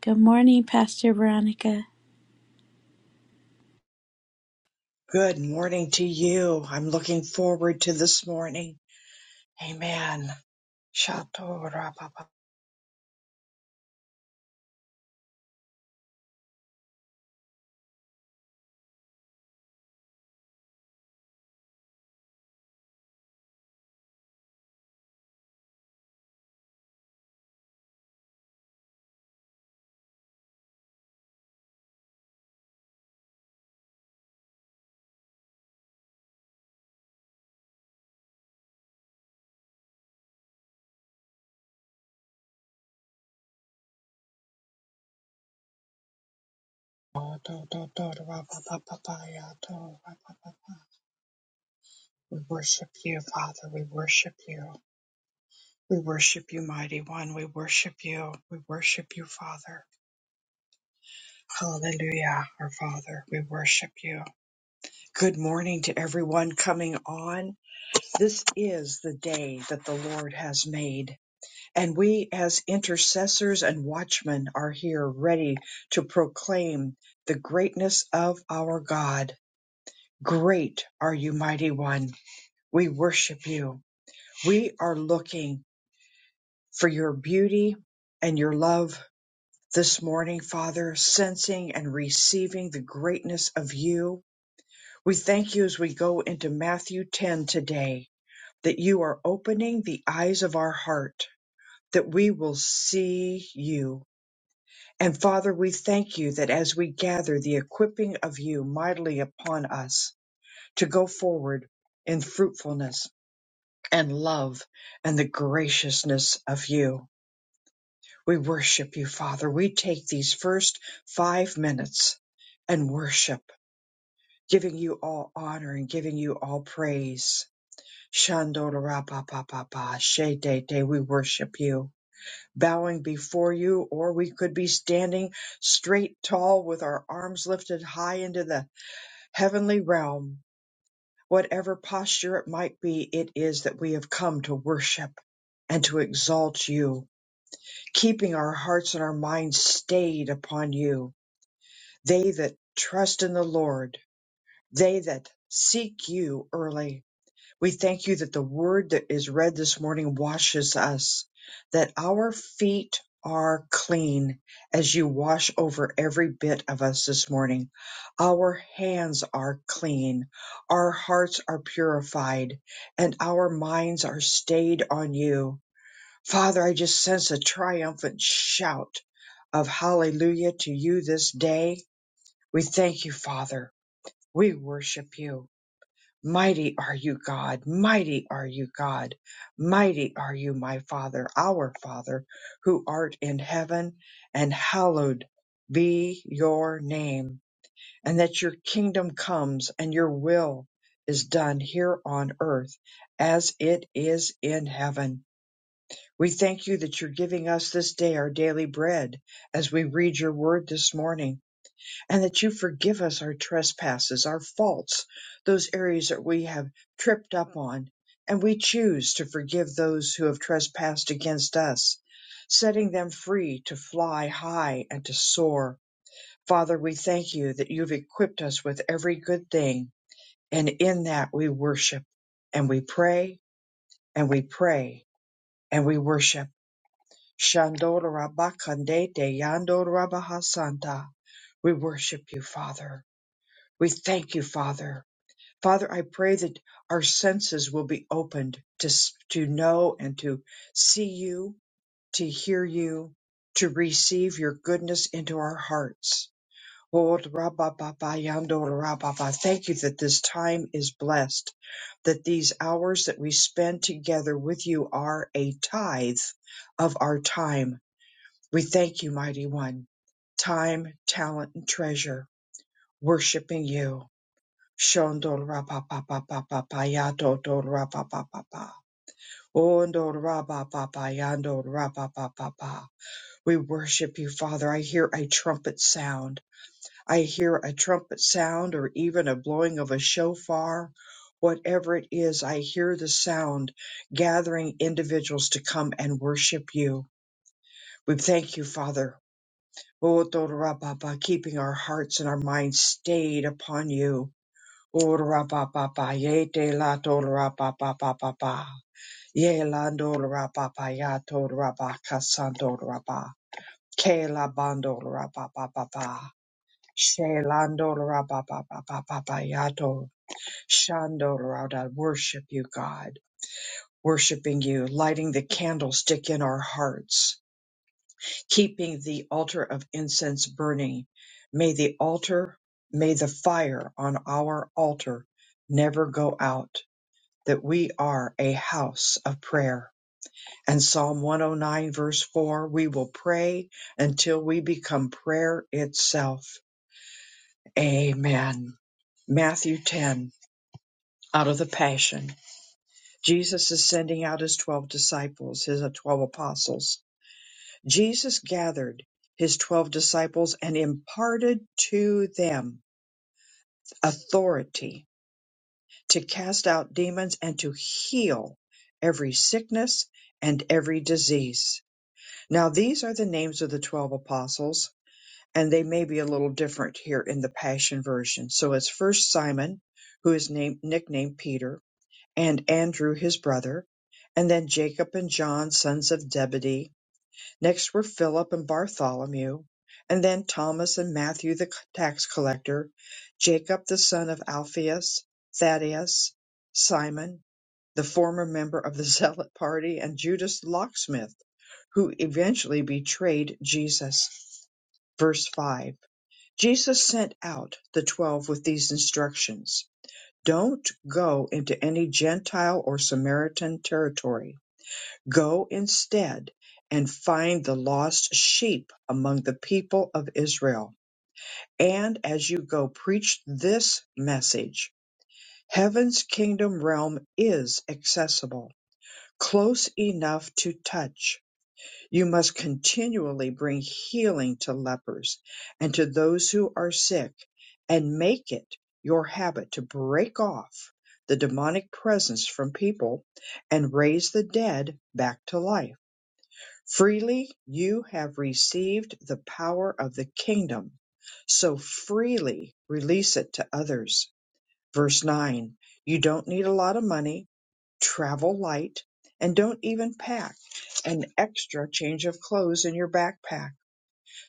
Good morning, Pastor Veronica. Good morning to you. I'm looking forward to this morning. Amen. We worship you, Father. We worship you. We worship you, Mighty One. We worship you. We worship you, Father. Hallelujah, our Father. We worship you. Good morning to everyone coming on. This is the day that the Lord has made And we, as intercessors and watchmen, are here ready to proclaim the greatness of our God. Great are you, mighty one. We worship you. We are looking for your beauty and your love this morning, Father, sensing and receiving the greatness of you. We thank you as we go into Matthew 10 today that you are opening the eyes of our heart, that we will see you And Father, we thank you that as we gather the equipping of you mightily upon us to go forward in fruitfulness and love and the graciousness of you. We worship you, Father. We take these first five minutes and worship, giving you all honor and giving you all praise. Shandorapapapapa, Shede, we worship you. bowing before you, or we could be standing straight tall with our arms lifted high into the heavenly realm. Whatever posture it might be, it is that we have come to worship and to exalt you, keeping our hearts and our minds stayed upon you. They that trust in the Lord, they that seek you early. We thank you that the word that is read this morning washes us, that our feet are clean as you wash over every bit of us this morning. Our hands are clean, our hearts are purified, and our minds are stayed on you. Father, I just sense a triumphant shout of hallelujah to you this day. We thank you, Father. We worship you. Mighty are you, God. Mighty are you, God. Mighty are you, my Father, our Father, who art in heaven, and hallowed be your name. And that your kingdom comes and your will is done here on earth as it is in heaven. We thank you that you're giving us this day our daily bread as we read your word this morning and that you forgive us our trespasses, our faults, those areas that we have tripped up on. And we choose to forgive those who have trespassed against us, setting them free to fly high and to soar. Father, we thank you that you've equipped us with every good thing, and in that we worship and we pray and we pray and we worship. Shandorabakandete yandorabahasanta. We worship you, Father. We thank you, Father. Father, I pray that our senses will be opened to, s- to know and to see you, to hear you, to receive your goodness into our hearts. Oh, rabba-ba-ba, yando, rabba-ba. Thank you that this time is blessed, that these hours that we spend together with you are a tithe of our time. We thank you, Mighty One. Time, talent, and treasure, worshiping you. Shondol rapa pa pa pa pa pa yato dol rapa pa pa pa. Ondol rapa pa pa yandol rapa pa pa pa. We worship you, Father. I hear a trumpet sound. I hear a trumpet sound or even a blowing of a shofar. Whatever it is, I hear the sound gathering individuals to come and worship you. We thank you, Father. Ondol rapa pa, Keeping our hearts and our minds stayed upon you Ora pa pa pa ye te la to ra pa pa pa pa pa ye la do ra pa pa ya to ra pa ka san do ra pa ke la bando ra pa pa pa pa she la do ra pa pa pa pa pa pa ya to shando ra da worship you God worshiping you lighting the candlestick in our hearts keeping the altar of incense burning may the altar may the fire on our altar never go out that we are a house of prayer. And Psalm 109, verse 4, we will pray until we become prayer itself. Amen. Matthew 10, out of the Passion. Jesus is sending out his 12 disciples, his uh, 12 apostles. Jesus gathered his 12 disciples and imparted to them authority to cast out demons and to heal every sickness and every disease Now, these are the names of the 12 apostles, and they may be a little different here in the Passion Version. So it's first Simon, who is named, nicknamed Peter, and Andrew, his brother, and then Jacob and John, sons of Zebedee. Next were Philip and Bartholomew, and then Thomas and Matthew, the tax collector, Jacob, the son of Alphaeus, Thaddeus, Simon, the former member of the Zealot party, and Judas the locksmith who eventually betrayed Jesus. Verse 5 Jesus sent out the twelve with these instructions Don't go into any Gentile or Samaritan territory. Go instead and find the lost sheep among the people of Israel. And as you go, preach this message Heaven's kingdom realm is accessible, close enough to touch You must continually bring healing to lepers and to those who are sick, and make it your habit to break off the demonic presence from people and raise the dead back to life. Freely you have received the power of the kingdom, so freely release it to others. Verse 9 You don't need a lot of money travel light, and don't even pack an extra change of clothes in your backpack.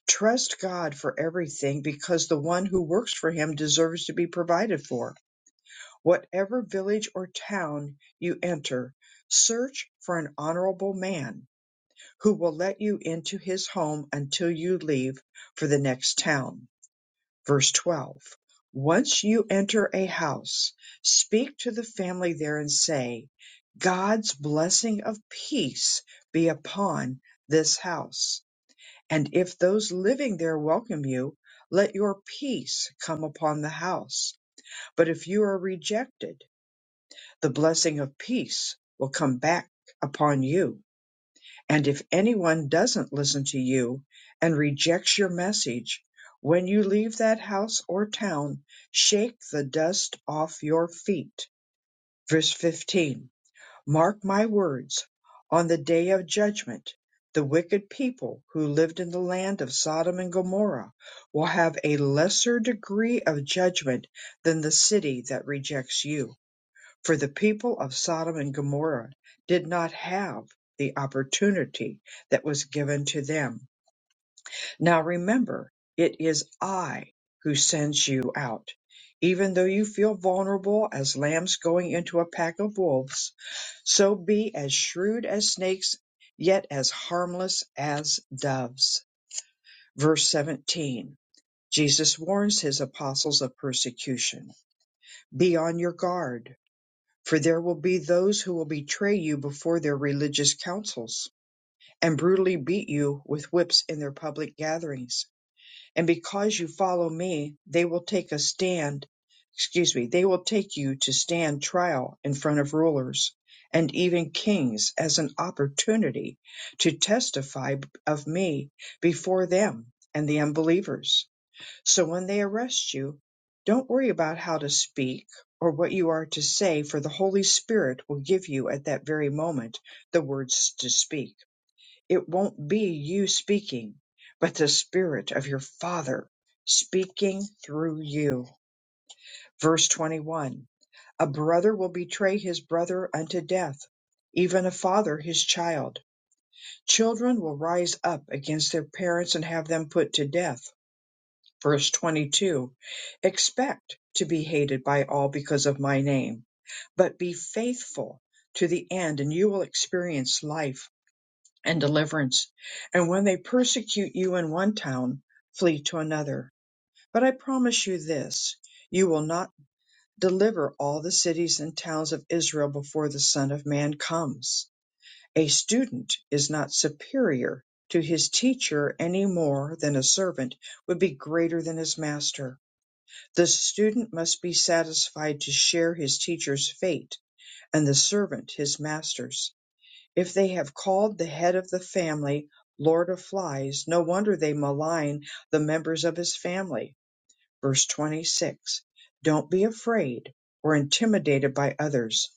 Trust God for everything because the one who works for him deserves to be provided for. Whatever village or town you enter, search for an honorable man who will let you into his home until you leave for the next town Verse 12 Once you enter a house, speak to the family there and say, God's blessing of peace be upon this house. And if those living there welcome you, let your peace come upon the house. But if you are rejected, the blessing of peace will come back upon you. And if anyone doesn't listen to you and rejects your message, when you leave that house or town, shake the dust off your feet. Verse 15 Mark my words, on the day of judgment, the wicked people who lived in the land of Sodom and Gomorrah will have a lesser degree of judgment than the city that rejects you. For the people of Sodom and Gomorrah did not have the opportunity that was given to them. Now remember, it is I who sends you out. Even though you feel vulnerable as lambs going into a pack of wolves, so be as shrewd as snakes, yet as harmless as doves. Verse 17 Jesus warns his apostles of persecution. Be on your guard for there will be those who will betray you before their religious councils, and brutally beat you with whips in their public gatherings. And because you follow me, they will take a stand, excuse me, they will take you to stand trial in front of rulers and even kings as an opportunity to testify of me before them and the unbelievers. So when they arrest you, don't worry about how to speak or what you are to say, for the Holy Spirit will give you at that very moment the words to speak. It won't be you speaking, but the Spirit of your Father speaking through you. Verse 21 A brother will betray his brother unto death, even a father his child. Children will rise up against their parents and have them put to death Verse 22 Expect to be hated by all because of my name, but be faithful to the end, and you will experience life and deliverance. And when they persecute you in one town, flee to another. But I promise you this you will not deliver all the cities and towns of Israel before the Son of Man comes. A student is not superior to his teacher any more than a servant would be greater than his master. The student must be satisfied to share his teacher's fate and the servant his master's. If they have called the head of the family Lord of Flies, no wonder they malign the members of his family. Verse 26 Don't be afraid or intimidated by others,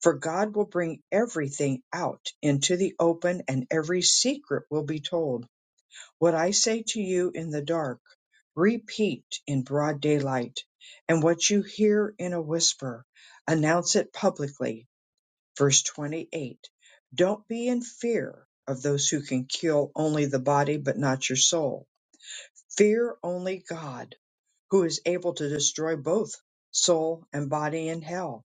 for God will bring everything out into the open and every secret will be told. What I say to you in the dark, repeat in broad daylight, and what you hear in a whisper, announce it publicly. Verse 28. Don't be in fear of those who can kill only the body but not your soul. Fear only God, who is able to destroy both soul and body in hell.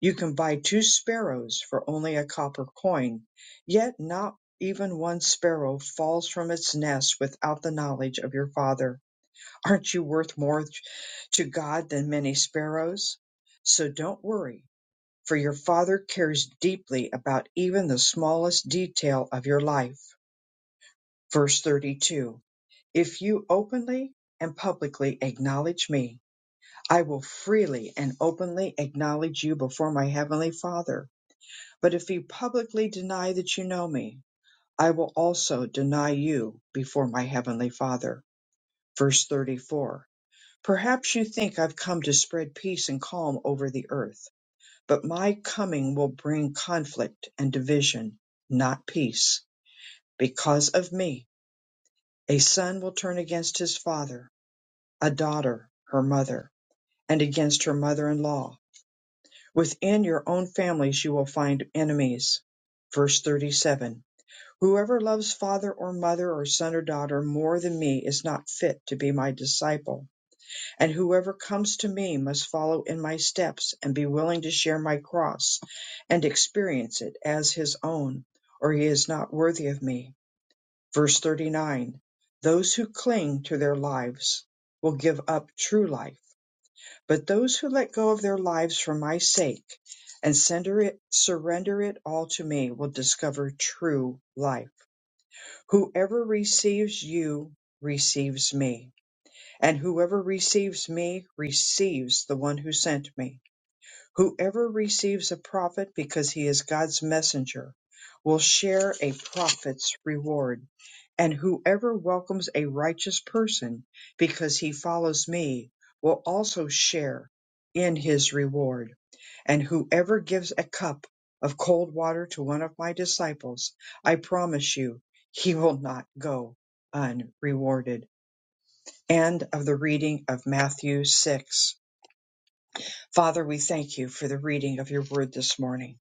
You can buy two sparrows for only a copper coin, yet not even one sparrow falls from its nest without the knowledge of your father. Aren't you worth more to God than many sparrows? So don't worry, for your father cares deeply about even the smallest detail of your life. Verse 32 If you openly and publicly acknowledge me, I will freely and openly acknowledge you before my heavenly Father. But if you publicly deny that you know me, I will also deny you before my heavenly Father. Verse 34. Perhaps you think I've come to spread peace and calm over the earth, but my coming will bring conflict and division, not peace. Because of me, a son will turn against his father, a daughter her mother, and against her mother-in-law. Within your own families you will find enemies. Verse 37 Whoever loves father or mother or son or daughter more than me is not fit to be my disciple. And whoever comes to me must follow in my steps and be willing to share my cross and experience it as his own, or he is not worthy of me. Verse 39 Those who cling to their lives will give up true life, but those who let go of their lives for my sake and sender it, surrender it all to me will discover true life. Whoever receives you receives me, and whoever receives me receives the one who sent me. Whoever receives a prophet because he is God's messenger will share a prophet's reward, and whoever welcomes a righteous person because he follows me will also share in his reward. And whoever gives a cup of cold water to one of my disciples, I promise you, he will not go unrewarded. End of the reading of Matthew 6. Father, we thank you for the reading of your word this morning.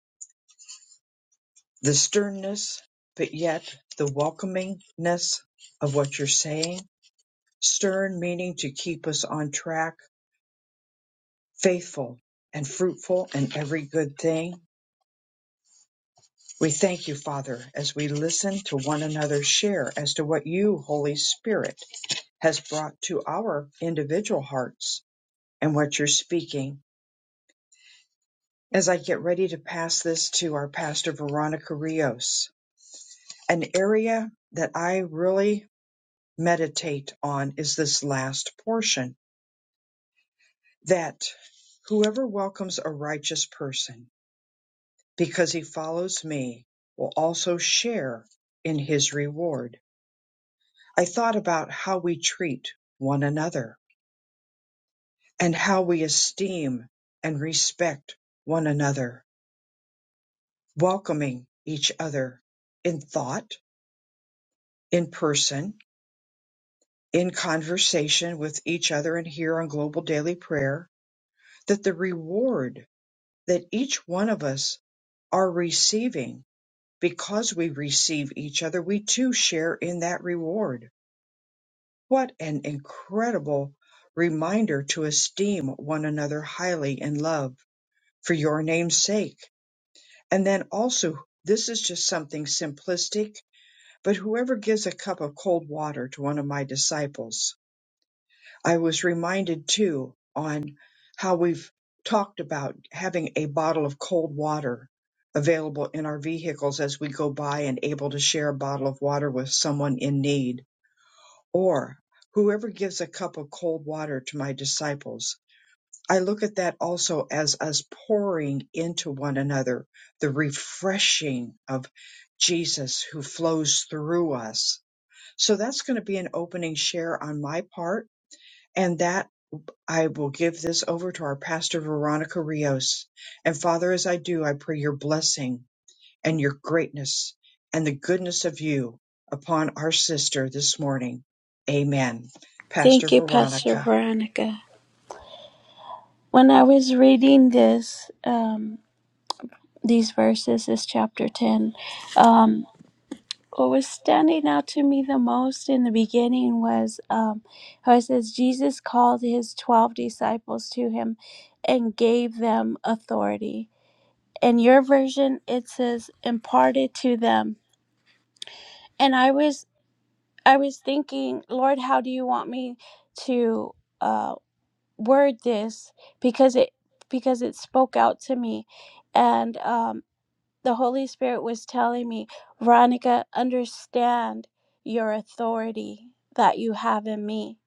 The sternness, but yet the welcomingness of what you're saying. Stern meaning to keep us on track, faithful and fruitful in every good thing. We thank you, Father, as we listen to one another share as to what you, Holy Spirit, has brought to our individual hearts and what you're speaking. As I get ready to pass this to our pastor, Veronica Rios, An area that I really meditate on is this last portion that whoever welcomes a righteous person because he follows me will also share in his reward. I thought about how we treat one another and how we esteem and respect one another, welcoming each other in thought, in person, in conversation with each other and here on Global Daily Prayer that the reward that each one of us are receiving because we receive each other, we too share in that reward. What an incredible reminder to esteem one another highly in love for your name's sake. And then also, this is just something simplistic, but whoever gives a cup of cold water to one of my disciples I was reminded too on how we've talked about having a bottle of cold water available in our vehicles as we go by and able to share a bottle of water with someone in need or whoever gives a cup of cold water to my disciples. I look at that also as us pouring into one another the refreshing of Jesus who flows through us. So that's going to be an opening share on my part. And that I will give this over to our pastor, Veronica Rios. And Father, as I do, I pray your blessing and your greatness and the goodness of you upon our sister this morning. Amen. Pastor Thank you, Pastor Veronica. Veronica. When I was reading this, um, these verses, is chapter 10, um, what was standing out to me the most in the beginning was um, how it says, Jesus called his 12 disciples to him and gave them authority. In your version, it says, imparted to them. And I was I was thinking, Lord, how do you want me to? uh, word this because it because it spoke out to me and um the holy spirit was telling me veronica understand your authority that you have in me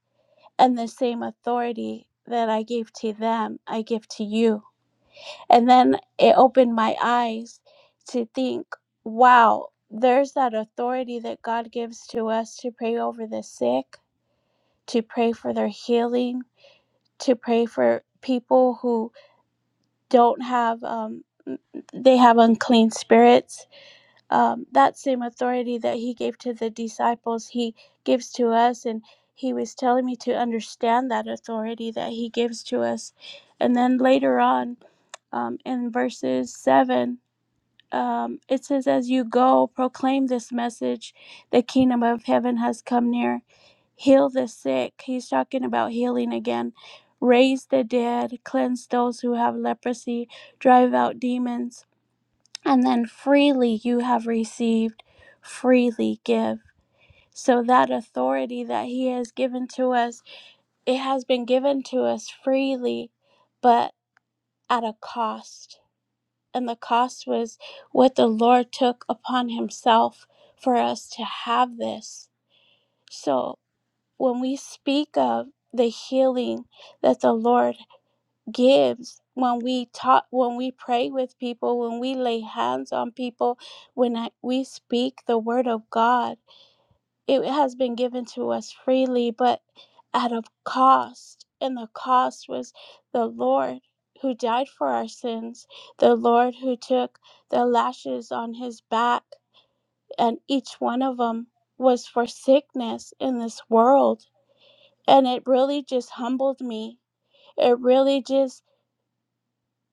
and the same authority that i gave to them i give to you and then it opened my eyes to think wow there's that authority that god gives to us to pray over the sick to pray for their healing to pray for people who don't have um, they have unclean spirits um, that same authority that he gave to the disciples he gives to us and he was telling me to understand that authority that he gives to us and then later on um, in verses 7 um, it says, As you go, proclaim this message the kingdom of heaven has come near. Heal the sick. He's talking about healing again. Raise the dead. Cleanse those who have leprosy. Drive out demons. And then freely you have received, freely give. So that authority that he has given to us, it has been given to us freely, but at a cost and the cost was what the Lord took upon Himself for us to have this. So when we speak of the healing that the Lord gives, when we talk, when we pray with people, when we lay hands on people, when I, we speak the word of God, it has been given to us freely, but at a cost. And the cost was the Lord who died for our sins, the Lord who took the lashes on his back, and each one of them was for sickness in this world. And it really just humbled me. It really just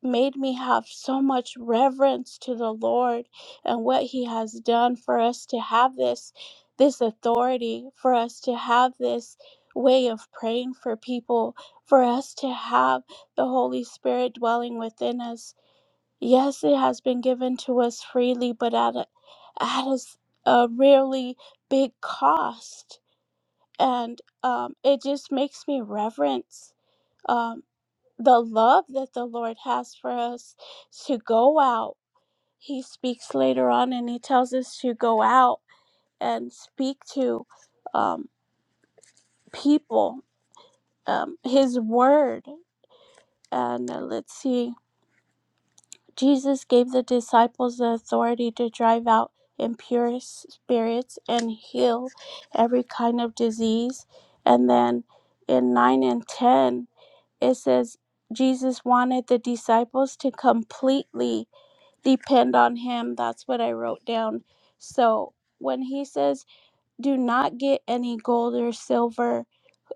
made me have so much reverence to the Lord and what he has done for us to have this this authority for us to have this way of praying for people for us to have the holy spirit dwelling within us yes it has been given to us freely but at a, at a, s- a really big cost and um, it just makes me reverence um, the love that the Lord has for us to go out. He speaks later on and he tells us to go out and speak to um, people um, his word. And uh, let's see, Jesus gave the disciples the authority to drive out impure spirits and heal every kind of disease. And then in 9 and 10, it says, Jesus wanted the disciples to completely depend on him. That's what I wrote down. So when he says, do not get any gold or silver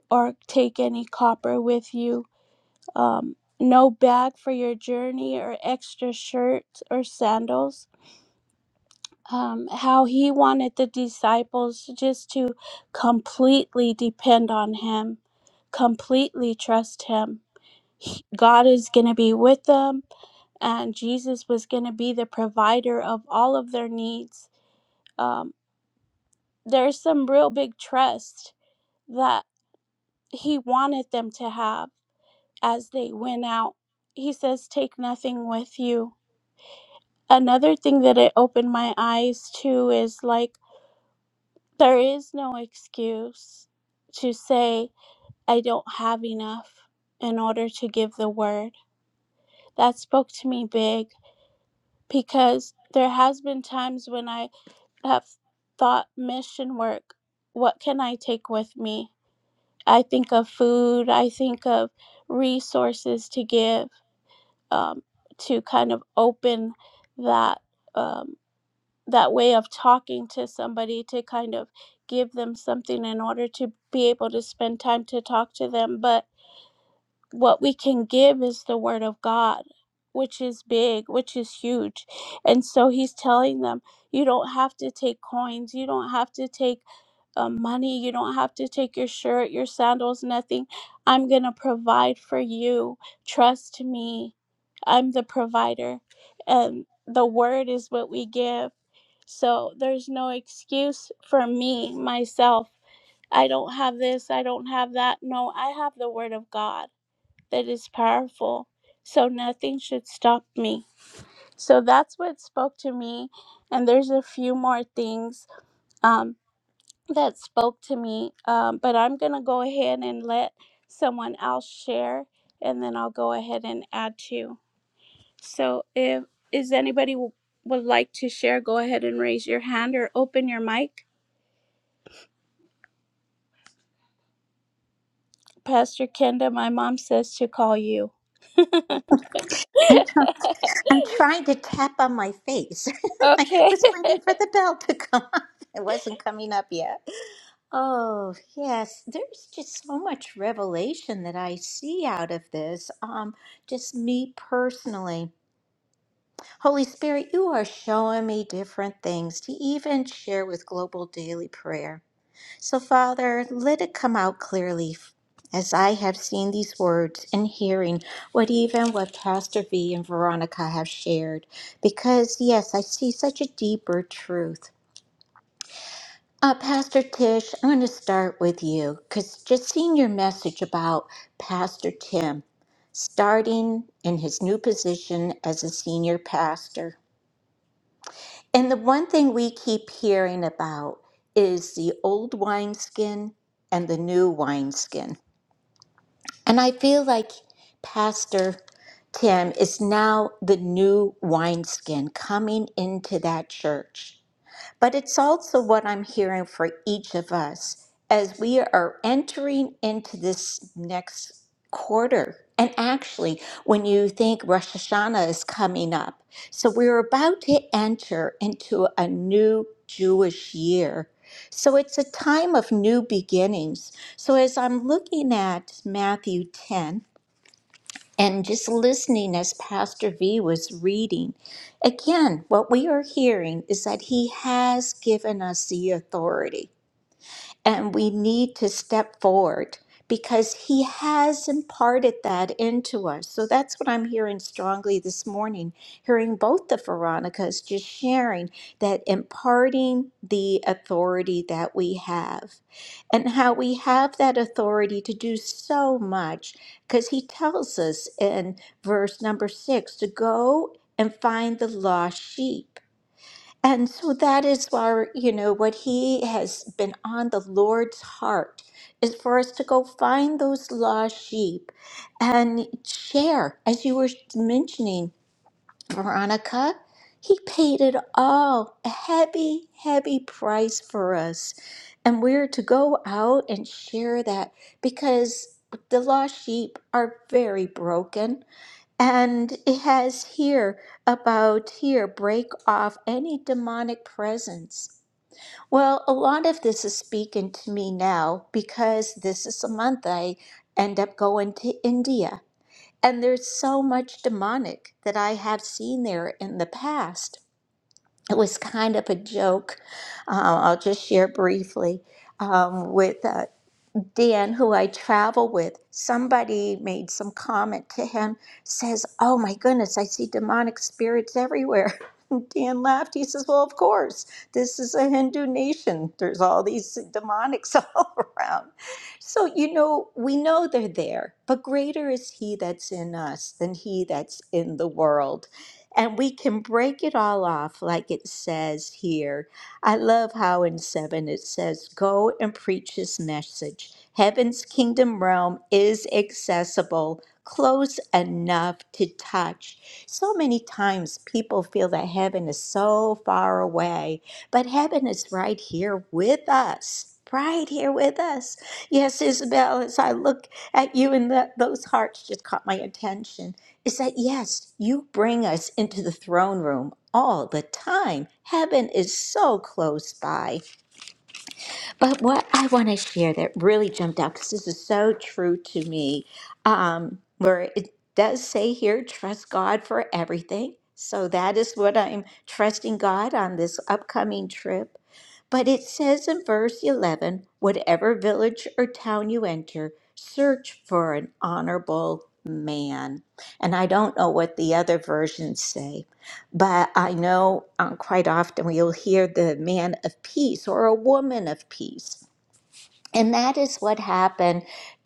or take any copper with you, um, no bag for your journey or extra shirt or sandals. Um, how he wanted the disciples just to completely depend on him, completely trust him. He- God is going to be with them, and Jesus was going to be the provider of all of their needs um, there's some real big trust that he wanted them to have as they went out. He says, Take nothing with you. Another thing that it opened my eyes to is like, there is no excuse to say, I don't have enough in order to give the word. That spoke to me big because there has been times when I have thought mission work, what can I take with me? I think of food, I think of resources to give um, to kind of open that um, that way of talking to somebody to kind of give them something in order to be able to spend time to talk to them. But what we can give is the word of God, which is big, which is huge. And so he's telling them, you don't have to take coins, you don't have to take uh, money, you don't have to take your shirt, your sandals, nothing. I'm going to provide for you. Trust me, I'm the provider. And the word is what we give. So there's no excuse for me, myself. I don't have this, I don't have that. No, I have the word of God that is powerful. So nothing should stop me. So that's what spoke to me. And there's a few more things um, that spoke to me. Um, but I'm going to go ahead and let someone else share. And then I'll go ahead and add to. So if is anybody w- would like to share, go ahead and raise your hand or open your mic. Pastor Kenda, my mom says to call you. I'm try- I'm trying to tap on my face. I Okay. was waiting for the bell to come up. It wasn't coming up yet. Oh yes, there's just so much revelation that I see out of this. Um, just me personally, Holy Spirit, you are showing me different things to even share with Global Daily Prayer. So, Father, let it come out clearly as I have seen these words and hearing what even what Pastor V and Veronica have shared. Because, yes, I see such a deeper truth. Uh, Pastor Tish, I'm going to start with you because just seeing your message about Pastor Tim starting in his new position as a senior pastor. And the one thing we keep hearing about is the old wineskin and the new wineskin. And I feel like Pastor Tim is now the new wineskin coming into that church. But it's also what I'm hearing for each of us as we are entering into this next quarter. And actually, when you think Rosh Hashanah is coming up, so we're about to enter into a new Jewish year. So it's a time of new beginnings. So as I'm looking at Matthew 10, and just listening as Pastor V was reading, again, what we are hearing is that he has given us the authority. And we need to step forward because He has imparted that into us. So that's what I'm hearing strongly this morning, hearing both the Veronicas just sharing that imparting the authority that we have and how we have that authority to do so much because He tells us in verse number six to go and find the lost sheep. And so that is our, you know, what he has been on the Lord's heart is for us to go find those lost sheep and share. As you were mentioning, Veronica, he paid it all, a heavy, heavy price for us. And we're to go out and share that because the lost sheep are very broken and it has here about here break off any demonic presence. Well, a lot of this is speaking to me now because this is the month I end up going to India. And there's so much demonic that I have seen there in the past. It was kind of a joke. Uh, I'll just share briefly um, with uh, Dan, who I travel with, somebody made some comment to him, says, Oh my goodness, I see demonic spirits everywhere. And Dan laughed. He says, Well, of course, this is a Hindu nation. There's all these demonics all around. So, you know, we know they're there, but greater is He that's in us than He that's in the world. And we can break it all off, like it says here I love how in 7 it says, Go and preach his message. Heaven's kingdom realm is accessible, close enough to touch. So many times people feel that heaven is so far away, but heaven is right here with us. Right here with us. Yes, Isabel, as I look at you and the, those hearts just caught my attention is that yes, you bring us into the throne room all the time. Heaven is so close by. But what I want to share that really jumped out because this is so true to me, um, where it does say here, trust God for everything. So that is what I'm trusting God on this upcoming trip. But it says in verse 11 whatever village or town you enter, search for an honorable man. And I don't know what the other versions say, but I know um, quite often you'll hear the man of peace or a woman of peace. And that is what happened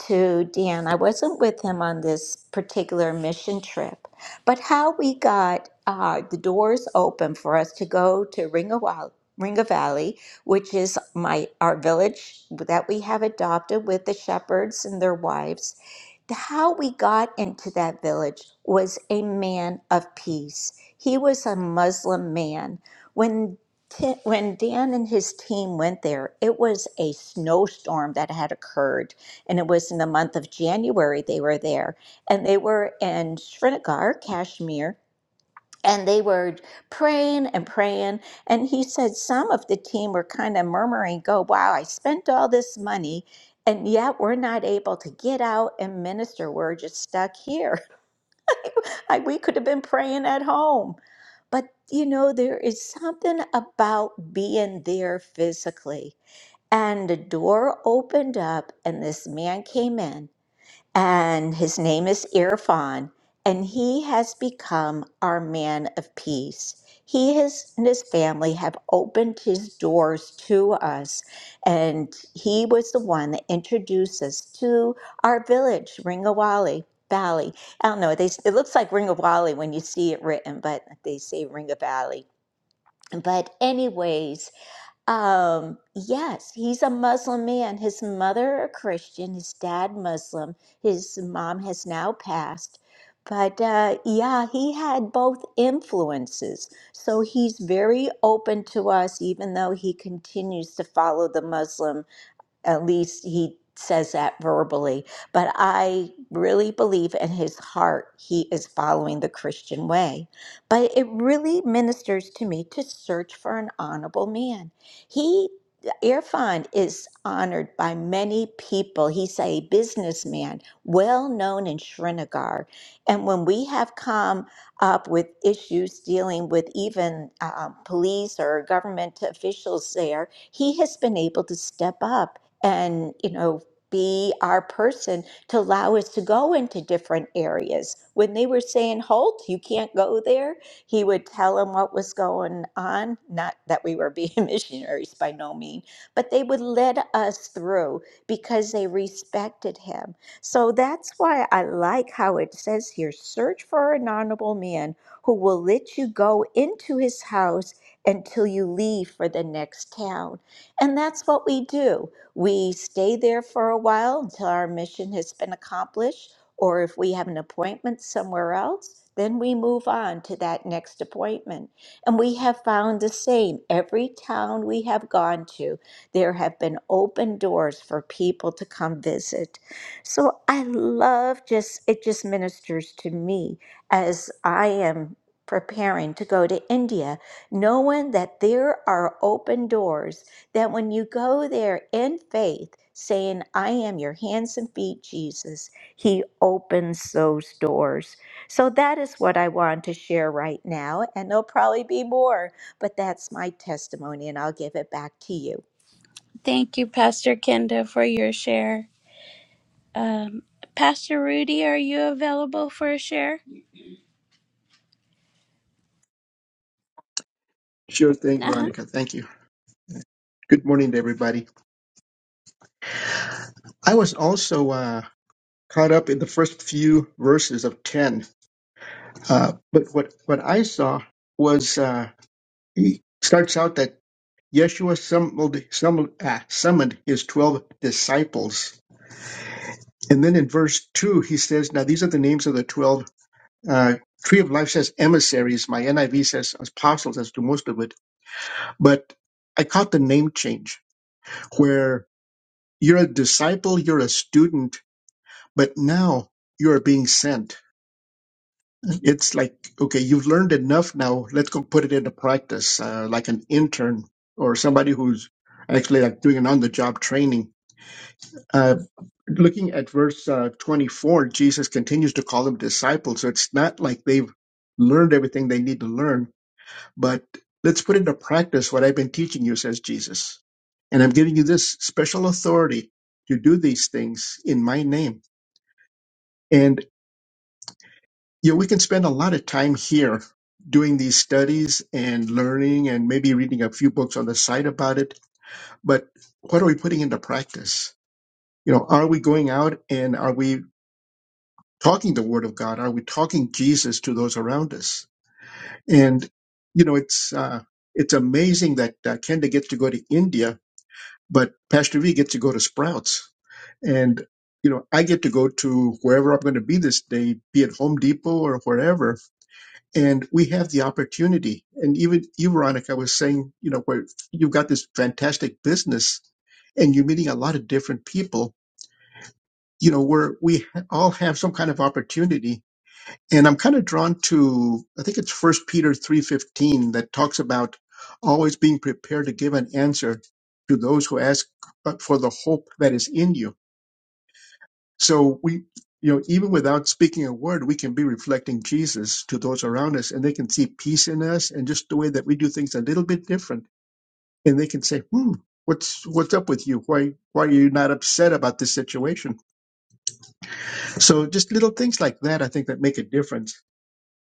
to Dan. I wasn't with him on this particular mission trip, but how we got uh, the doors open for us to go to Ringa, Wa- Ringa Valley, which is my our village that we have adopted with the shepherds and their wives. How we got into that village was a man of peace. He was a Muslim man. When Ti- When Dan and his team went there, it was a snowstorm that had occurred, and it was in the month of January they were there, and they were in Srinagar, Kashmir, and they were praying and praying. And he said some of the team were kind of murmuring, "Go, wow, I spent all this money." And yet, we're not able to get out and minister. We're just stuck here. Like we could have been praying at home. But you know, there is something about being there physically. And the door opened up, and this man came in and his name is Irfan, and he has become our man of peace. He has, and his family have opened his doors to us, and he was the one that introduced us to our village, Ringawali Valley. I don't know, they, it looks like Ringawali when you see it written, but they say Ringa Valley. But, anyways, um, yes, he's a Muslim man. His mother a Christian, his dad Muslim. His mom has now passed. But uh, yeah, he had both influences. So he's very open to us, even though he continues to follow the Muslim at least he says that verbally. But I really believe in his heart he is following the Christian way. But it really ministers to me to search for an honorable man. He Irfan is honored by many people. He's a businessman, well known in Srinagar. And when we have come up with issues dealing with even uh, police or government officials there, he has been able to step up and you know be our person to allow us to go into different areas when they were saying holt you can't go there he would tell them what was going on not that we were being missionaries by no means but they would let us through because they respected him so that's why i like how it says here search for an honorable man who will let you go into his house until you leave for the next town and that's what we do we stay there for a while until our mission has been accomplished, or if we have an appointment somewhere else, then we move on to that next appointment. And we have found the same. Every town we have gone to, there have been open doors for people to come visit. So I love just, it just ministers to me as I am preparing to go to India, knowing that there are open doors that when you go there in faith, saying, I am your hands and feet, Jesus, He opens those doors. So that is what I want to share right now. And there'll probably be more, but that's my testimony, and I'll give it back to you. Thank you, Pastor Kenda, for your share. Um, Pastor Rudy, are you available for a share? Sure thing, Uh huh. Veronica. Thank you. Good morning to everybody. I was also uh, caught up in the first few verses of 10. Uh, but what, what I saw was uh, he starts out that Yeshua summoned, summoned, ah, summoned his 12 disciples. And then in verse 2, he says, Now these are the names of the 12. Uh, Tree of Life says emissaries. My NIV says apostles, as do most of it. But I caught the name change where you're a disciple, you're a student, But now you are being sent. It's like, okay, you've learned enough now. Let's go put it into practice, uh, like an intern or somebody who's actually like doing an on the job training. Uh, looking at verse uh, 24, Jesus continues to call them disciples. So it's not like they've learned everything they need to learn, but let's put into practice what I've been teaching you, says Jesus. And I'm giving you this special authority to do these things in my name. And Yeah, we can spend a lot of time here doing these studies and learning and maybe reading a few books on the side about it. But what are we putting into practice? You know, are we going out and are we talking the word of God? Are we talking Jesus to those around us? And, you know, it's, uh, it's amazing that uh, Kenda gets to go to India, but Pastor V gets to go to Sprouts. And, you know, I get to go to wherever I'm going to be this day, be it Home Depot or wherever and we have the opportunity. And even you, Veronica, was saying, you know, where you've got this fantastic business and you're meeting a lot of different people, you know, where we ha- all have some kind of opportunity. And I'm kind of drawn to, I think it's First Peter 3.15 that talks about always being prepared to give an answer to those who ask uh, for the hope that is in you so we, you know, even without speaking a word, we can be reflecting Jesus to those around us, and they can see peace in us, and just the way that we do things a little bit different, and they can say, "Hmm, what's what's up with you? Why why are you not upset about this situation?" So just little things like that, I think, that make a difference.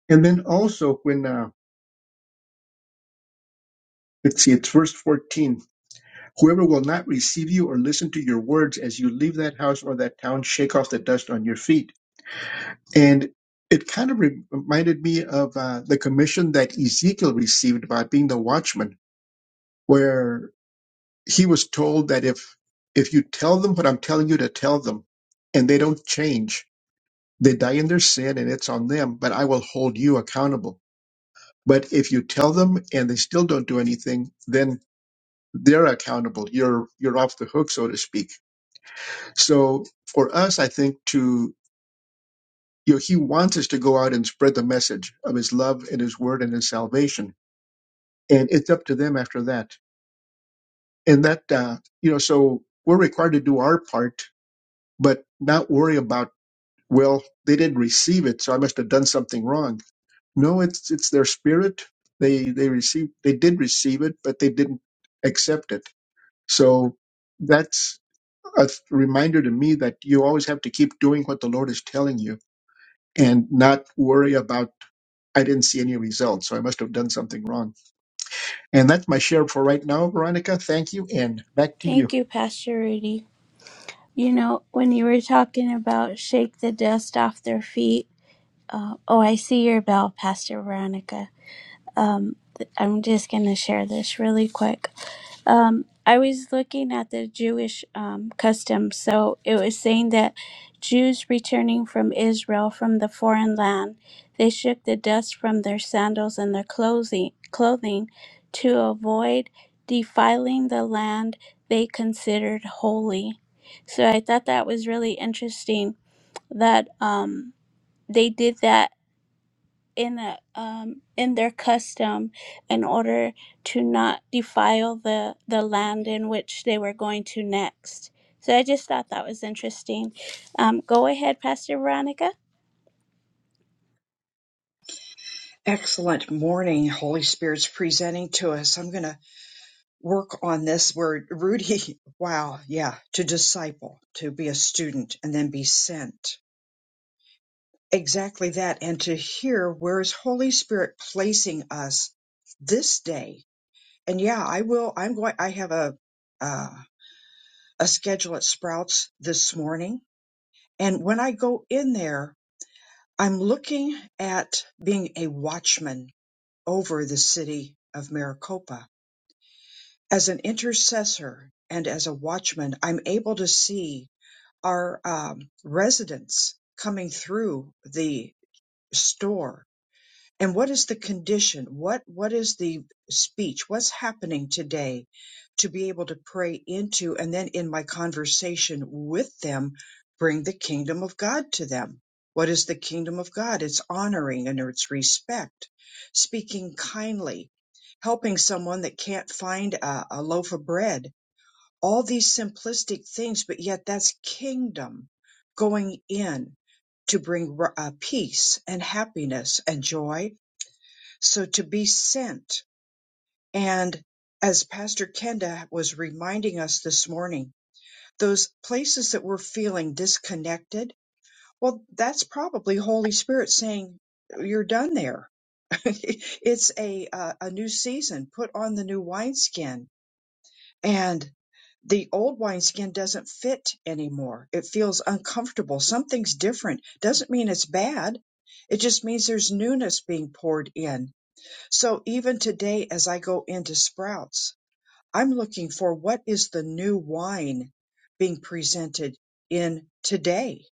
And then also when uh, let's see, it's verse fourteen: whoever will not receive you or listen to your words as you leave that house or that town, shake off the dust on your feet. And it kind of re- reminded me of uh, the commission that Ezekiel received about being the watchman, where he was told that if if you tell them what I'm telling you to tell them, and they don't change, they die in their sin, and it's on them. But I will hold you accountable. But if you tell them and they still don't do anything, then they're accountable. You're you're off the hook, so to speak. So for us, I think to you know, he wants us to go out and spread the message of his love and his word and his salvation. And it's up to them after that. And that, uh, you know, so we're required to do our part, but not worry about, well, they didn't receive it, so I must have done something wrong. No, it's, it's their spirit. They, they received, they did receive it, but they didn't accept it. So that's a reminder to me that you always have to keep doing what the Lord is telling you and not worry about I didn't see any results, so I must have done something wrong. And that's my share for right now, Veronica. Thank you, and back to you. Thank you, Pastor Rudy. You know, when you were talking about shake the dust off their feet, uh, oh, I see your bell, Pastor Veronica. Um, th- I'm just going to share this really quick. Um, I was looking at the Jewish um, custom. So it was saying that Jews returning from Israel from the foreign land, they shook the dust from their sandals and their clothing, clothing to avoid defiling the land they considered holy. So I thought that was really interesting that um, they did that in a, um, in their custom in order to not defile the the land in which they were going to next. So I just thought that was interesting. Um, go ahead, Pastor Veronica. Excellent morning, Holy Spirit's presenting to us. I'm going to work on this word, Rudy. Wow. Yeah. To disciple, to be a student, and then be sent. exactly that and to hear where is holy spirit placing us this day and yeah i will i'm going i have a uh, a schedule at sprouts this morning and when i go in there i'm looking at being a watchman over the city of maricopa as an intercessor and as a watchman i'm able to see our um, residents coming through the store and what is the condition what what is the speech what's happening today to be able to pray into and then in my conversation with them bring the kingdom of god to them what is the kingdom of god it's honoring and it's respect speaking kindly helping someone that can't find a, a loaf of bread all these simplistic things but yet that's kingdom going in to bring uh, peace and happiness and joy so to be sent. And as Pastor Kenda was reminding us this morning, those places that we're feeling disconnected, well, that's probably Holy Spirit saying, you're done there. it's a, uh, a new season. Put on the new wineskin and the old wineskin doesn't fit anymore. It feels uncomfortable. Something's different. Doesn't mean it's bad. It just means there's newness being poured in so even today, as I go into Sprouts, I'm looking for what is the new wine being presented in today?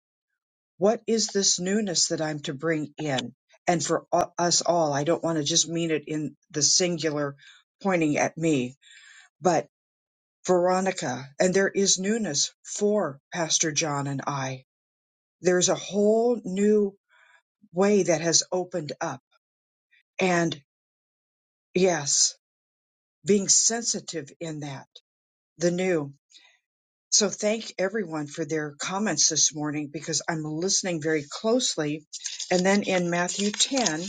What is this newness that I'm to bring in? And for u- us all, I don't want to just mean it in the singular pointing at me, but Veronica, and there is newness for Pastor John and I. There's a whole new way that has opened up. And yes, being sensitive in that the new. So thank everyone for their comments this morning because I'm listening very closely. And then in Matthew 10,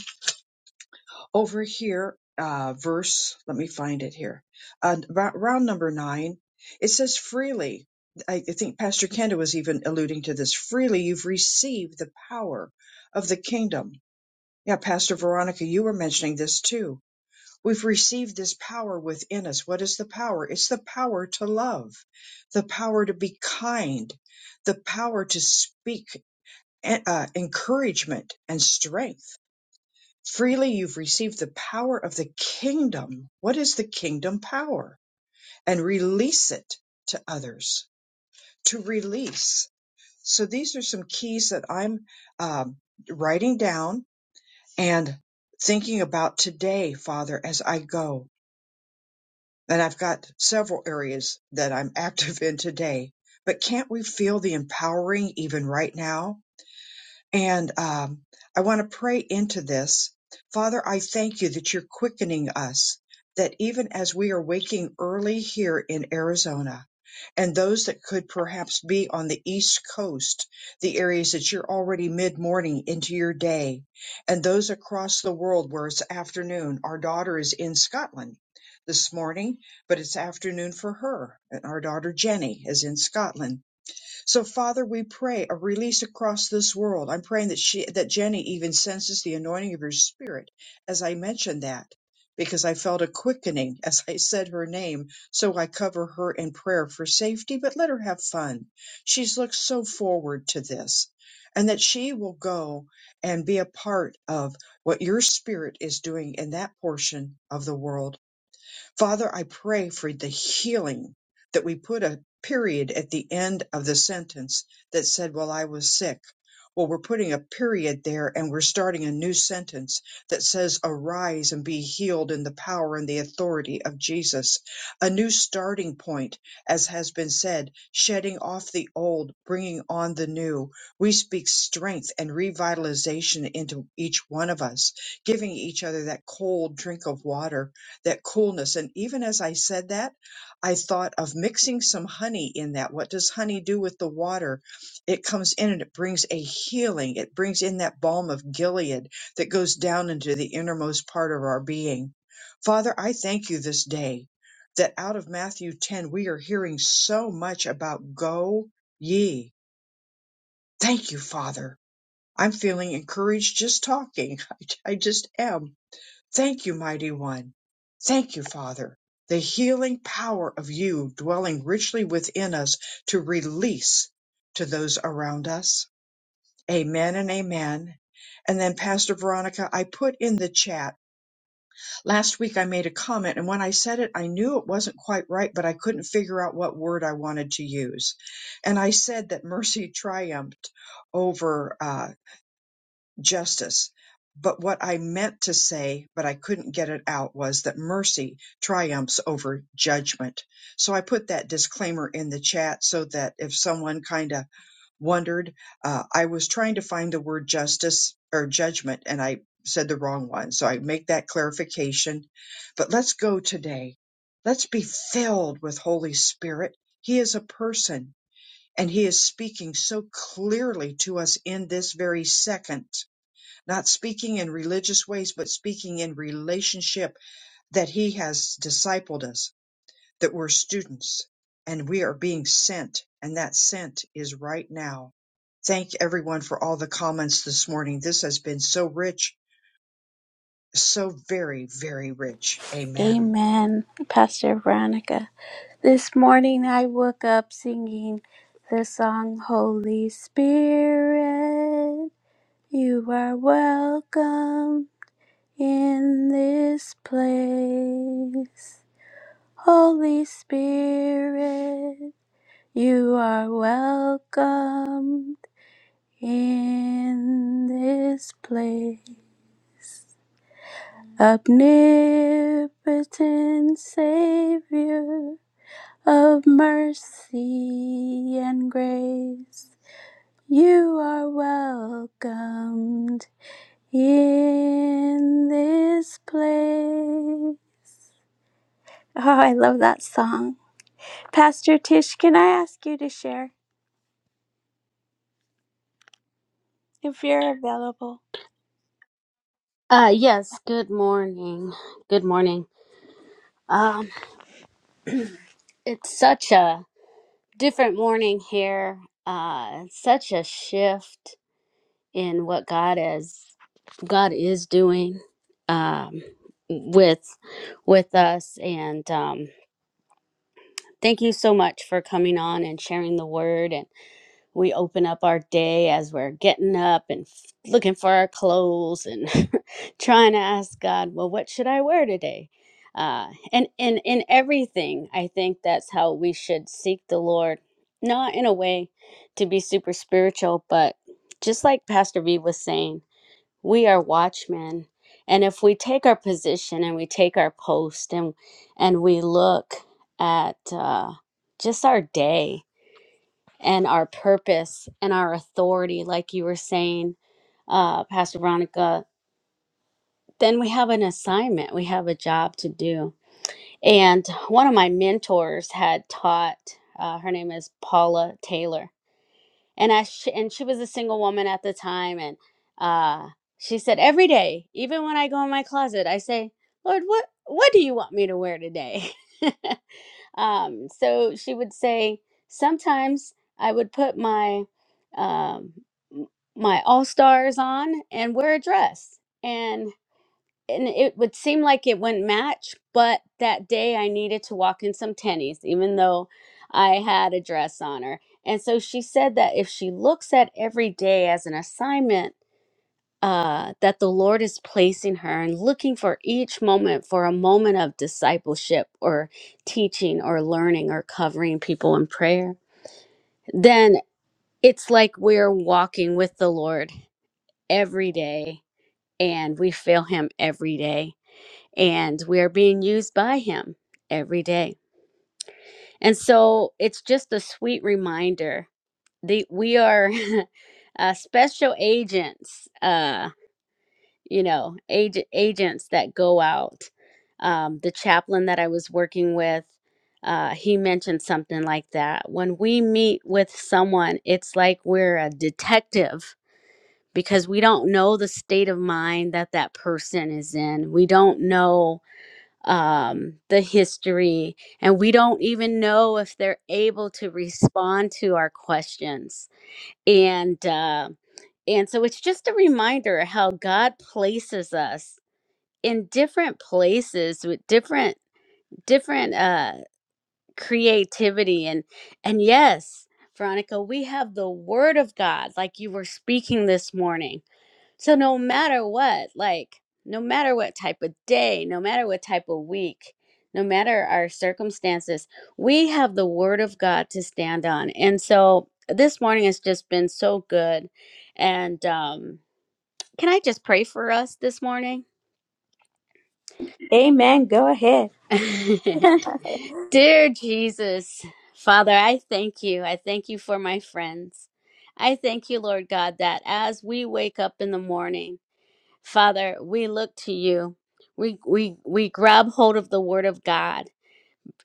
over here, uh, verse, let me find it here, uh, about round number nine, it says freely. I I think Pastor Kenda was even alluding to this. Freely you've received the power of the kingdom. Yeah, Pastor Veronica, you were mentioning this too We've received this power within us. What is the power? It's the power to love, the power to be kind, the power to speak eh, uh, encouragement and strength. Freely you've received the power of the kingdom. What is the kingdom power? And release it to others, to release. So these are some keys that I'm um, writing down and thinking about today, Father, as I go. And I've got several areas that I'm active in today. But can't we feel the empowering even right now? And um, I want to pray into this. Father, I thank you that you're quickening us, that even as we are waking early here in Arizona, and those that could perhaps be on the East Coast, the areas that you're already mid morning into your day, and those across the world where it's afternoon. Our daughter is in Scotland this morning, but it's afternoon for her, and our daughter Jenny is in Scotland so Father, we pray a release across this world. I'm praying that she, that Jenny even senses the anointing of your spirit as I mentioned that because I felt a quickening as I said her name. So I cover her in prayer for safety, but let her have fun. She's looked so forward to this and that she will go and be a part of what your spirit is doing in that portion of the world Father, I pray for the healing that we put a period at the end of the sentence that said, Well, I was sick. Well, we're putting a period there and we're starting a new sentence that says, Arise and be healed in the power and the authority of Jesus. A new starting point, as has been said, shedding off the old, bringing on the new. We speak strength and revitalization into each one of us, giving each other that cold drink of water that coolness. And even as I said that, I thought of mixing some honey in that. What does honey do with the water? It comes in and it brings a healing. It brings in that balm of Gilead that goes down into the innermost part of our being. Father, I thank you this day that out of Matthew 10, we are hearing so much about go ye. Thank you, Father. I'm feeling encouraged just talking. I, I just am. Thank you, mighty one. Thank you, Father. The healing power of you dwelling richly within us to release to those around us. Amen and amen. And then Pastor Veronica, I put in the chat last week I made a comment and when I said it, I knew it wasn't quite right, but I couldn't figure out what word I wanted to use. And I said that mercy triumphed over, uh, justice. But what I meant to say, but I couldn't get it out, was that mercy triumphs over judgment. So I put that disclaimer in the chat so that if someone kind of wondered, uh, I was trying to find the word justice or judgment and I said the wrong one. So I make that clarification. But let's go today. Let's be filled with Holy Spirit. He is a person and he is speaking so clearly to us in this very second not speaking in religious ways, but speaking in relationship that He has discipled us, that we're students and we are being sent, and that sent is right now. Thank everyone for all the comments this morning. This has been so rich, so very, very rich. Amen. Amen, Pastor Veronica. This morning I woke up singing the song Holy Spirit, you are welcome in this place. Holy Spirit, you are welcomed in this place. Omnipotent Savior of mercy and grace, you are welcomed in this place. Oh, I love that song. Pastor Tish, can I ask you to share if you're available? Uh yes, good morning. Good morning. Um it's such a different morning here. Uh such a shift in what God is God is doing um with with us and um thank you so much for coming on and sharing the word we open up our day as we're getting up and f- looking for our clothes and trying to ask God, well, what should I wear today? Uh, and in in everything, I think that's how we should seek the Lord, not in a way to be super spiritual, but just like Pastor V was saying, we are watchmen, and if we take our position and we take our post and and we look at uh, just our day, and our purpose and our authority, like you were saying, uh, Pastor Veronica, then we have an assignment, we have a job to do. And one of my mentors had taught, uh, her name is Paula Taylor. And, I sh- and she was a single woman at the time. And uh, she said, Every day, even when I go in my closet, I say, Lord, what, what do you want me to wear today? Um, so she would say, sometimes I would put my um, m- my all stars on and wear a dress, and and it would seem like it wouldn't match, but that day I needed to walk in some tennies, even though I had a dress on her. And so she said that if she looks at every day as an assignment uh, that the Lord is placing her and looking for each moment for a moment of discipleship or teaching or learning or covering people in prayer, then it's like we're walking with the Lord every day and we feel Him every day and we are being used by Him every day. And so it's just a sweet reminder that we are. Uh, special agents Uh, you know, ag- agents that go out. Um, the chaplain that I was working with, uh, he mentioned something like that. When we meet with someone, it's like we're a detective because we don't know the state of mind that that person is in. We don't know um, the history, and we don't even know if they're able to respond to our questions. And uh, and so it's just a reminder how God places us in different places with different different uh creativity and and yes veronica we have the word of god like you were speaking this morning so no matter what like no matter what type of day no matter what type of week no matter our circumstances we have the word of god to stand on and so this morning has just been so good and um can i just pray for us this morning Amen. Go ahead. Dear Jesus, Father, I thank you. I thank you for my friends. I thank you, Lord God, that as we wake up in the morning, Father, we look to you. We we we grab hold of the word of God.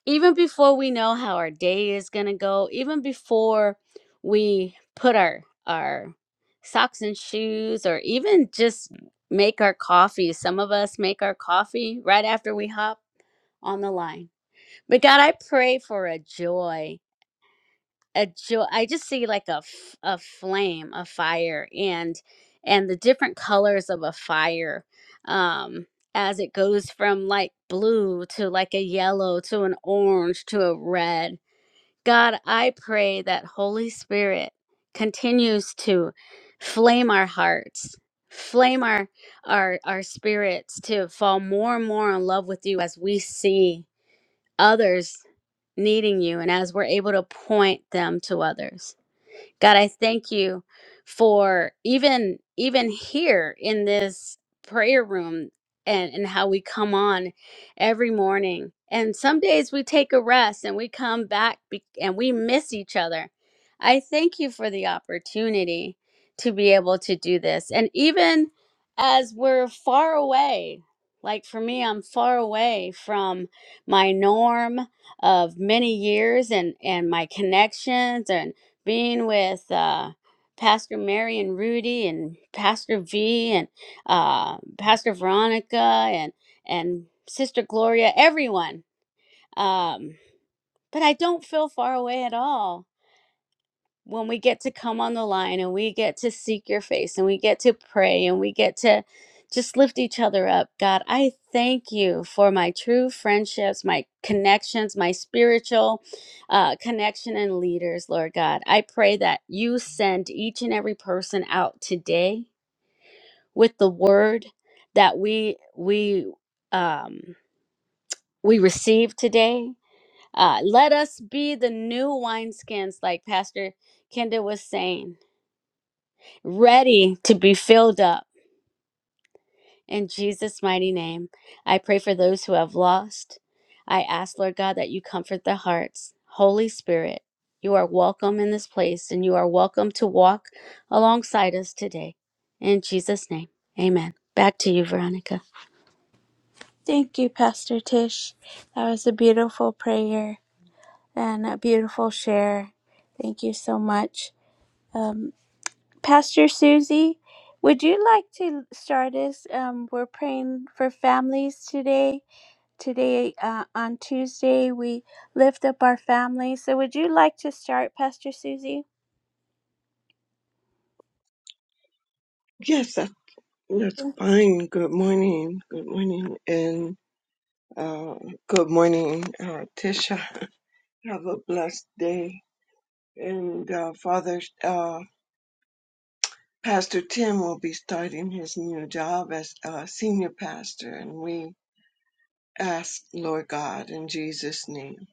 Even before we know how our day is going to go, even before we put our our socks and shoes or even just make our coffee. Some of us make our coffee right after we hop on the line but God, I pray for a joy, a joy. I just see like a f- a flame, a fire, and and the different colors of a fire, um, as it goes from like blue to like a yellow to an orange to a red. God, I pray that Holy Spirit continues to flame our hearts, flame our our our spirits to fall more and more in love with you as we see others needing you and as we're able to point them to others. God, I thank you for even even here in this prayer room and and how we come on every morning. And some days we take a rest and we come back be- and we miss each other. I thank you for the opportunity to be able to do this. And even as we're far away, like for me, I'm far away from my norm of many years and and my connections being with uh, Pastor Mary and Rudy and Pastor V and uh, Pastor Veronica and and Sister Gloria, everyone. Um, but I don't feel far away at all when we get to come on the line and we get to seek your face and we get to pray and we get to just lift each other up. God, I thank you for my true friendships, my connections, my spiritual uh, connection and leaders, Lord God. I pray that you send each and every person out today with the word that we we um, we receive today. Uh, let us be the new wineskins, like Pastor Kenda was saying ready to be filled up. In Jesus' mighty name, I pray for those who have lost. I ask, Lord God, that you comfort their hearts. Holy Spirit, you are welcome in this place and you are welcome to walk alongside us today. In Jesus' name, amen. Back to you, Veronica. Thank you, Pastor Tish. That was a beautiful prayer and a beautiful share. Thank you so much. Um, Pastor Susie, would you like to start us? Um, we're praying for families today. Today, uh, on Tuesday, we lift up our families. So, would you like to start, Pastor Susie? Yes, that, that's fine. Good morning. Good morning. And uh, good morning, uh, Tisha. Have a blessed day. And uh, Father, uh, Pastor Tim will be starting his new job as uh, senior pastor. And we ask, Lord God, in Jesus' name,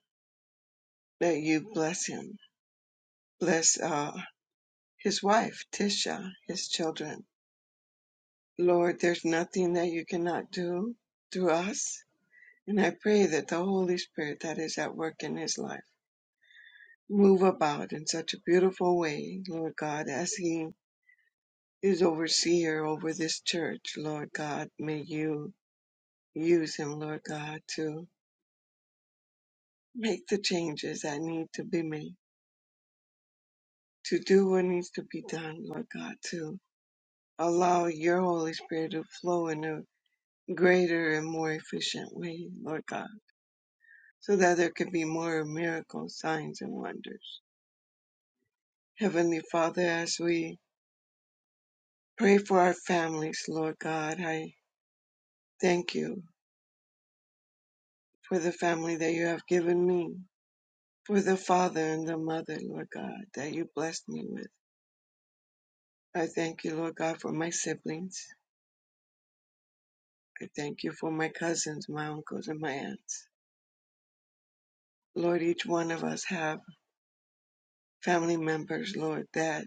that you bless him. Bless uh, his wife, Tisha, his children. Lord, there's nothing that you cannot do through us And I pray that the Holy Spirit that is at work in his life move about in such a beautiful way, Lord God, as he is overseer over this church, Lord God. May you use him, Lord God, to make the changes that need to be made, to do what needs to be done, Lord God, to allow your Holy Spirit to flow in a greater and more efficient way, Lord God, so that there can be more miracles, signs, and wonders. Heavenly Father, as we Pray for our families, Lord God. I thank you for the family that you have given me, for the father and the mother, Lord God, that you blessed me with. I thank you, Lord God, for my siblings. I thank you for my cousins, my uncles, and my aunts. Lord, each one of us have family members, Lord, that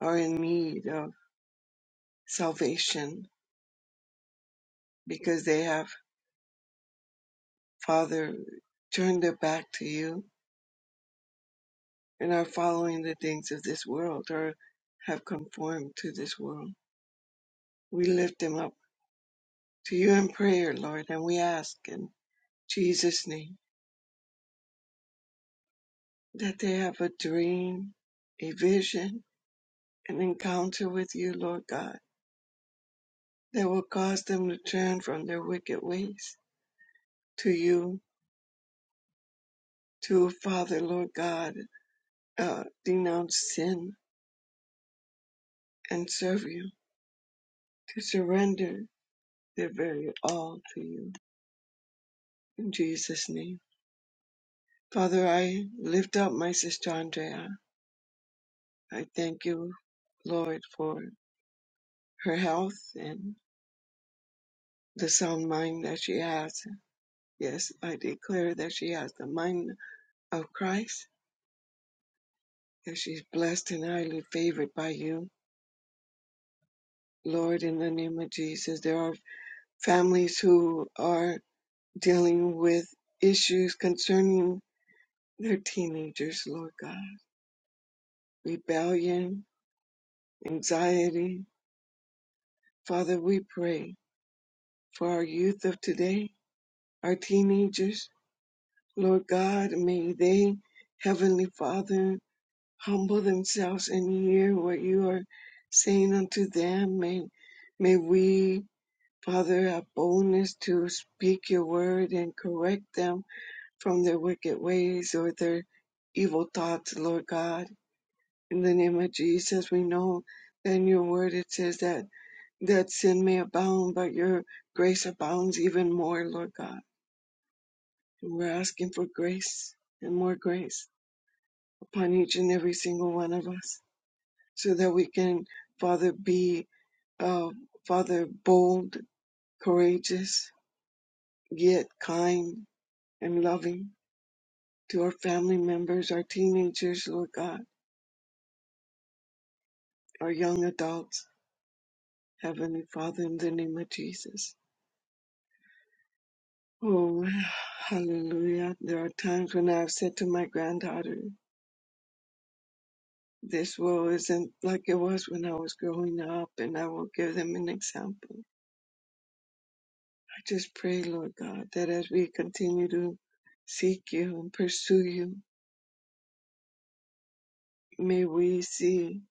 are in need of salvation because they have, Father, turned their back to you and are following the things of this world or have conformed to this world. We lift them up to you in prayer, Lord, and we ask in Jesus' name that they have a dream, a vision, an encounter with you, Lord God, that will cause them to turn from their wicked ways to you, to Father, Lord God, uh, denounce sin and serve you, to surrender their very all to you. In Jesus' name. Father, I lift up my sister Andrea. I thank you, Lord, for her health and the sound mind that she has. Yes, I declare that she has the mind of Christ, that she's blessed and highly favored by you. Lord, in the name of Jesus, there are families who are dealing with issues concerning their teenagers, Lord God, rebellion, anxiety. Father, we pray for our youth of today, our teenagers. Lord God, may they, Heavenly Father, humble themselves and hear what you are saying unto them. May, may we, Father, have boldness to speak your word and correct them from their wicked ways or their evil thoughts, Lord God. In the name of Jesus, we know that in your word it says that, that sin may abound, but your grace abounds even more, Lord God. And we're asking for grace and more grace upon each and every single one of us. so that we can, Father, be, uh, Father, bold, courageous, yet kind and loving to our family members, our teenagers, Lord God, our young adults, Heavenly Father, in the name of Jesus. Oh, hallelujah. There are times when I've said to my granddaughter, this world isn't like it was when I was growing up, and I will give them an example. I just pray, Lord God, that as we continue to seek you and pursue you, may we see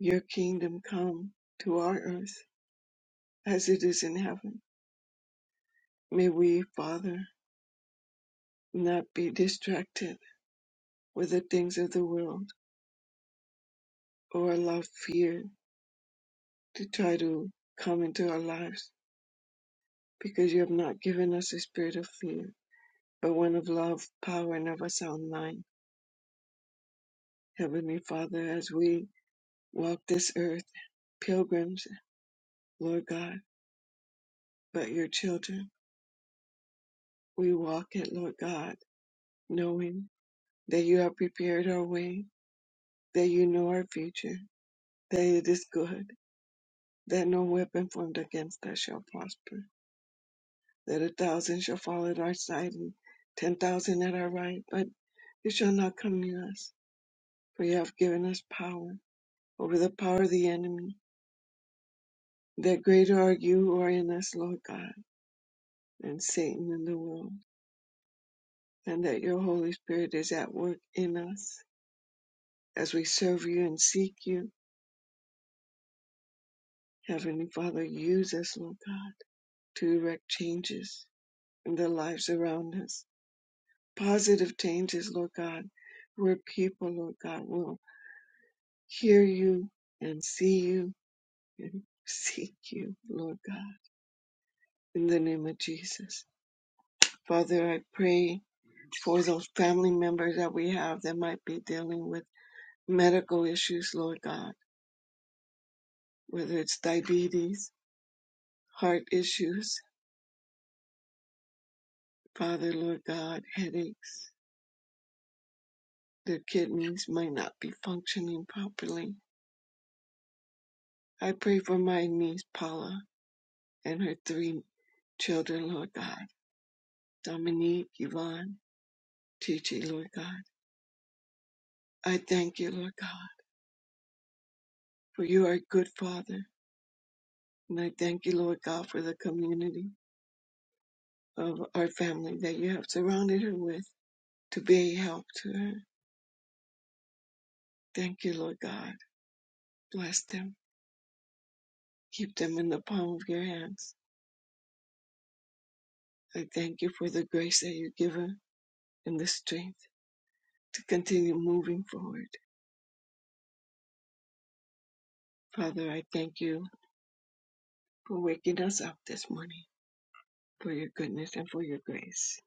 your kingdom come to our earth as it is in heaven. May we, Father, not be distracted with the things of the world or allow fear to try to come into our lives because you have not given us a spirit of fear, but one of love, power, and of a sound mind. Heavenly Father, as we walk this earth, pilgrims, Lord God, But your children, we walk it, Lord God, knowing that you have prepared our way, that you know our future, that it is good, that no weapon formed against us shall prosper, that a thousand shall fall at our side and ten thousand at our right, but it shall not come near us. For you have given us power over the power of the enemy, that greater are you who are in us, Lord God, than Satan in the world, and that your Holy Spirit is at work in us As we serve you and seek you, Heavenly Father, use us, Lord God, to erect changes in the lives around us. Positive changes, Lord God, where people, Lord God, will hear you and see you and seek you, Lord God, in the name of Jesus. Father, I pray for those family members that we have that might be dealing with medical issues, Lord God, whether it's diabetes, heart issues, Father, Lord God, headaches. Their kidneys might not be functioning properly. I pray for my niece Paula and her three children, Lord God. Dominique, Yvonne, Gigi, Lord God. I thank you, Lord God, for you are a good father. And I thank you, Lord God, for the community of our family that you have surrounded her with to be a help to her. Thank you, Lord God. Bless them. Keep them in the palm of your hands. I thank you for the grace that you give her and the strength to continue moving forward. Father, I thank you for waking us up this morning, for your goodness and for your grace.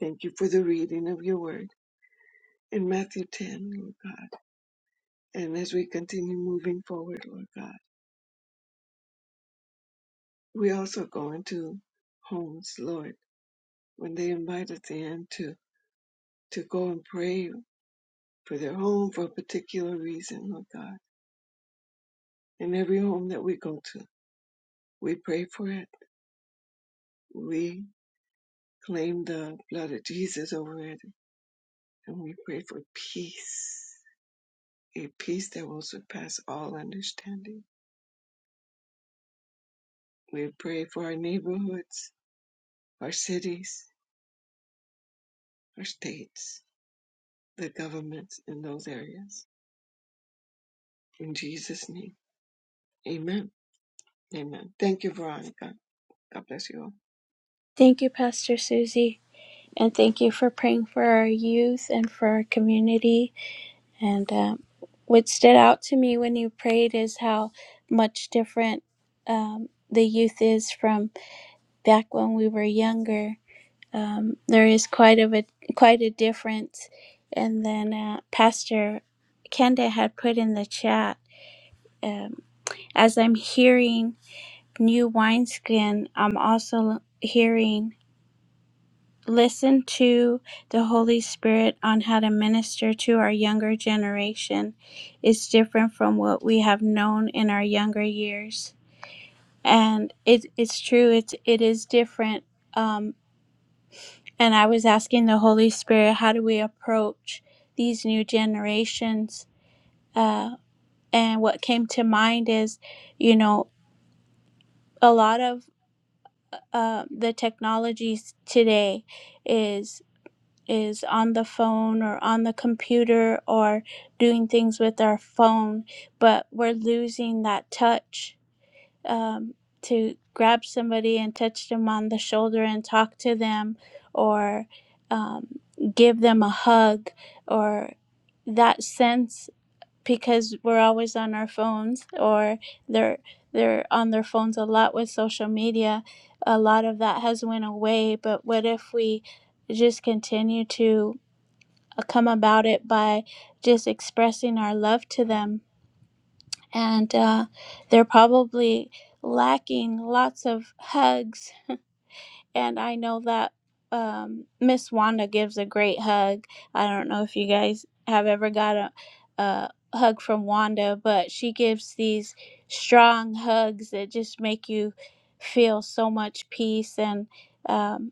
Thank you for the reading of your word in Matthew 10, Lord God. And as we continue moving forward, Lord God, we also go into homes, Lord, when they invite us in to, to go and pray for their home for a particular reason, Lord God. In every home that we go to, we pray for it. We claim the blood of Jesus over it And we pray for peace, a peace that will surpass all understanding. We pray for our neighborhoods, our cities, our states, the governments in those areas. In Jesus' name, amen. Amen. Thank you, Veronica. God bless you all. Thank you, Pastor Susie. And thank you for praying for our youth and for our community. And um, what stood out to me when you prayed is how much different um, the youth is from back when we were younger. Um, there is quite of a quite a difference. And then uh, Pastor Kenda had put in the chat. Um, as I'm hearing new wineskin, I'm also hearing listen to the Holy Spirit on how to minister to our younger generation is different from what we have known in our younger years. And it, it's true, it's, it is different. Um, and I was asking the Holy Spirit, how do we approach these new generations? Uh, and what came to mind is, you know, a lot of uh, the technologies today is. is on the phone or on the computer or doing things with our phone, but we're losing that touch um, to grab somebody and touch them on the shoulder and talk to them or um, give them a hug or that sense because we're always on our phones or they're they're on their phones a lot with social media a lot of that has went away but what if we just continue to uh, come about it by just expressing our love to them. And uh, they're probably lacking lots of hugs. And I know that um, Miss Wanda gives a great hug. I don't know if you guys have ever got a, a hug from Wanda, but she gives these strong hugs that just make you feel so much peace and. um,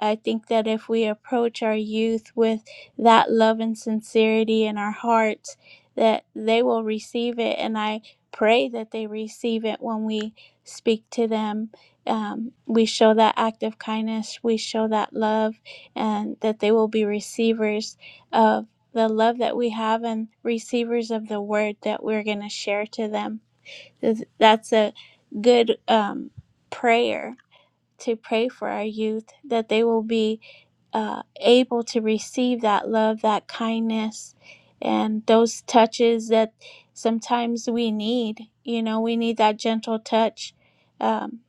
I think that if we approach our youth with that love and sincerity in our hearts, that they will receive it. And I pray that they receive it when we speak to them. Um, we show that act of kindness, we show that love, and that they will be receivers of the love that we have and receivers of the word that we're going to share to them. That's a good um, prayer to pray for our youth that they will be uh, able to receive that love, that kindness, and those touches that sometimes we need. You know, we need that gentle touch. Um,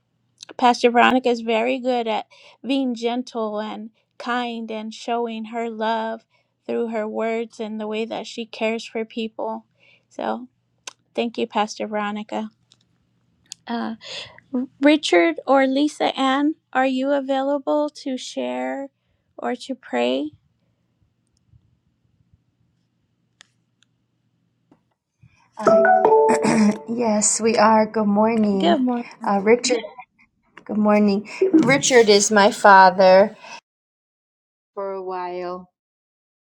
Pastor Veronica is very good at being gentle and kind and showing her love through her words and the way that she cares for people. So, thank you, Pastor Veronica. Uh. Richard or Lisa Ann, are you available to share or to pray? Uh, Yes, we are. Good Good morning. morning. Uh, Richard, good morning. Richard is my father for a while,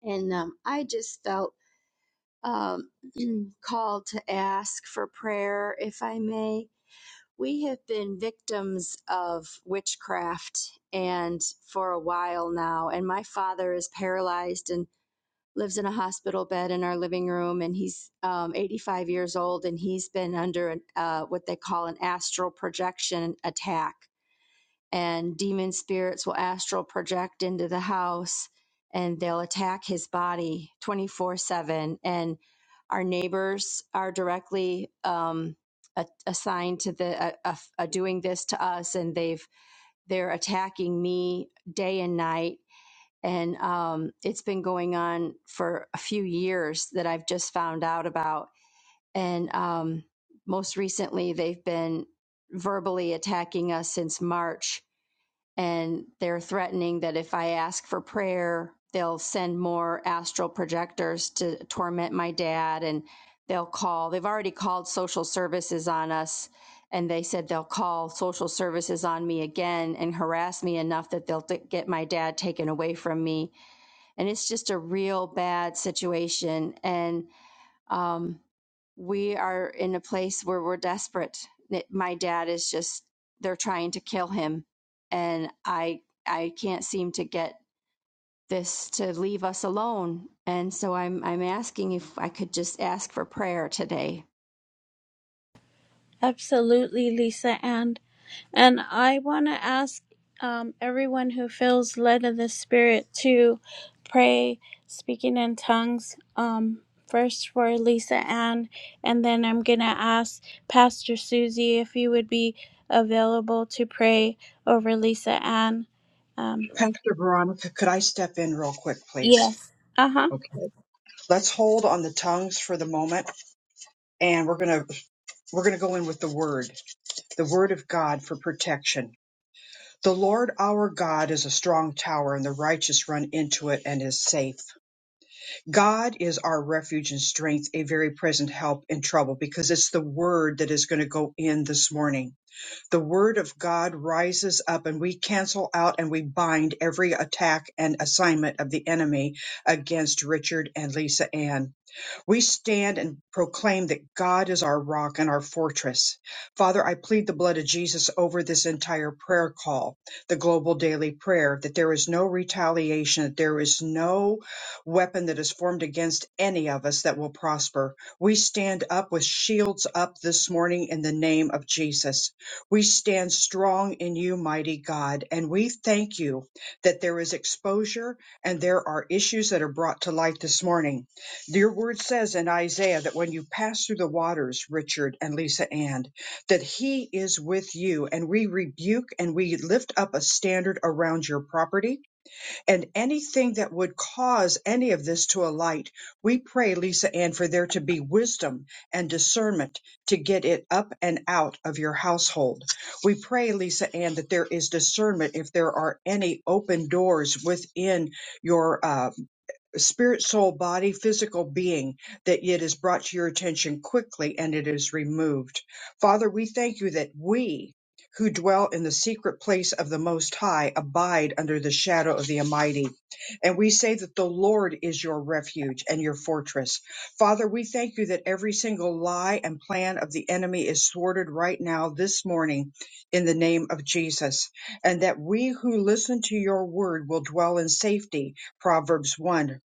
and um, I just felt um, called to ask for prayer, if I may. We have been victims of witchcraft and for a while now, and my father is paralyzed and. lives in a hospital bed in our living room and he's um, 85 years old and he's been under an, uh, what they call an astral projection attack and demon spirits will astral project into the house and they'll attack his body 24 7 and our neighbors are directly um, a- assigned to the uh, uh, doing this to us and they've they're attacking me day and night and um, it's been going on for a few years that I've just found out about. And um, most recently, they've been verbally attacking us since March, and they're threatening that if I ask for prayer, they'll send more astral projectors to torment my dad, and they'll call. They've already called social services on us. And they said they'll call social services on me again and harass me enough that they'll t- get my dad taken away from me and it's just a real bad situation and um, we are in a place where we're desperate That my dad is just they're trying to kill him and i i can't seem to get this to leave us alone and so i'm i'm asking if i could just ask for prayer today Absolutely, Lisa Ann. And I want to ask um, everyone who feels led of the Spirit to pray speaking in tongues. Um, first for Lisa Ann, and then I'm going to ask Pastor Susie if you would be available to pray over Lisa Ann. Um, Pastor Veronica, could I step in real quick, please? yes. Uh huh. Okay. Let's hold on the tongues for the moment, and we're gonna we're gonna go in with the word, the word of God for protection. The Lord our God is a strong tower, and the righteous run into it and is safe. God is our refuge and strength, a very present help in trouble, because it's the word that is going to go in this morning. The word of God rises up, and we cancel out and we bind every attack and assignment of the enemy against Richard and Lisa Ann. We stand and proclaim that God is our rock and our fortress. Father, I plead the blood of Jesus over this entire prayer call, the global daily prayer, that there is no retaliation, that there is no weapon that is formed against any of us that will prosper. We stand up with shields up this morning in the name of Jesus. We stand strong in you, mighty God, and we thank you that there is exposure and there are issues that are brought to light this morning your word says in Isaiah that when you pass through the waters, Richard and Lisa Ann, that He is with you, and we rebuke and we lift up a standard around your property. And anything that would cause any of this to alight, we pray, Lisa Ann, for there to be wisdom and discernment to get it up and out of your household. We pray, Lisa Ann, that there is discernment if there are any open doors within your. uh, spirit, soul, body, physical being, that it is brought to your attention quickly and it is removed. Father, we thank you that we who dwell in the secret place of the Most High abide under the shadow of the Almighty. And we say that the Lord is your refuge and your fortress. Father, we thank you that every single lie and plan of the enemy is thwarted right now this morning in the name of Jesus. And that we who listen to your word will dwell in safety Proverbs 1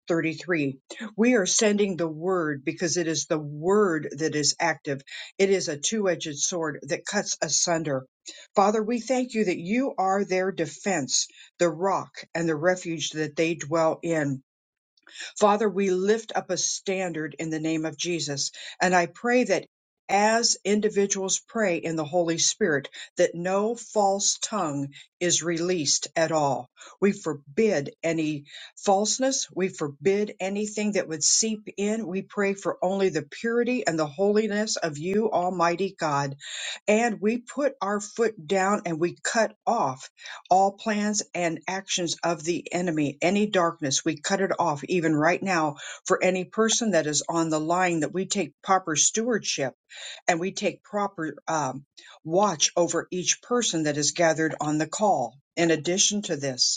thirty-three. We are sending the word because it is the word that is active. It is a two edged sword that cuts asunder. Father, we thank you that you are their defense, the rock and the refuge that they dwell in. Father, we lift up a standard in the name of Jesus. And I pray that as individuals pray in the Holy Spirit, that no false tongue is released at all. We forbid any falseness. We forbid anything that would seep in. We pray for only the purity and the holiness of you, Almighty God. And we put our foot down and we cut off all plans and actions of the enemy, any darkness, we cut it off even right now for any person that is on the line that we take proper stewardship and we take proper um, watch over each person that is gathered on the call. In addition to this,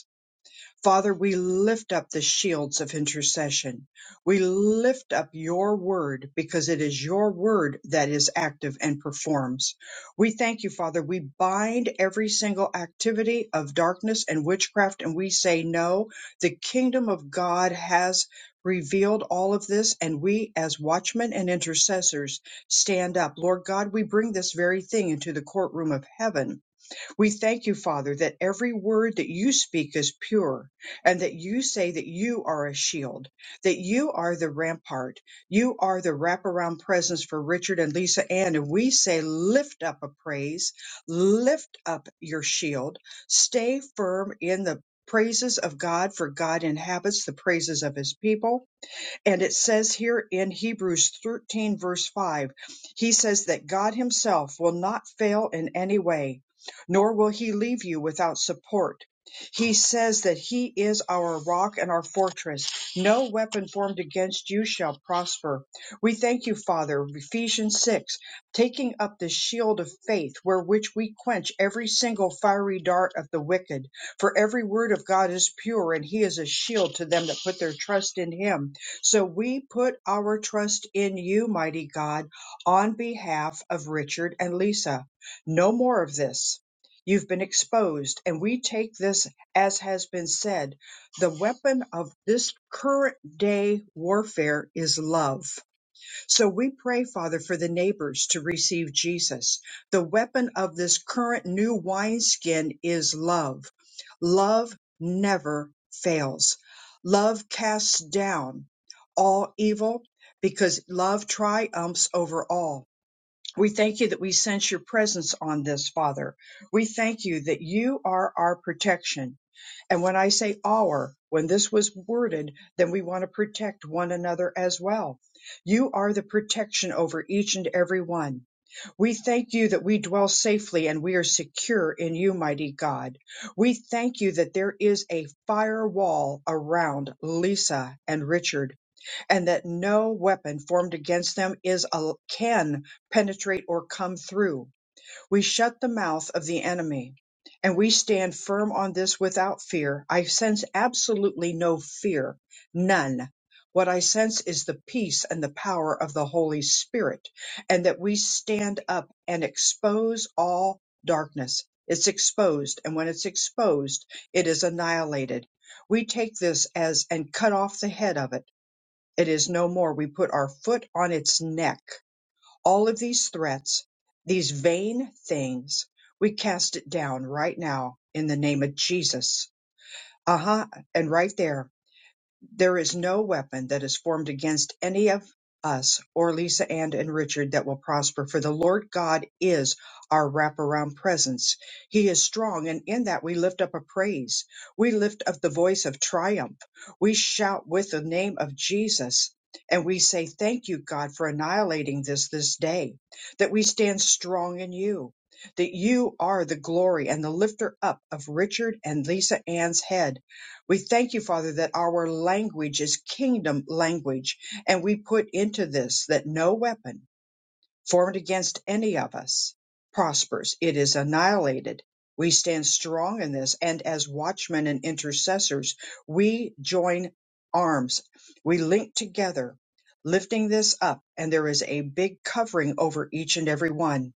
Father, we lift up the shields of intercession. We lift up your word because it is your word that is active and performs. We thank you, Father. We bind every single activity of darkness and witchcraft and we say no. The kingdom of God has revealed all of this and we as watchmen and intercessors stand up. Lord God, we bring this very thing into the courtroom of heaven we thank you, Father, that every word that you speak is pure and that you say that you are a shield, that you are the rampart, you are the wraparound presence for Richard and Lisa Ann. And we say, lift up a praise, lift up your shield, stay firm in the praises of God, for God inhabits the praises of his people. And it says here in Hebrews 13, verse 5, he says that God himself will not fail in any way, nor will he leave you without support. He says that he is our rock and our fortress. No weapon formed against you shall prosper. We thank you, Father, Ephesians 6, taking up the shield of faith, where which we quench every single fiery dart of the wicked. For every word of God is pure, and he is a shield to them that put their trust in him. So we put our trust in you, mighty God, on behalf of Richard and Lisa. No more of this. You've been exposed, and we take this, as has been said, the weapon of this current day warfare is love so we pray, Father, for the neighbors to receive Jesus. The weapon of this current new wineskin is love. Love never fails. Love casts down all evil because love triumphs over all. We thank you that we sense your presence on this, Father. We thank you that you are our protection. And when I say our, when this was worded, then we want to protect one another as well. You are the protection over each and every one. We thank you that we dwell safely and we are secure in you, mighty God. We thank you that there is a firewall around Lisa and Richard and that no weapon formed against them is a, can penetrate or come through we shut the mouth of the enemy. And we stand firm on this without fear. I sense absolutely no fear, none. What I sense is the peace and the power of the Holy Spirit, and that we stand up and expose all darkness. It's exposed, and when it's exposed, it is annihilated. We take this as and cut off the head of it. It is no more. We put our foot on its neck all of these threats, these vain things, we cast it down right now in the name of Jesus. Aha. And right there. There is no weapon that is formed against any of us or Lisa Ann and Richard that will prosper, for the Lord God is our wraparound presence. He is strong, and in that we lift up a praise. We lift up the voice of triumph. We shout with the name of Jesus. And we say, Thank you, God, for annihilating this this day, that we stand strong in you, that you are the glory and the lifter up of Richard and Lisa Ann's head we thank you, Father, that our language is kingdom language, and we put into this that no weapon formed against any of us prospers. It is annihilated. We stand strong in this, and as watchmen and intercessors, we join arms. We link together, lifting this up, and there is a big covering over each and every one.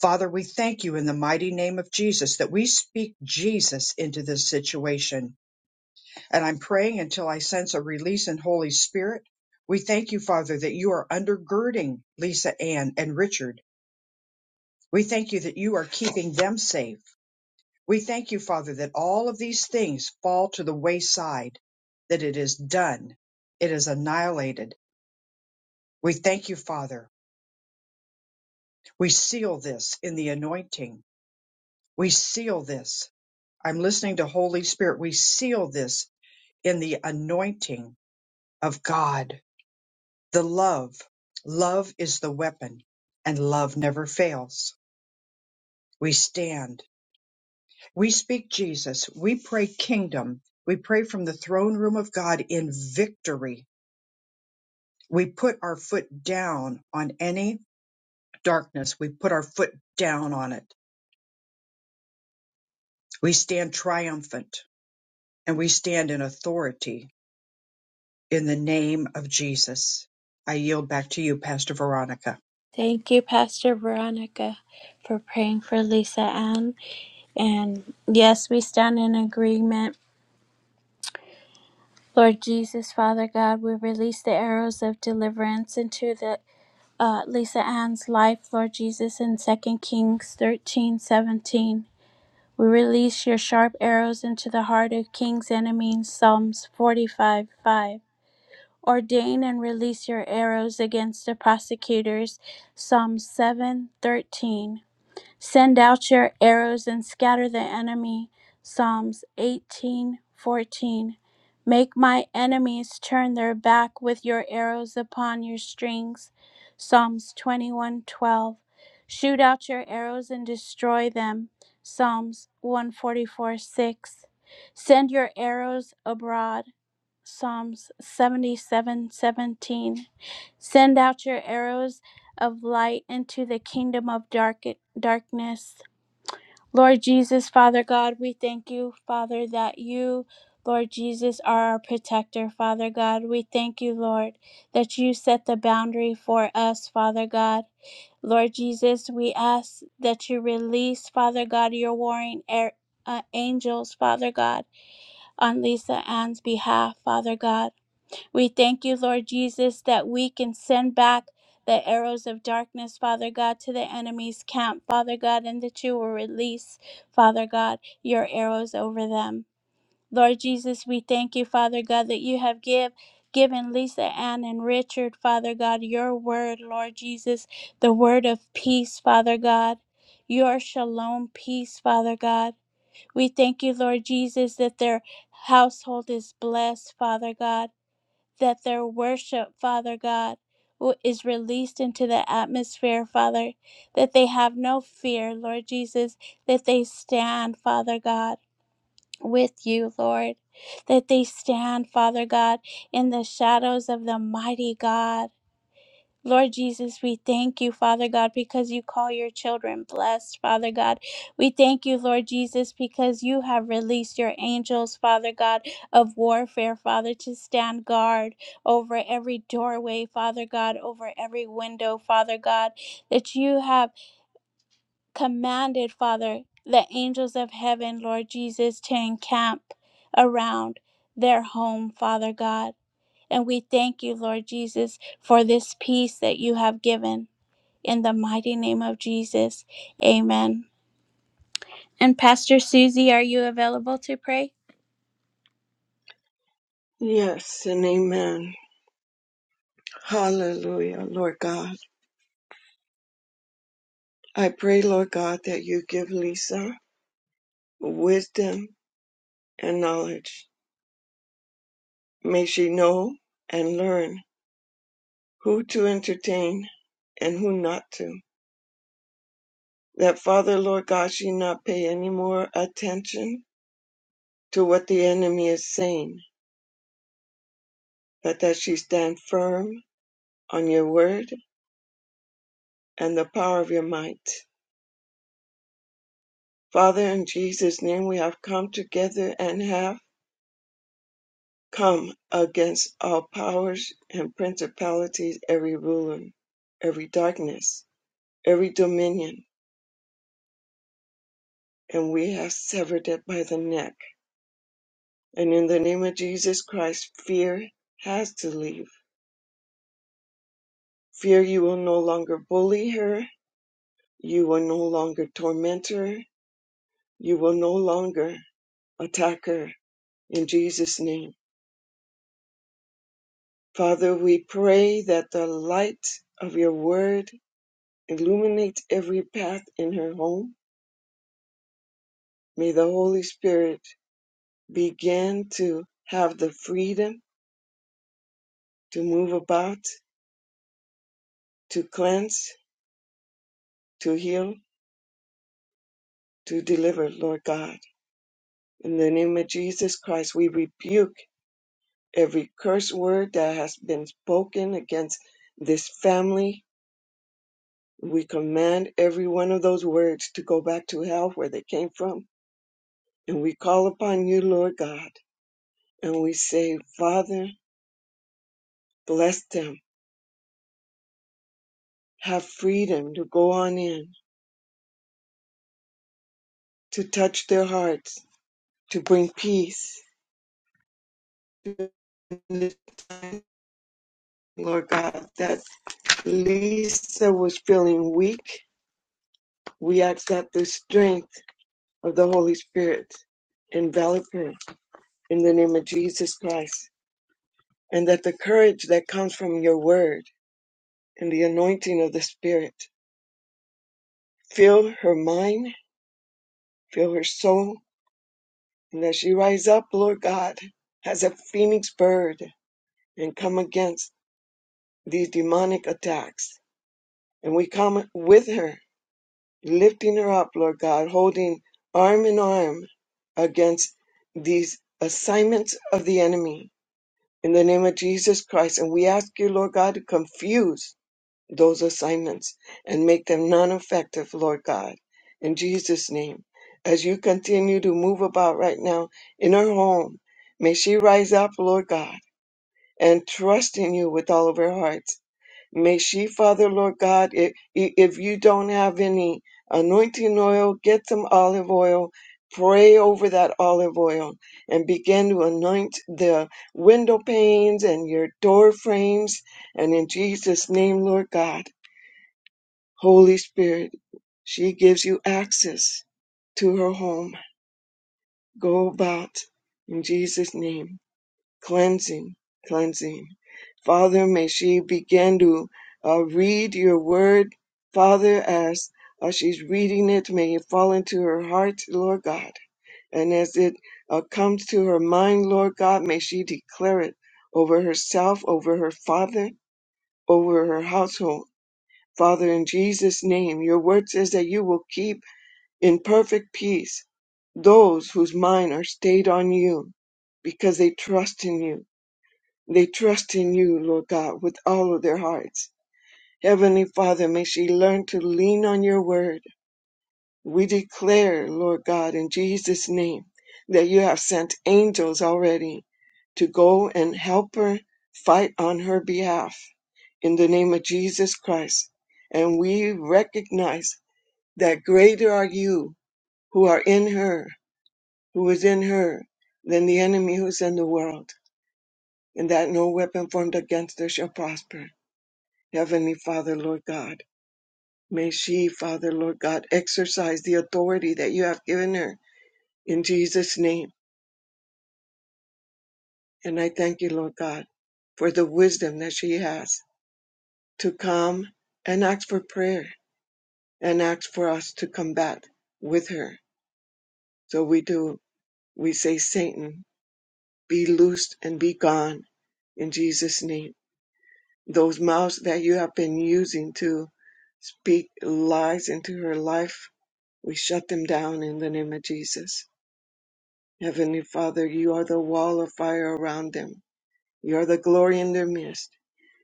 Father, we thank you in the mighty name of Jesus that we speak Jesus into this situation and I'm praying until I sense a release in Holy Spirit. We thank you, Father, that you are undergirding Lisa Ann and Richard. We thank you that you are keeping them safe. We thank you, Father, that all of these things fall to the wayside, that it is done, it is annihilated. We thank you, Father. We seal this in the anointing. We seal this. I'm listening to Holy Spirit. We seal this in the anointing of God. The love, love is the weapon, and love never fails. We stand, we speak Jesus, we pray kingdom, we pray from the throne room of God in victory. We put our foot down on any darkness, we put our foot down on it. We stand triumphant and we stand in authority in the name of Jesus. I yield back to you, Pastor Veronica. Thank you, Pastor Veronica, for praying for Lisa Ann. And yes, we stand in agreement. Lord Jesus, Father God, we release the arrows of deliverance into the uh, Lisa Ann's life, Lord Jesus, in Second Kings thirteen seventeen. We release your sharp arrows into the heart of King's enemies, Psalms 45 5. Ordain and release your arrows against the prosecutors, Psalm seven thirteen. Send out your arrows and scatter the enemy. Psalms 18:14. Make my enemies turn their back with your arrows upon your strings. Psalms 21:12. Shoot out your arrows and destroy them. Psalms one forty four six. Send your arrows abroad. Psalms 77, 17. Send out your arrows of light into the kingdom of dark- darkness. Lord Jesus, Father God, we thank you, Father, that you, Lord Jesus, are our protector, Father God. We thank you, Lord, that you set the boundary for us, Father God. Lord Jesus, we ask that you release, Father God, your warring air, uh, angels, Father God, on Lisa Ann's behalf, Father God. We thank you, Lord Jesus, that we can send back the arrows of darkness, Father God, to the enemy's camp, Father God, and that you will release, Father God, your arrows over them. Lord Jesus, we thank you, Father God, that you have give, given Lisa Ann and Richard, Father God, your word, Lord Jesus, the word of peace, Father God, your shalom peace, Father God. We thank you, Lord Jesus, that their household is blessed, Father God that their worship, Father God, is released into the atmosphere, Father, that they have no fear, Lord Jesus, that they stand, Father God, with you, Lord, that they stand, Father God, in the shadows of the mighty God. Lord Jesus, we thank you, Father God, because you call your children blessed, Father God. We thank you, Lord Jesus, because you have released your angels, Father God, of warfare, Father, to stand guard over every doorway, Father God, over every window, Father God, that you have commanded, Father, the angels of heaven, Lord Jesus, to encamp around their home, Father God. And we thank you, Lord Jesus, for this peace that you have given in the mighty name of Jesus. Amen. And Pastor Susie, are you available to pray? Yes, and amen. Hallelujah, Lord God. I pray, Lord God, that you give Lisa wisdom and knowledge. May she know and learn who to entertain and who not to. That Father, Lord God, she not pay any more attention to what the enemy is saying, but that she stand firm on your word and the power of your might. Father, in Jesus' name, we have come together and have come against all powers and principalities, every ruler, every darkness, every dominion, and we have severed it by the neck And in the name of Jesus Christ, fear has to leave. Fear, you will no longer bully her. You will no longer torment her. You will no longer attack her. In Jesus' name. Father, we pray that the light of your word illuminates every path in her home. May the Holy Spirit begin to have the freedom to move about, to cleanse, to heal, to deliver, Lord God. In the name of Jesus Christ, we rebuke every curse word that has been spoken against this family. We command every one of those words to go back to hell where they came from. And we call upon you, Lord God, and we say, Father, bless them. Have freedom to go on in, to touch their hearts, to bring peace. Lord God, that Lisa was feeling weak. We ask that the strength of the Holy Spirit envelop her in the name of Jesus Christ, and that the courage that comes from your word and the anointing of the Spirit fill her mind, fill her soul, and that she rise up, Lord God, as a phoenix bird and come against these demonic attacks. And we come with her, lifting her up, Lord God, holding arm in arm against these assignments of the enemy in the name of Jesus Christ. And we ask you, Lord God, to confuse those assignments and make them non effective, Lord God, in Jesus' name. As you continue to move about right now in her home, may she rise up, Lord God, and trust in you with all of her heart May she, Father, Lord God, if, if you don't have any anointing oil, get some olive oil. Pray over that olive oil and begin to anoint the window panes and your door frames. And in Jesus' name, Lord God, Holy Spirit, she gives you access to her home. Go about in Jesus' name cleansing, cleansing. Father, may she begin to uh, read your word, Father, as uh, she's reading it. May it fall into her heart, Lord God. And as it uh, comes to her mind, Lord God, may she declare it over herself, over her father, over her household. Father, in Jesus' name, your word says that you will keep in perfect peace those whose mind are stayed on you because they trust in you. They trust in you, Lord God, with all of their hearts. Heavenly Father, may she learn to lean on your word. We declare, Lord God, in Jesus' name, that you have sent angels already to go and help her fight on her behalf in the name of Jesus Christ. And we recognize that greater are you who are in her, who is in her, than the enemy who's in the world, and that no weapon formed against her shall prosper. Heavenly Father, Lord God, may she, Father, Lord God, exercise the authority that you have given her in Jesus' name. And I thank you, Lord God, for the wisdom that she has to come and ask for prayer and ask for us to combat with her. So we do. We say, Satan, be loosed and be gone in Jesus' name. Those mouths that you have been using to speak lies into her life, we shut them down in the name of Jesus. Heavenly Father, you are the wall of fire around them. You are the glory in their midst.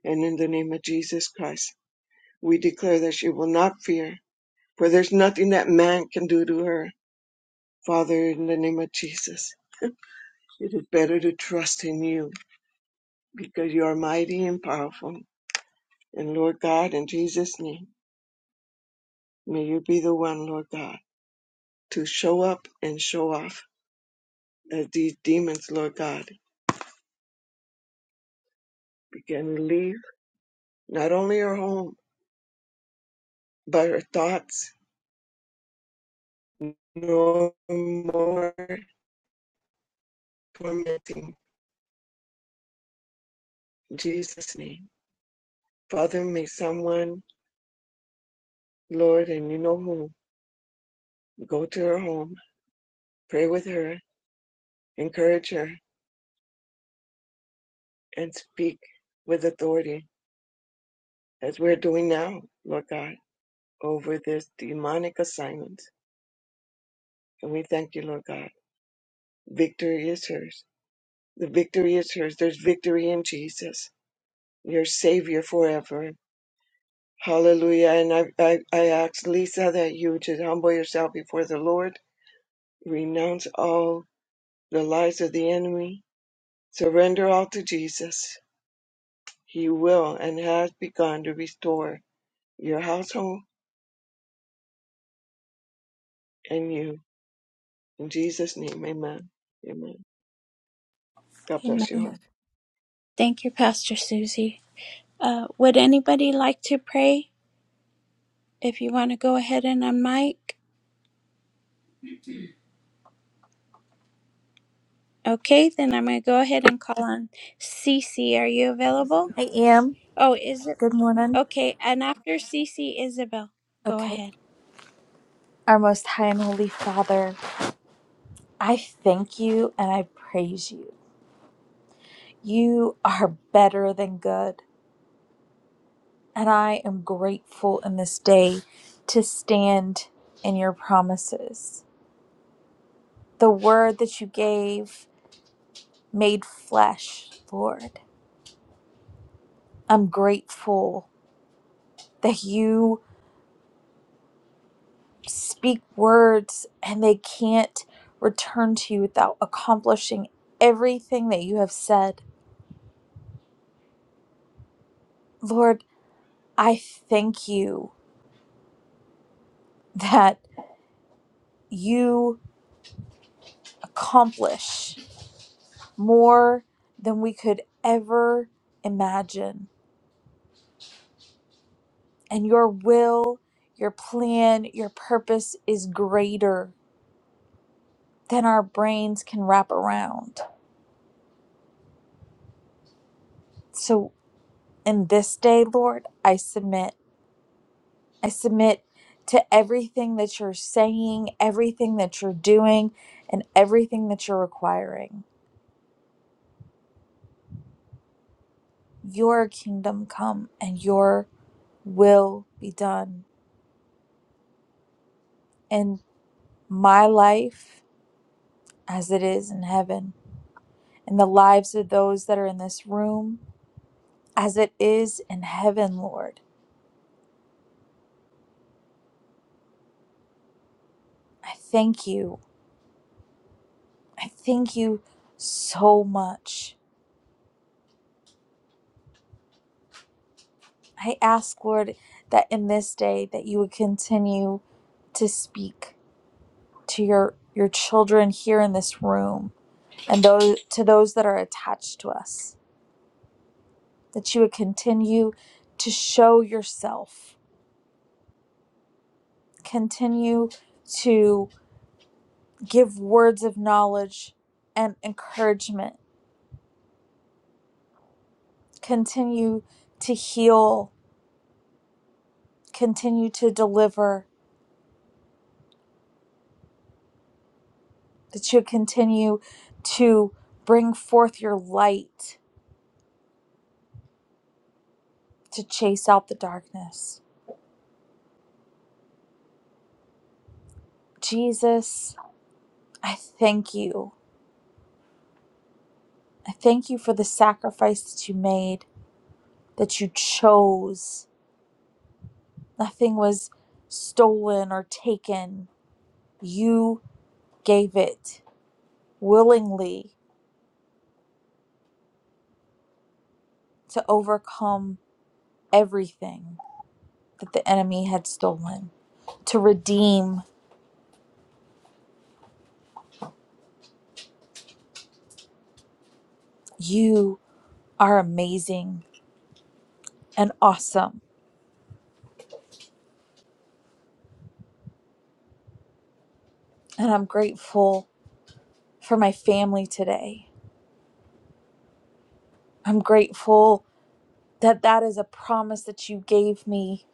And in the name of Jesus Christ, we declare that she will not fear, for there's nothing that man can do to her. Father, in the name of Jesus, it is better to trust in you because you are mighty and powerful. And Lord God, in Jesus' name, may you be the one, Lord God, to show up and show off as these demons, Lord God, begin to leave not only her home, but her thoughts no more tormenting. In Jesus' name. Father, may someone, Lord, and you know who, go to her home, pray with her, encourage her, and speak with authority as we're doing now, Lord God, over this demonic assignment. And we thank you, Lord God. Victory is hers. The victory is hers. There's victory in Jesus, your Savior forever. Hallelujah. And I, I, I ask Lisa that you just humble yourself before the Lord Renounce all the lies of the enemy. Surrender all to Jesus. He will and has begun to restore your household and you. In Jesus' name, amen. Amen. God bless you. all. Amen. Thank you, Pastor Susie. Uh, would anybody like to pray? If you want to go ahead and unmic, okay, then I'm going to go ahead and call on Cece. Are you available? I am. Oh, is it? Good morning. Okay, and after Cece, Isabel, go Okay. ahead. Our most high and holy Father, I thank you and I praise you. You are better than good. And I am grateful in this day to stand in your promises. The word that you gave made flesh, Lord. I'm grateful that you speak words and they can't return to you without accomplishing everything that you have said. Lord, I thank you that you accomplish more than we could ever imagine. And your will, your plan, your purpose is greater than our brains can wrap around. So, in this day, Lord, I submit. I submit to everything that you're saying, everything that you're doing, and everything that you're requiring. Your kingdom come and your will be done in my life as it is in heaven, in the lives of those that are in this room as it is in heaven, Lord. I thank you. I thank you so much. I ask, Lord, that in this day that you would continue to speak to your your children here in this room and those to those that are attached to us that you would continue to show yourself continue to give words of knowledge and encouragement, continue to heal, continue to deliver, that you continue to bring forth your light to chase out the darkness. Jesus, I thank you. I thank you for the sacrifice that you made, that you chose. Nothing was stolen or taken. You gave it willingly to overcome everything that the enemy had stolen, to redeem. You are amazing and awesome. And I'm grateful for my family today. I'm grateful that that is a promise that you gave me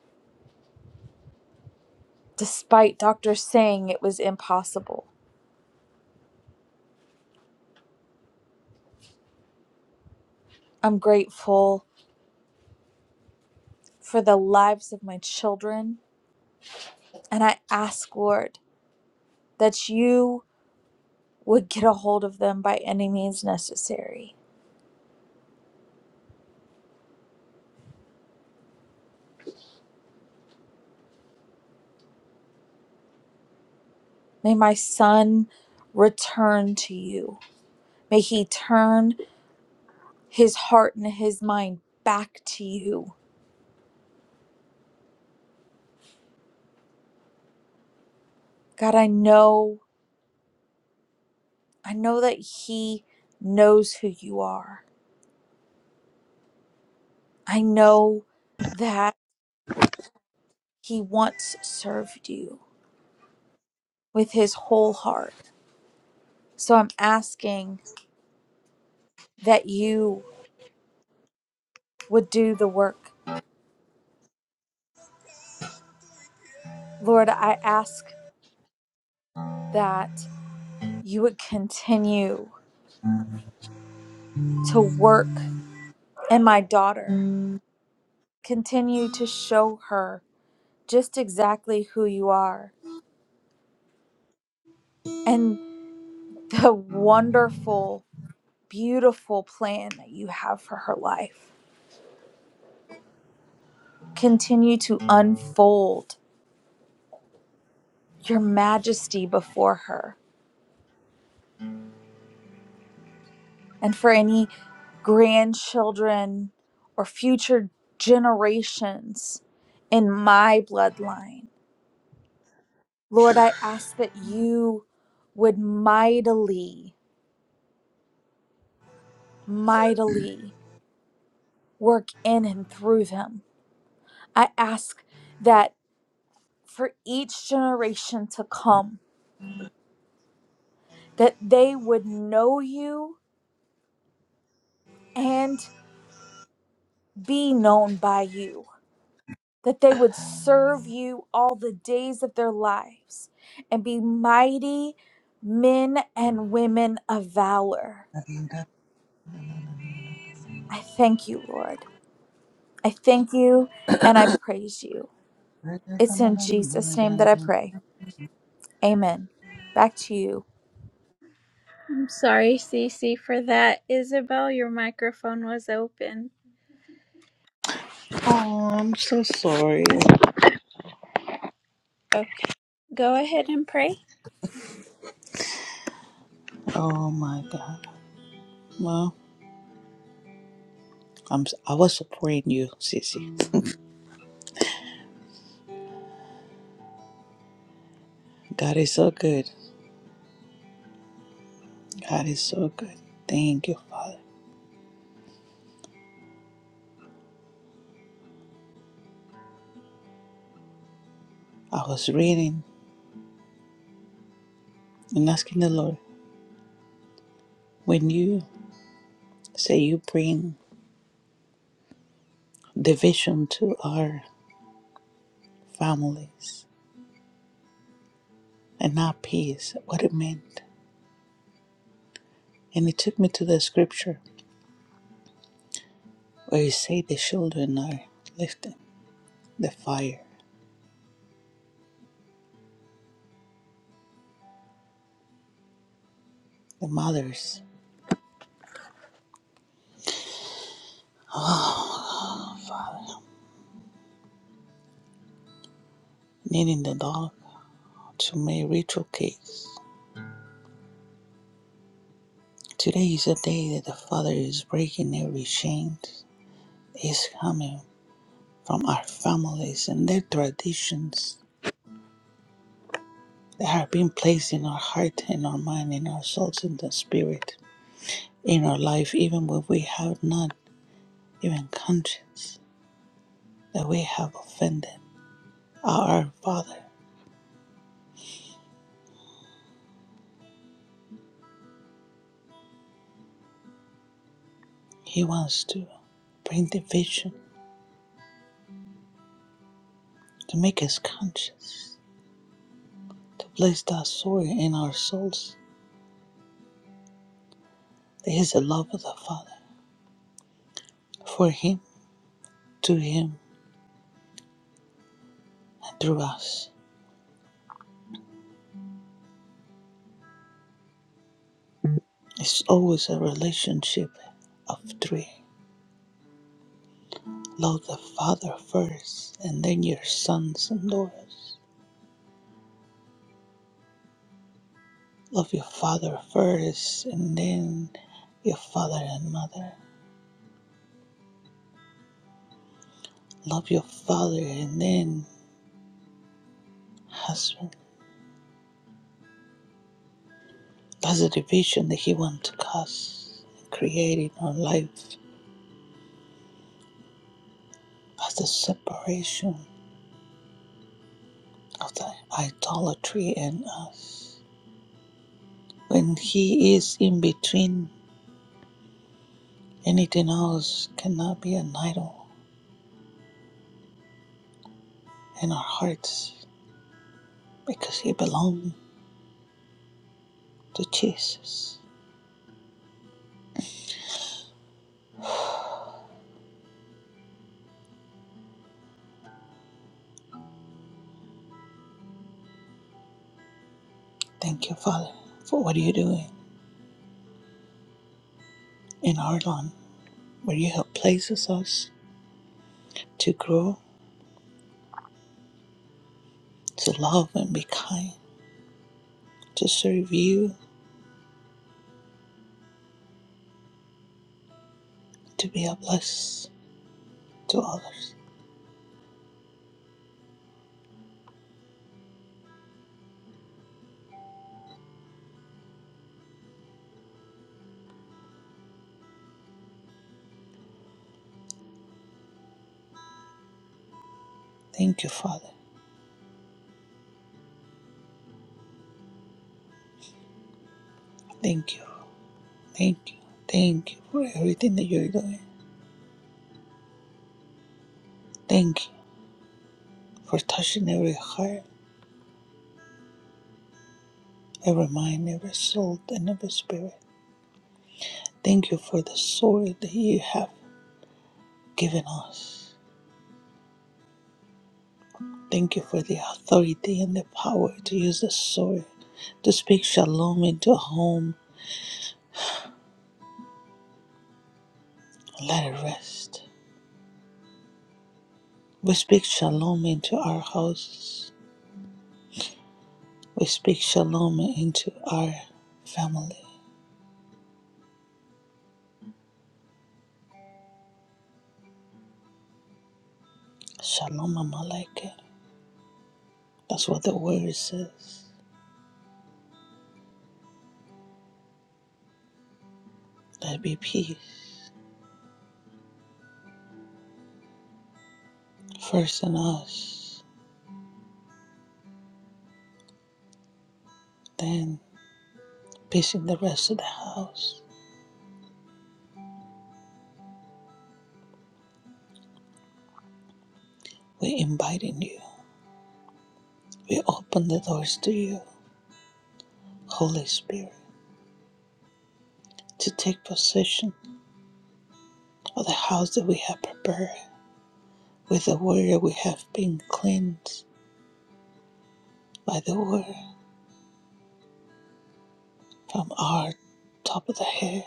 despite doctors saying it was impossible. I'm grateful for the lives of my children. And I ask, Lord, that you would get a hold of them by any means necessary May my son return to you. May he turn his heart and his mind back to you. God, I know, I know that he knows who you are. I know that he once served you with his whole heart. So I'm asking that you would do the work. Lord, I ask that you would continue to work in my daughter Continue to show her just exactly who you are and the wonderful, beautiful plan that you have for her life. Continue to unfold your majesty before her. And for any grandchildren or future generations in my bloodline. Lord, I ask that you would mightily, mightily work in and through them I ask that for each generation to come, that they would know you and be known by you, that they would serve you all the days of their lives and be mighty men and women of valor. Oh, I thank you, Lord. I thank you and I praise you. It's in Jesus' name that I pray. Amen. Back to you. I'm sorry, Cece, for that. Isabel, your microphone was open. I'm so sorry. Okay, go ahead and pray. Oh my God. Well, I'm. I was supporting you, Sissy. God is so good. God is so good. Thank you, Father. I was reading and asking the Lord when you say you bring division to our families and not peace, what it meant. And it took me to the scripture where you say the children are lifting the fire, the mothers. Knitting the dog to make ritual cakes. Today is a day that the Father is breaking every chain is coming from our families and their traditions that have been placed in our heart, in our mind, in our souls, in the spirit, in our life, even when we have not even conscience that we have offended our Father. He wants to bring division, to make us conscious, to place that sword in our souls. This is the love of the Father. for Him, to Him, and through us. It's always a relationship of three. Love the Father first, and then your sons and daughters. Love your father first, and then your father and mother. Love your father, and then husband. That's the division that He wants to cause, creating our life. That's the separation of the idolatry in us. When He is in between Anything else cannot be an idol in our hearts because they belong to Jesus. Thank you, Father, for what you're doing in our land, where you have places us to grow, to love and be kind, to serve you, to be a bless to others. Thank you, Father. Thank you. Thank you. Thank you for everything that you're doing. Thank you for touching every heart, every mind, every soul, and every spirit. Thank you for the sword that you have given us. Thank you for the authority and the power to use the sword to speak shalom into a home. Let it rest. We speak shalom into our houses. We speak shalom into our family. Shalom Amalekah. That's what the word says. Let it be peace first in us, then peace in the rest of the house. We're inviting you. We open the doors to you. Holy Spirit, to take possession of the house that we have prepared with the word we have been cleansed by the word from our top of the head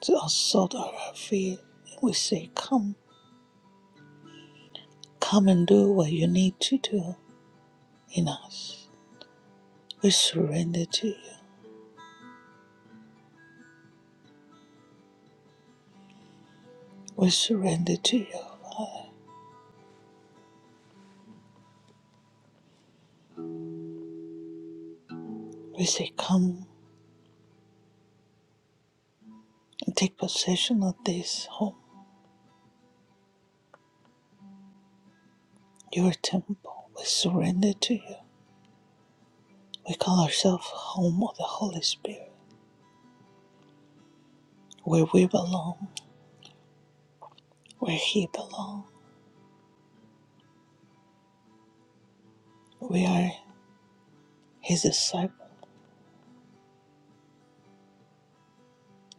to our salt of our feet. we say, Come, come and do what you need to do in us. We surrender to you. We surrender to you. We say, Come and take possession of this home, your temple. We surrender to you. We call ourselves home of the Holy Spirit. where we belong, where He belongs. We are His disciple.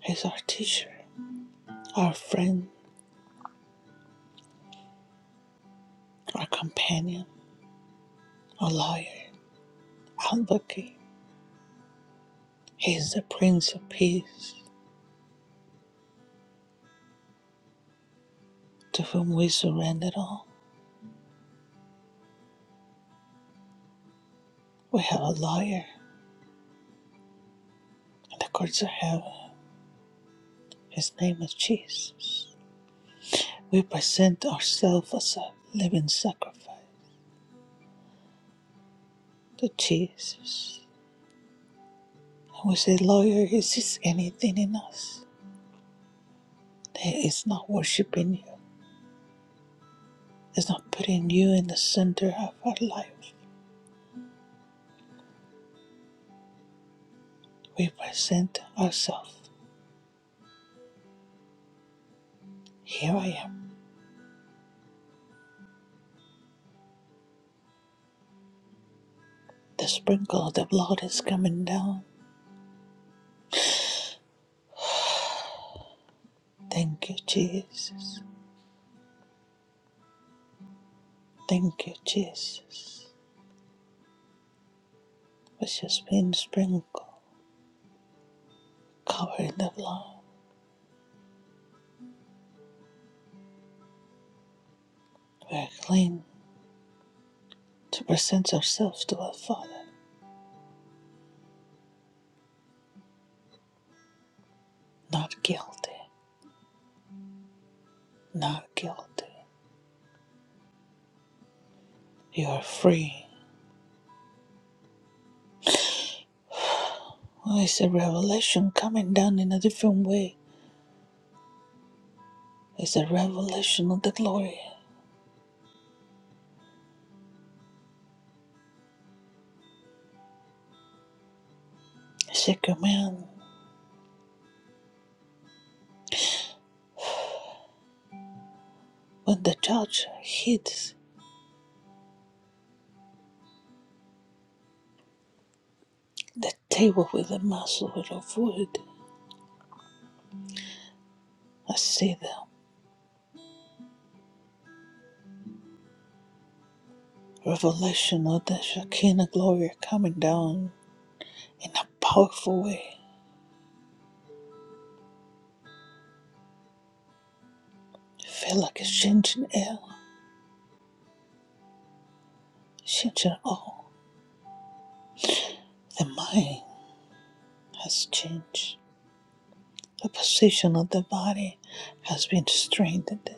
He's our teacher, our friend, our companion, our lawyer, advocate. He is the Prince of Peace, to whom we surrender all. We have a lawyer in the courts of heaven. His name is Jesus. We present ourselves as a living sacrifice to Jesus. And we say, Lawyer, is this anything in us that is not worshiping you? is not putting you in the center of our life. We present ourselves. Here I am. The sprinkle of the blood is coming down. Thank you, Jesus. Thank you, Jesus. Which has been sprinkled, covered in the blood. We are clean to present ourselves to our Father. Not guilty. Not guilty. You are free. Oh, it's a revelation coming down in a different way. It's a revelation of the glory. It's a command When the judge hits the table with a muscle of wood, I see the revelation of the Shekinah glory coming down in a powerful way. I feel like it's changing air, changing all. The mind has changed. The position of the body has been strengthened.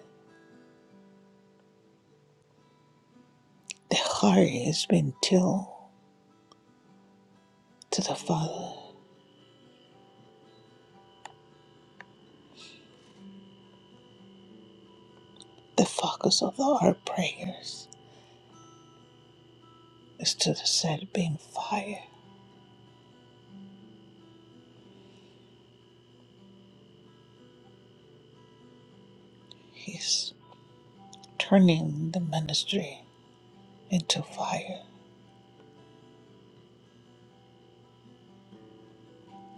The heart has been tilled to the Father. The focus of our prayers is to the set being fire. His turning the ministry into fire.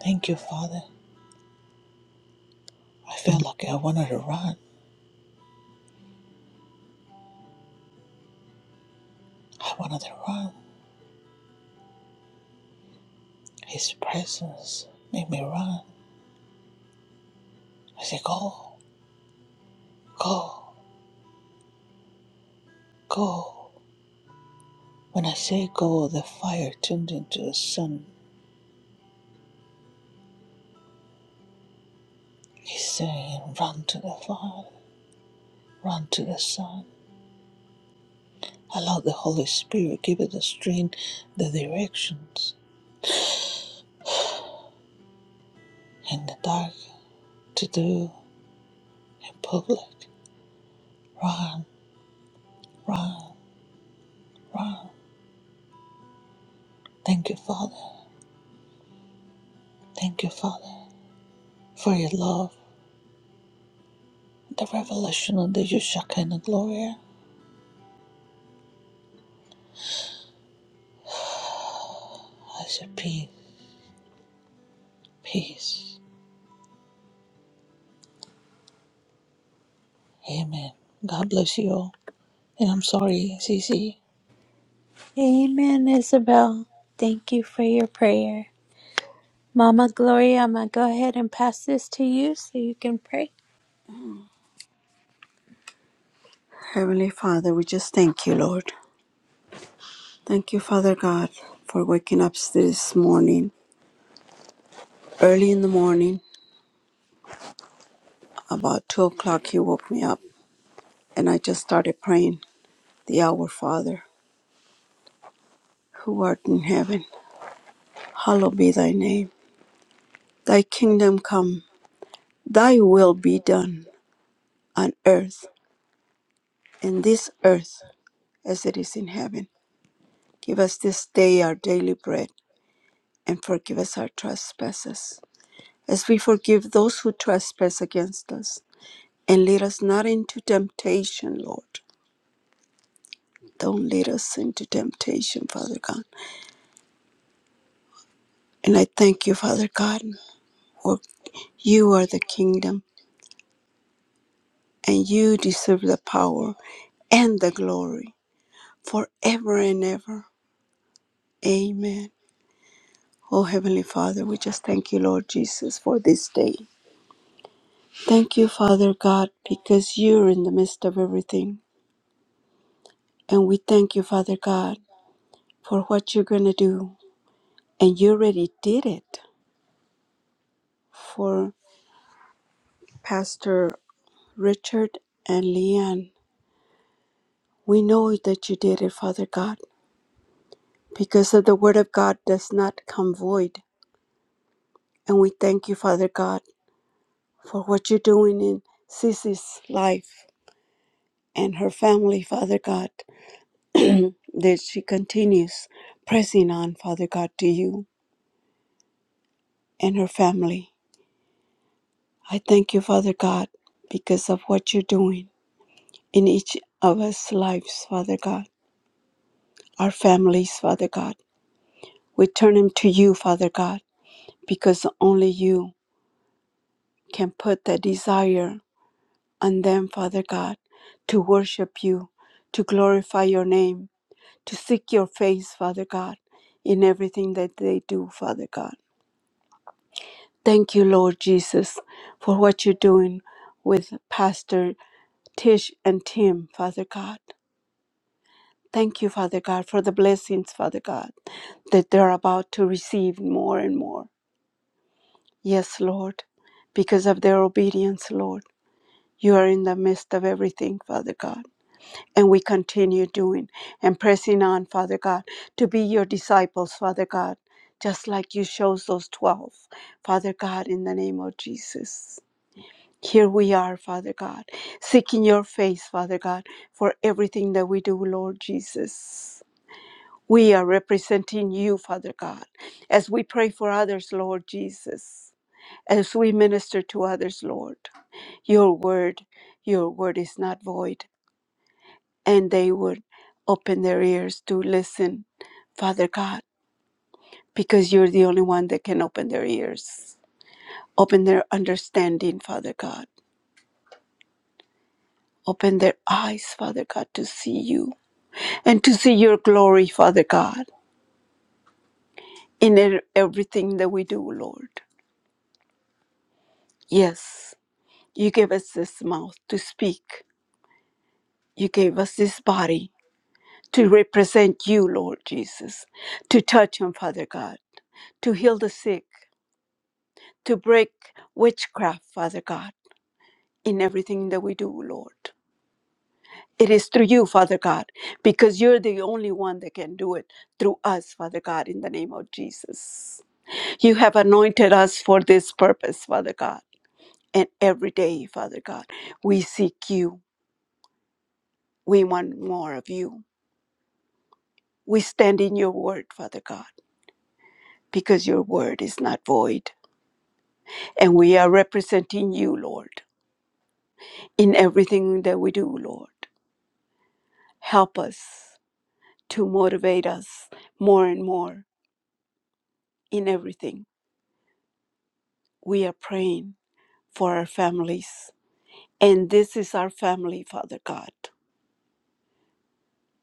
Thank you, Father. I feel like I wanted to run. I wanted to run. His presence made me run. I said, Go, go, go. When I say go, the fire turned into the sun. He's saying, Run to the fire, run to the sun. Allow the Holy Spirit give it the strength, the directions, and the dark to do in public. Run, run, run. Thank you, Father. Thank you, Father, for your love, the revelation of the Shekinah glory. I say, peace, peace. Amen. God bless you all. And I'm sorry, Cece. Amen, Isabel. Thank you for your prayer. Mama Gloria, I'm going to go ahead and pass this to you so you can pray. Heavenly Father, we just thank you, Lord. Thank you, Father God, for waking up this morning. Early in the morning, about 2 o'clock, you woke me up, and I just started praying the Our Father, who art in heaven, hallowed be thy name. Thy kingdom come, thy will be done on earth, in this earth as it is in heaven. Give us this day our daily bread, and forgive us our trespasses, as we forgive those who trespass against us. And lead us not into temptation, Lord. Don't lead us into temptation, Father God. And I thank you, Father God, for you are the kingdom, and you deserve the power and the glory forever and ever. Amen. Oh, Heavenly Father, we just thank you, Lord Jesus, for this day. Thank you, Father God, because you're in the midst of everything. And we thank you, Father God, for what you're going to do. And you already did it for Pastor Richard and Leanne. We know that you did it, Father God, because of the word of God does not come void. And we thank you, Father God, for what you're doing in Sissy's life and her family, Father God, that she continues pressing on, Father God, to you. and her family. I thank you, Father God, because of what you're doing in each of us lives, Father God, our families, Father God. We turn them to you, Father God, because only you can put that desire on them, Father God, to worship you, to glorify your name, to seek your face, Father God, in everything that they do, Father God. Thank you, Lord Jesus, for what you're doing with Pastor Tish and Tim, Father God. Thank you, Father God, for the blessings, Father God, that they're about to receive more and more. Yes, Lord, because of their obedience, Lord. You are in the midst of everything, Father God. And we continue doing and pressing on, Father God, to be your disciples, Father God, just like you chose those 12, Father God, in the name of Jesus. Here we are, Father God, seeking your face, Father God, for everything that we do, Lord Jesus. We are representing you, Father God, as we pray for others, Lord Jesus, as we minister to others, Lord. Your word, your word is not void, and they would open their ears to listen, Father God, because you're the only one that can open their ears, open their understanding, Father God. Open their eyes, Father God, to see you and to see your glory, Father God, in e- everything that we do, Lord. Yes, you gave us this mouth to speak, you gave us this body to represent you, Lord Jesus, to touch Him, Father God, to heal the sick, to break witchcraft, Father God, in everything that we do, Lord. It is through you, Father God, because you're the only one that can do it through us, Father God, in the name of Jesus. You have anointed us for this purpose, Father God And every day, Father God, we seek you. We want more of you. We stand in your word, Father God, because your word is not void. And we are representing you, Lord, in everything that we do, Lord. Help us to motivate us more and more in everything. We are praying for our families. And this is our family, Father God.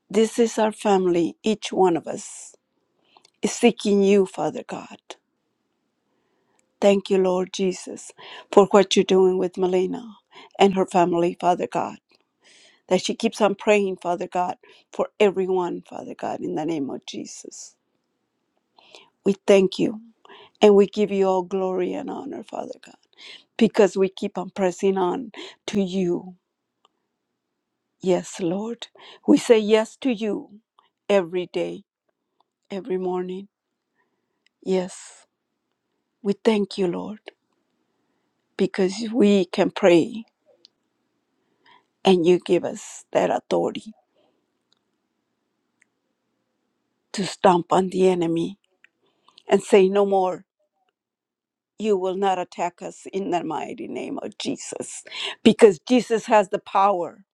This is our family, each one of us is seeking you, Father God. Thank you, Lord Jesus, for what you're doing with Melina and her family, Father God. That she keeps on praying, Father God, for everyone, Father God, in the name of Jesus. We thank you and we give you all glory and honor, Father God, because we keep on pressing on to you. Yes, Lord. We say yes to you every day, every morning. Yes. We thank you, Lord, because we can pray and you give us that authority to stomp on the enemy and say, No more. You will not attack us in the mighty name of Jesus. Because Jesus has the power,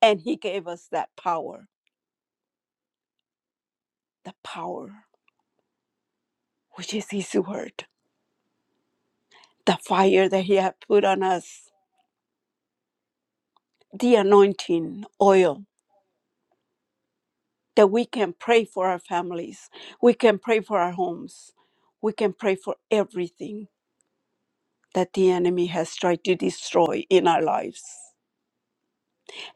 and He gave us that power the power, which is His word, the fire that He had put on us, the anointing oil that we can pray for our families, we can pray for our homes, we can pray for everything that the enemy has tried to destroy in our lives.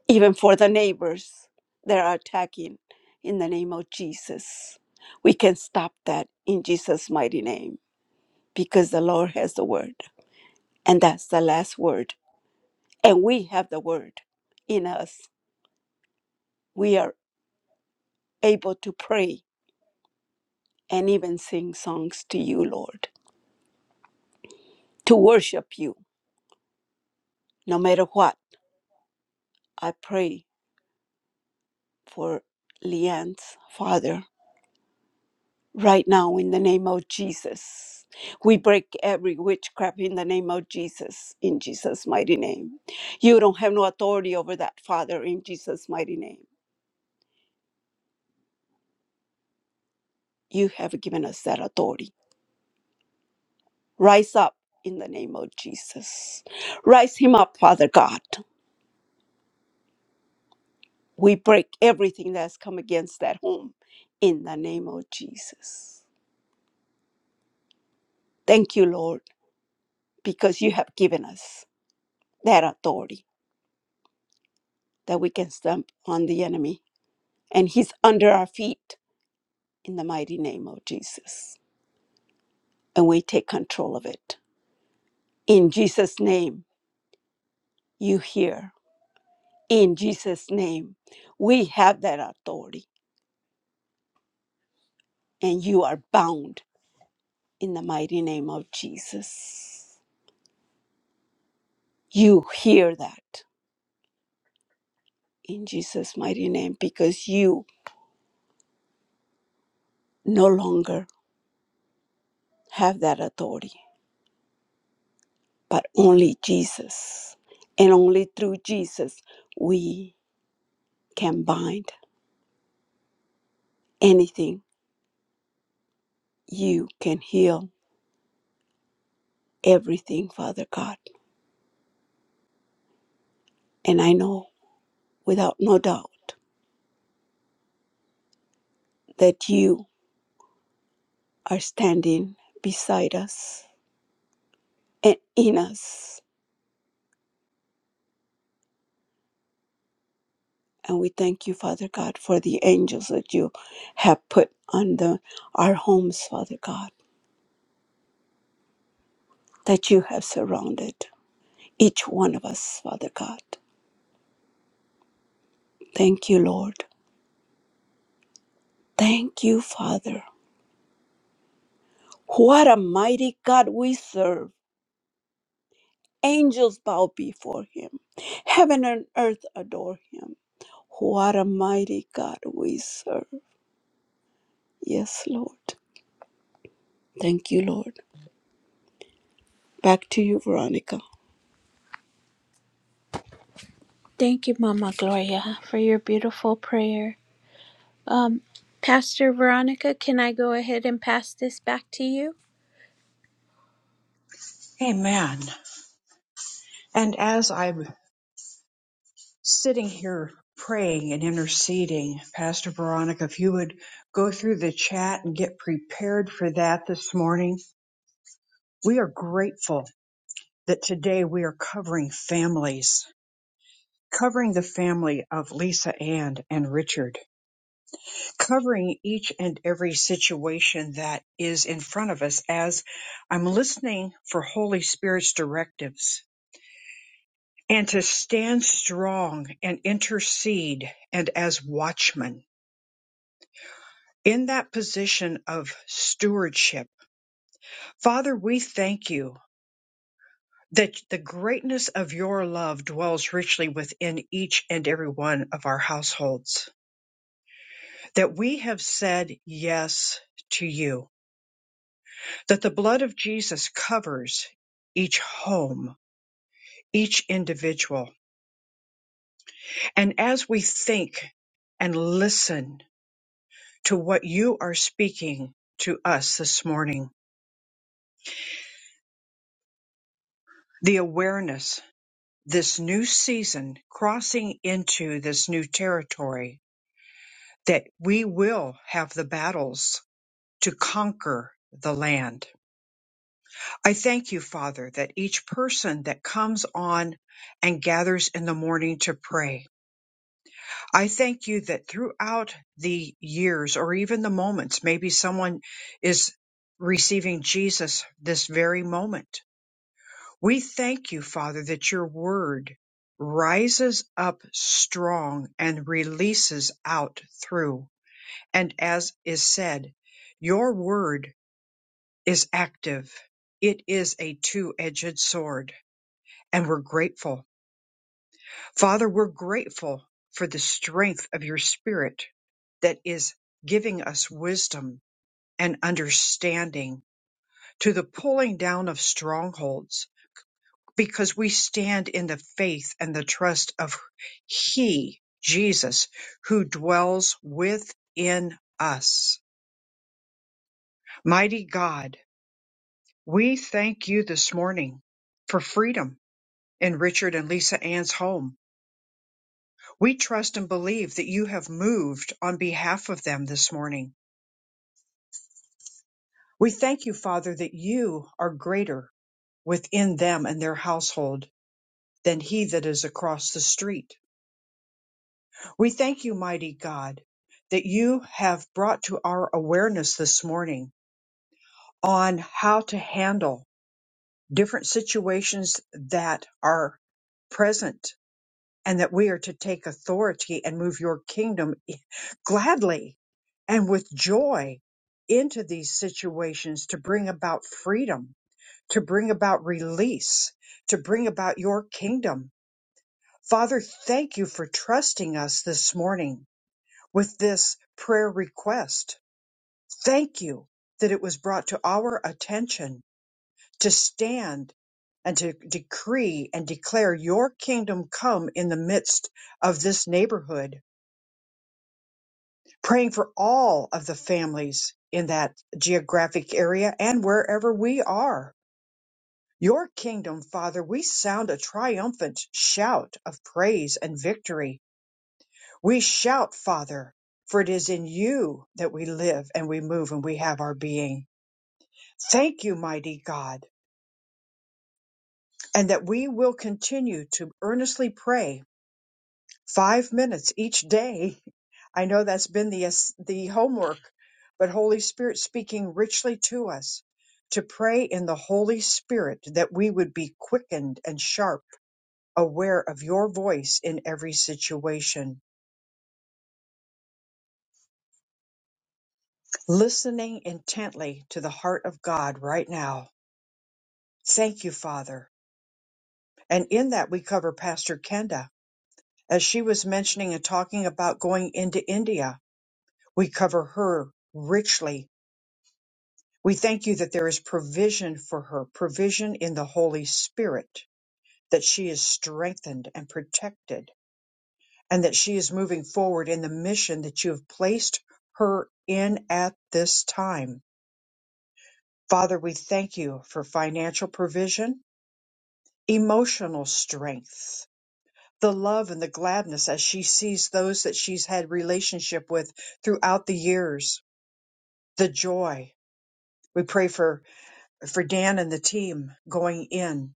even for the neighbors that are attacking in the name of Jesus. We can stop that in Jesus' mighty name because the Lord has the word, and that's the last word. And we have the word in us. We are able to pray and even sing songs to you, Lord, to worship you no matter what. I pray for Leanne's father right now in the name of Jesus. We break every witchcraft in the name of Jesus, in Jesus' mighty name. You don't have no authority over that, Father, in Jesus' mighty name. You have given us that authority. Rise up in the name of Jesus. Rise him up, Father God. We break everything that's come against that home in the name of Jesus. Thank you, Lord, because you have given us that authority that we can stamp on the enemy and He's under our feet in the mighty name of Jesus. And we take control of it. In Jesus' name, you hear. In Jesus' name, we have that authority and you are bound in the mighty name of Jesus. You hear that in Jesus' mighty name because you no longer have that authority, but only Jesus. And only through Jesus we can bind anything you can heal everything, Father God. And I know without no doubt that you are standing beside us and in us. And we thank you, Father God, for the angels that you have put on the, our homes, Father God, that you have surrounded each one of us, Father God. Thank you, Lord. Thank you, Father. What a mighty God we serve. Angels bow before him. Heaven and earth adore him. What a mighty God we serve. Yes, Lord. Thank you, Lord. Back to you, Veronica. Thank you, Mama Gloria, for your beautiful prayer. Um, Pastor Veronica, can I go ahead and pass this back to you? Amen. And as I sitting here praying and interceding, Pastor Veronica, if you would go through the chat and get prepared for that this morning. We are grateful that today we are covering families, covering the family of Lisa Ann and Richard, covering each and every situation that is in front of us as I'm listening for Holy Spirit's directives and to stand strong and intercede and as watchmen in that position of stewardship. Father, we thank you that the greatness of your love dwells richly within each and every one of our households, that we have said yes to you, that the blood of Jesus covers each home, each individual. And as we think and listen to what you are speaking to us this morning, the awareness this new season, crossing into this new territory, that we will have the battles to conquer the land. I thank you, Father, that each person that comes on and gathers in the morning to pray, I thank you that throughout the years or even the moments, maybe someone is receiving Jesus this very moment We thank you, Father, that your word rises up strong and releases out through. And as is said, your word is active. It is a two-edged sword, and we're grateful. Father, we're grateful for the strength of your spirit that is giving us wisdom and understanding to the pulling down of strongholds because we stand in the faith and the trust of He, Jesus, who dwells within us. Mighty God, we thank you this morning for freedom in Richard and Lisa Ann's home. We trust and believe that you have moved on behalf of them this morning. We thank you, Father, that you are greater within them and their household than he that is across the street. We thank you, mighty God, that you have brought to our awareness this morning on how to handle different situations that are present and that we are to take authority and move your kingdom gladly and with joy into these situations to bring about freedom, to bring about release, to bring about your kingdom. Father, thank you for trusting us this morning with this prayer request. Thank you that it was brought to our attention to stand and to decree and declare your kingdom come in the midst of this neighborhood, praying for all of the families in that geographic area and wherever we are. Your kingdom, Father, we sound a triumphant shout of praise and victory. We shout, Father, for it is in you that we live and we move and we have our being. Thank you, mighty God, and that we will continue to earnestly pray five minutes each day. I know that's been the, ass- the homework, but Holy Spirit speaking richly to us to pray in the Holy Spirit that we would be quickened and sharp, aware of your voice in every situation, listening intently to the heart of God right now. Thank you, Father. And in that we cover Pastor Kenda As she was mentioning and talking about going into India, we cover her richly. We thank you that there is provision for her, provision in the Holy Spirit, that she is strengthened and protected, and that she is moving forward in the mission that you have placed her in at this time. Father, we thank you for financial provision, emotional strength, the love and the gladness as she sees those that she's had relationship with throughout the years the joy. We pray for for Dan and the team going in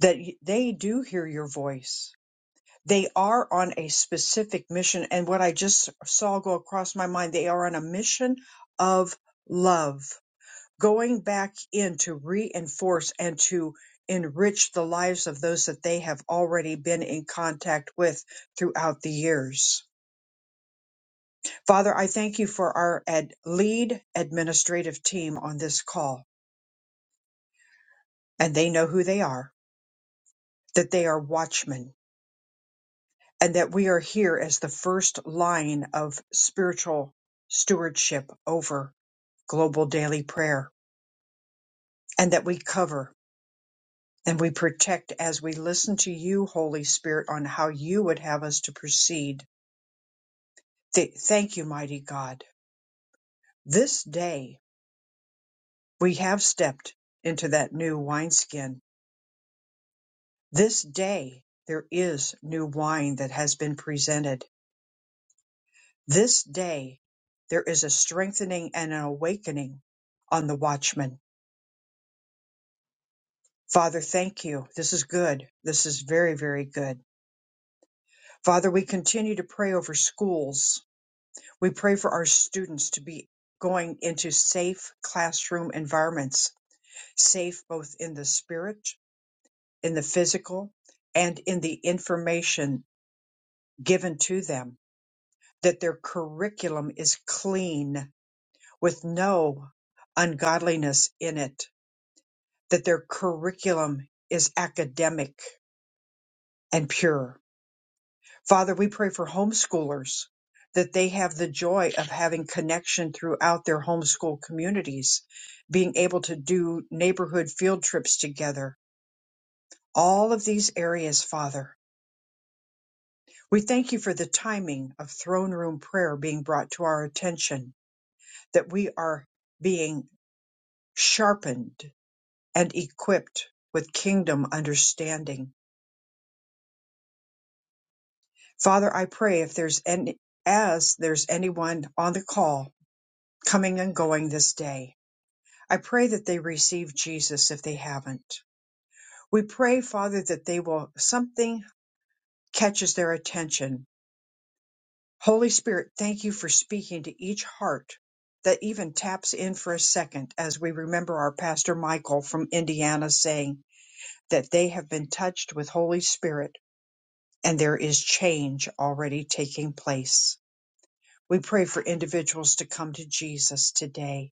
that y- they do hear your voice. They are on a specific mission and what I just saw go across my mind, they are on a mission of love, going back in to reinforce and to enrich the lives of those that they have already been in contact with throughout the years. Father, I thank you for our ad- lead administrative team on this call and they know who they are that they are watchmen, and that we are here as the first line of spiritual stewardship over global daily prayer, and that we cover and we protect as we listen to you, Holy Spirit, on how you would have us to proceed. Th- thank you, mighty God. This day we have stepped into that new wineskin. This day there is new wine that has been presented This day there is a strengthening and an awakening on the watchman. Father, thank you. This is good. This is very, very good. Father, we continue to pray over schools. We pray for our students to be going into safe classroom environments, safe both in the spirit, in the physical, and in the information given to them, that their curriculum is clean with no ungodliness in it that their curriculum is academic and pure. Father, we pray for homeschoolers that they have the joy of having connection throughout their homeschool communities, being able to do neighborhood field trips together. All of these areas, Father. We thank you for the timing of throne room prayer being brought to our attention, that we are being sharpened and equipped with kingdom understanding Father, I pray if there's any, as there's anyone on the call coming and going this day, I pray that they receive Jesus if they haven't. We pray, Father, that they will, something catches their attention. Holy Spirit, thank you for speaking to each heart that even taps in for a second as we remember our Pastor Michael from Indiana saying that they have been touched with Holy Spirit and there is change already taking place. We pray for individuals to come to Jesus today,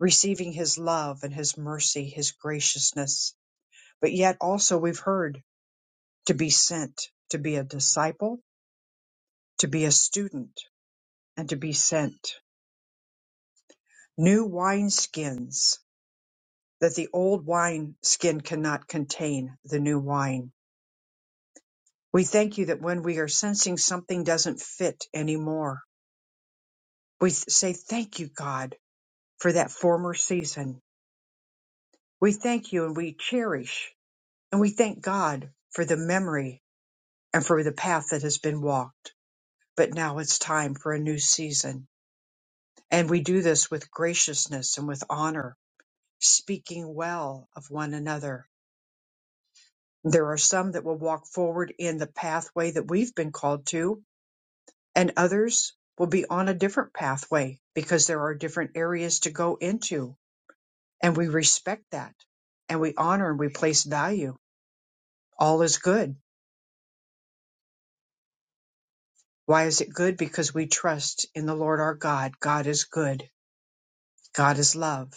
receiving his love and his mercy, his graciousness. But yet also we've heard to be sent, to be a disciple, to be a student, and to be sent. New wine skins that the old wine skin cannot contain the new wine. We thank you that when we are sensing something doesn't fit anymore, we th- say, Thank you, God, for that former season. We thank you and we cherish And we thank God for the memory and for the path that has been walked. But now it's time for a new season. And we do this with graciousness and with honor, speaking well of one another. There are some that will walk forward in the pathway that we've been called to, and others will be on a different pathway because there are different areas to go into. And we respect that and we honor and we place value. All is good Why is it good? Because we trust in the Lord our God. God is good. God is love.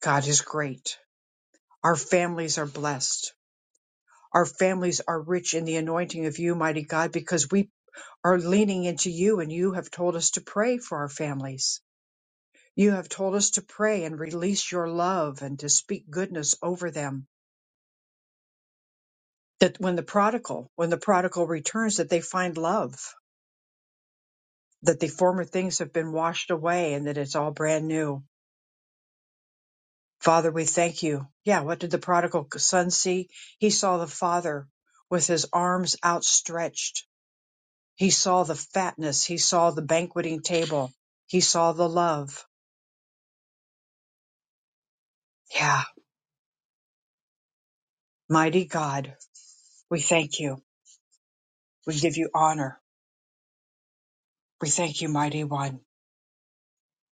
God is great. Our families are blessed. Our families are rich in the anointing of you, mighty God, because we are leaning into you and you have told us to pray for our families. You have told us to pray and release your love and to speak goodness over them. That when the prodigal, when the prodigal returns, that they find love, that the former things have been washed away and that it's all brand new. Father, we thank you. Yeah, what did the prodigal son see? He saw the father with his arms outstretched. He saw the fatness. He saw the banqueting table. He saw the love. Yeah, mighty God, we thank you. We give you honor. We thank you, mighty one.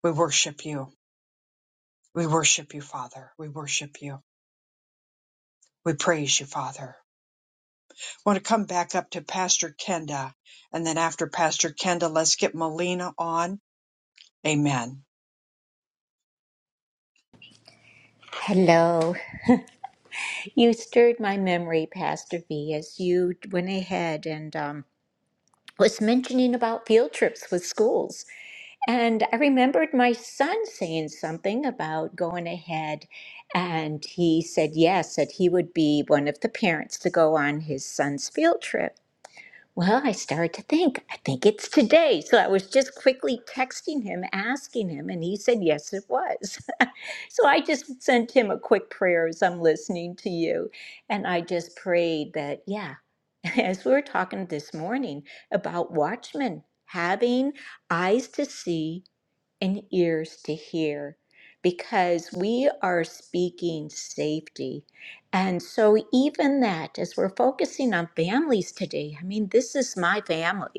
We worship you. We worship you, Father. We worship you. We praise you, Father. I want to come back up to Pastor Kenda. And then after Pastor Kenda, let's get Melina on. Amen. Hello. You stirred my memory, Pastor V, as you went ahead and um, was mentioning about field trips with schools. And I remembered my son saying something about going ahead, and he said yes, that he would be one of the parents to go on his son's field trip. Well, I started to think, I think it's today. So I was just quickly texting him, asking him, and he said, yes, it was. so I just sent him a quick prayer as I'm listening to you. And I just prayed that, yeah, as we were talking this morning about watchmen having eyes to see and ears to hear because we are speaking safety. And so, even that, as we're focusing on families today, I mean, this is my family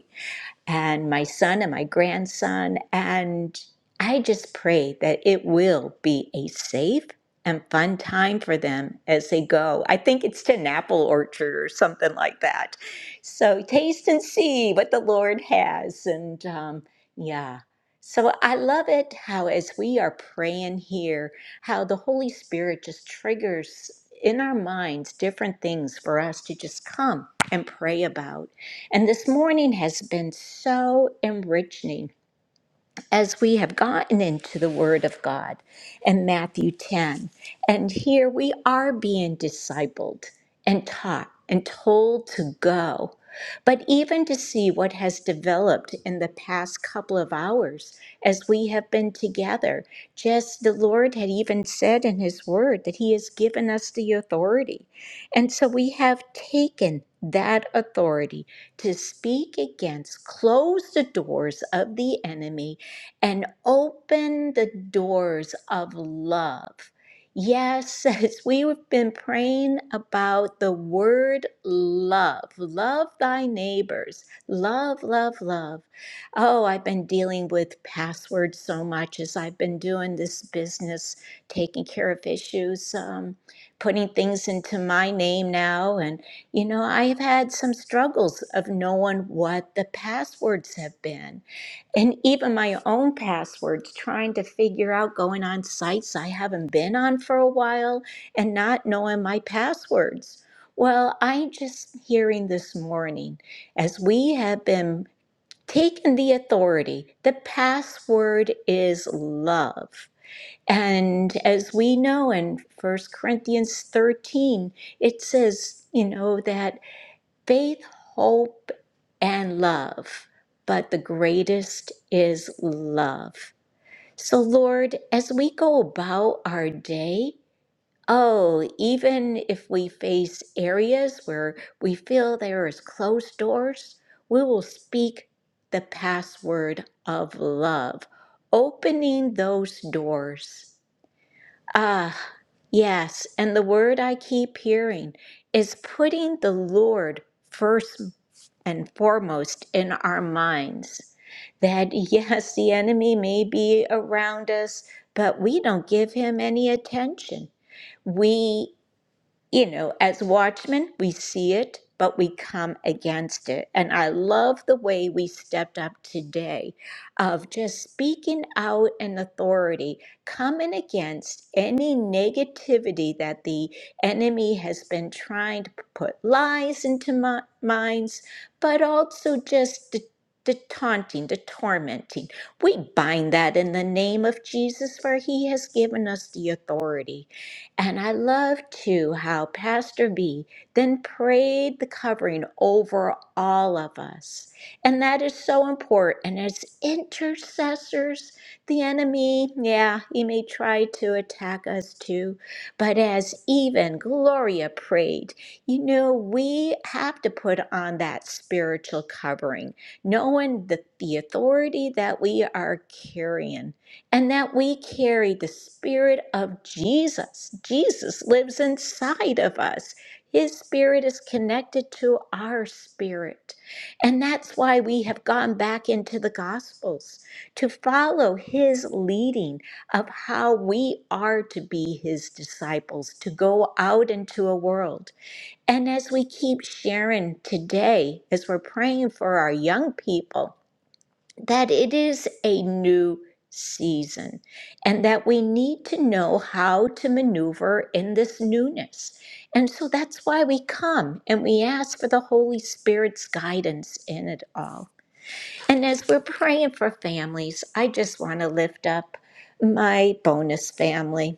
and my son and my grandson. And I just pray that it will be a safe and fun time for them as they go. I think it's to an apple orchard or something like that. So taste and see what the Lord has. And um, yeah. So I love it how, as we are praying here, how the Holy Spirit just triggers in our minds different things for us to just come and pray about. And this morning has been so enriching as we have gotten into the Word of God and Matthew 10. And here we are being discipled and taught and told to go. But even to see what has developed in the past couple of hours as we have been together, just the Lord had even said in His Word that He has given us the authority. And so we have taken that authority to speak against, close the doors of the enemy and open the doors of love. Yes, as we've been praying about the word love, love thy neighbors, love, love, love. Oh, I've been dealing with passwords so much as I've been doing this business, taking care of issues, um, putting things into my name now. And, you know, I've had some struggles of knowing what the passwords have been. And even my own passwords, trying to figure out going on sites I haven't been on for a while and not knowing my passwords. Well, I'm just hearing this morning as we have been taking the authority, the password is love. And as we know in First Corinthians 13, it says, you know, that faith, hope, and love, but the greatest is love. So, Lord, as we go about our day, oh, even if we face areas where we feel there is closed doors, we will speak the password of love, opening those doors. Ah, yes. And the word I keep hearing is putting the Lord first and foremost in our minds. That yes, the enemy may be around us, but we don't give him any attention. We you know, as watchmen, we see it, but we come against it. And I love the way we stepped up today of just speaking out in authority, coming against any negativity that the enemy has been trying to put lies into my minds, but also just the the taunting, the tormenting. We bind that in the name of Jesus, for he has given us the authority. And I love too how Pastor B then prayed the covering over all of us. And that is so important as intercessors. The enemy, yeah, he may try to attack us too. But as even Gloria prayed, you know, we have to put on that spiritual covering, knowing the, the authority that we are carrying and that we carry the Spirit of Jesus. Jesus lives inside of us. His spirit is connected to our spirit. And that's why we have gone back into the Gospels to follow his leading of how we are to be his disciples, to go out into a world. And as we keep sharing today, as we're praying for our young people, that it is a new season and that we need to know how to maneuver in this newness. And so that's why we come and we ask for the Holy Spirit's guidance in it all. And as we're praying for families, I just want to lift up my bonus family.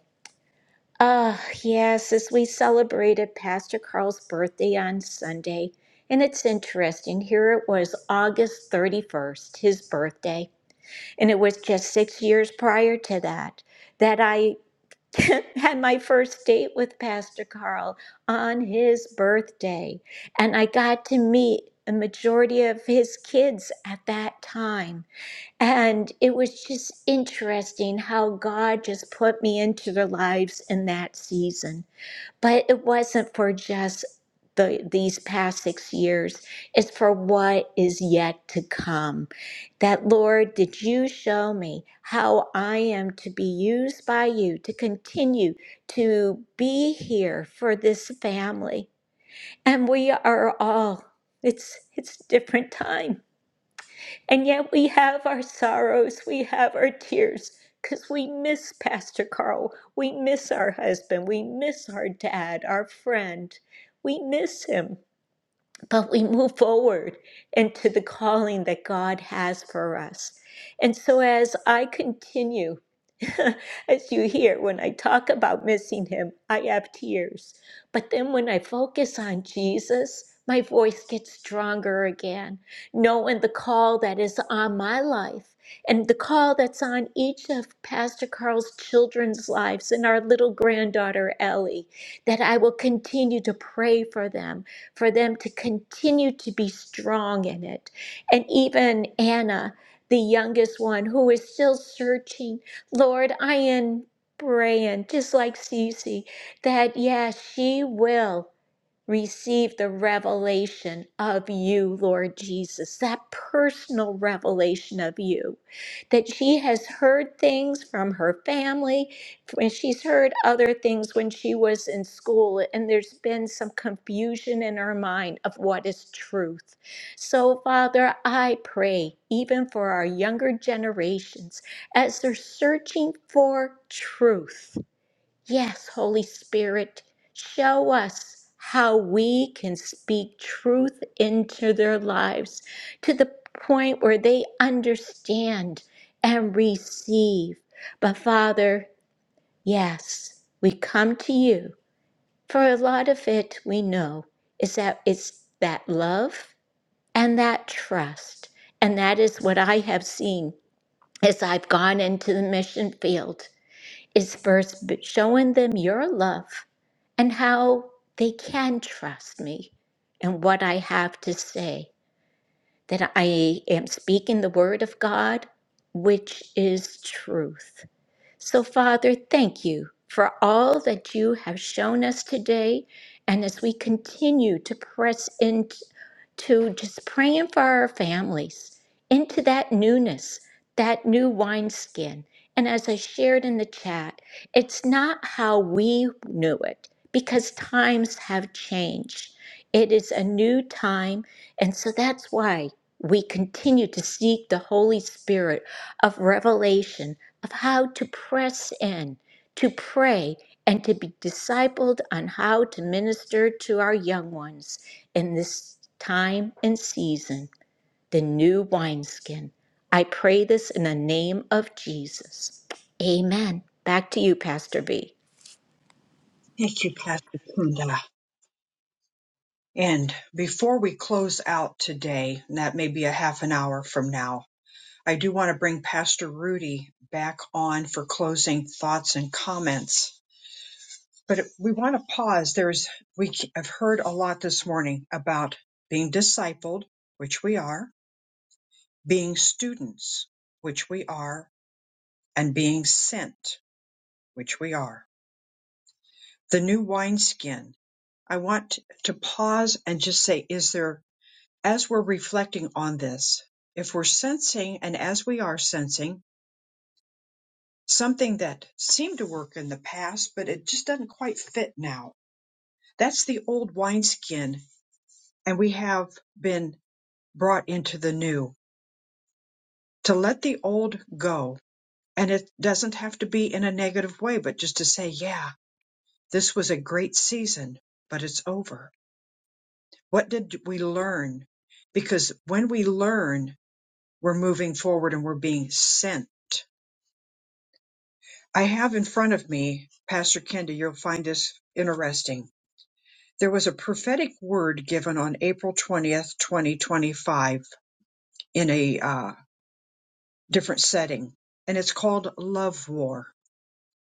Ah, yes, as we celebrated Pastor Carl's birthday on Sunday, and it's interesting, here it was August 31st, his birthday. And it was just six years prior to that that I had my first date with Pastor Carl on his birthday. And I got to meet a majority of his kids at that time. And it was just interesting how God just put me into their lives in that season but it wasn't for just the these past six years it's for what is yet to come that lord did you show me how i am to be used by you to continue to be here for this family and we are all it's it's different time and yet we have our sorrows, we have our tears, because we miss Pastor Carl. We miss our husband. We miss our dad, our friend. We miss him but we move forward into the calling that God has for us. And so, as I continue, as you hear, when I talk about missing Him, I have tears. But then when I focus on Jesus, my voice gets stronger again, knowing the call that is on my life and the call that's on each of Pastor Carl's children's lives and our little granddaughter, Ellie, that I will continue to pray for them for them to continue to be strong in it. And even Anna, the youngest one, who is still searching, Lord, I am praying, just like Cece, that yes, she will receive the revelation of you, Lord Jesus, that personal revelation of you. That she has heard things from her family, and she's heard other things when she was in school, and there's been some confusion in her mind of what is truth. So, Father, I pray, even for our younger generations, as they're searching for truth. Yes, Holy Spirit, show us how we can speak truth into their lives to the point where they understand and receive. But Father, yes, we come to you for a lot of it we know is that it's that love and that trust. And that is what I have seen as I've gone into the mission field is first b- showing them your love and how they can trust me and what I have to say, that I am speaking the word of God, which is truth. So, Father, thank you for all that you have shown us today. And as we continue to press into just praying for our families, into that newness, that new wineskin. And as I shared in the chat, it's not how we knew it because times have changed. It is a new time. And so that's why we continue to seek the Holy Spirit of revelation of how to press in, to pray, and to be discipled on how to minister to our young ones in this time and season, the new wineskin. I pray this in the name of Jesus. Amen. Back to you, Pastor B. Thank you, Pastor Kunda. And before we close out today, and that may be a half an hour from now, I do want to bring Pastor Rudy back on for closing thoughts and comments. But we want to pause. There's we have heard a lot this morning about being discipled, which we are, being students, which we are, and being sent, which we are. The new wineskin. I want to pause and just say, is there as we're reflecting on this, if we're sensing, and as we are sensing, something that seemed to work in the past, but it just doesn't quite fit now, that's the old wineskin, and we have been brought into the new to let the old go. And it doesn't have to be in a negative way, but just to say, yeah, this was a great season, but it's over. What did we learn? Because when we learn, we're moving forward and we're being sent I have in front of me, Pastor Kenda, you'll find this interesting. There was a prophetic word given on April 20th, 2025, in a uh, different setting, and it's called Love War.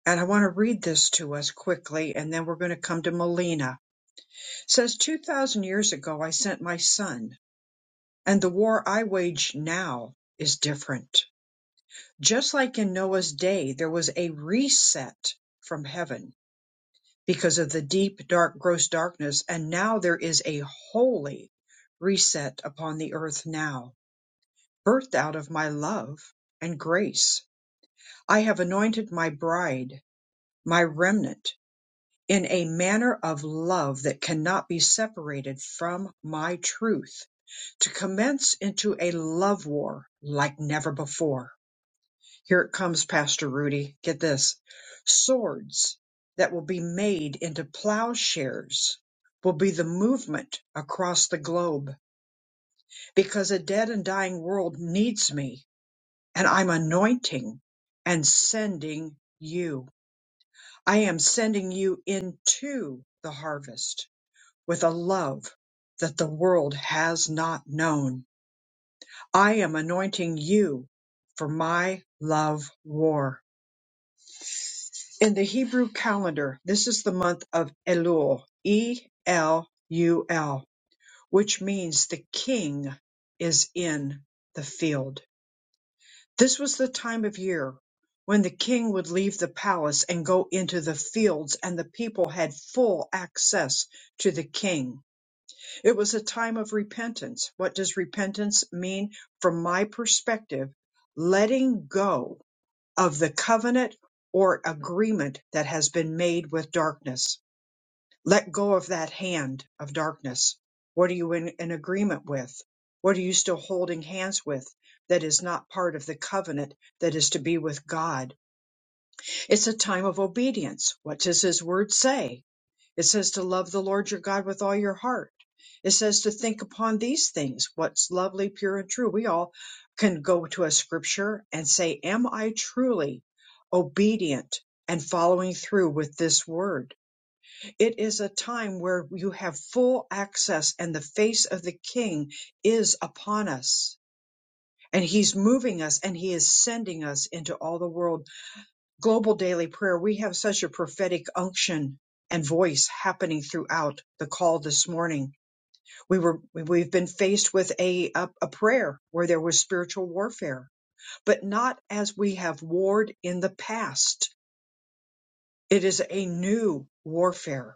And I want to read this to us quickly, and then we're going to come to Melina. It says, 2,000 years ago, I sent my son, and the war I wage now is different. Just like in Noah's day, there was a reset from heaven because of the deep, dark, gross darkness. And now there is a holy reset upon the earth now, birthed out of my love and grace. I have anointed my bride, my remnant, in a manner of love that cannot be separated from my truth, to commence into a love war like never before. Here it comes, Pastor Rudy. Get this swords that will be made into plowshares will be the movement across the globe because a dead and dying world needs me, and I'm anointing and sending you. I am sending you into the harvest with a love that the world has not known. I am anointing you for my love war In the Hebrew calendar, this is the month of Elul, E L U L, which means the king is in the field. This was the time of year when the king would leave the palace and go into the fields, and the people had full access to the king. It was a time of repentance. What does repentance mean? From my perspective, letting go of the covenant or agreement that has been made with darkness. Let go of that hand of darkness. What are you in, in agreement with? What are you still holding hands with that is not part of the covenant that is to be with God? It's a time of obedience. What does His word say? It says to love the Lord your God with all your heart. It says to think upon these things, what's lovely, pure, and true. We all can go to a scripture and say, Am I truly obedient and following through with this word? It is a time where you have full access, and the face of the King is upon us. And he's moving us and he is sending us into all the world global daily prayer, we have such a prophetic unction and voice happening throughout the call this morning. We were we- have been faced with a a, a prayer where there was spiritual warfare, but not as we have warred in the past. It is a new warfare.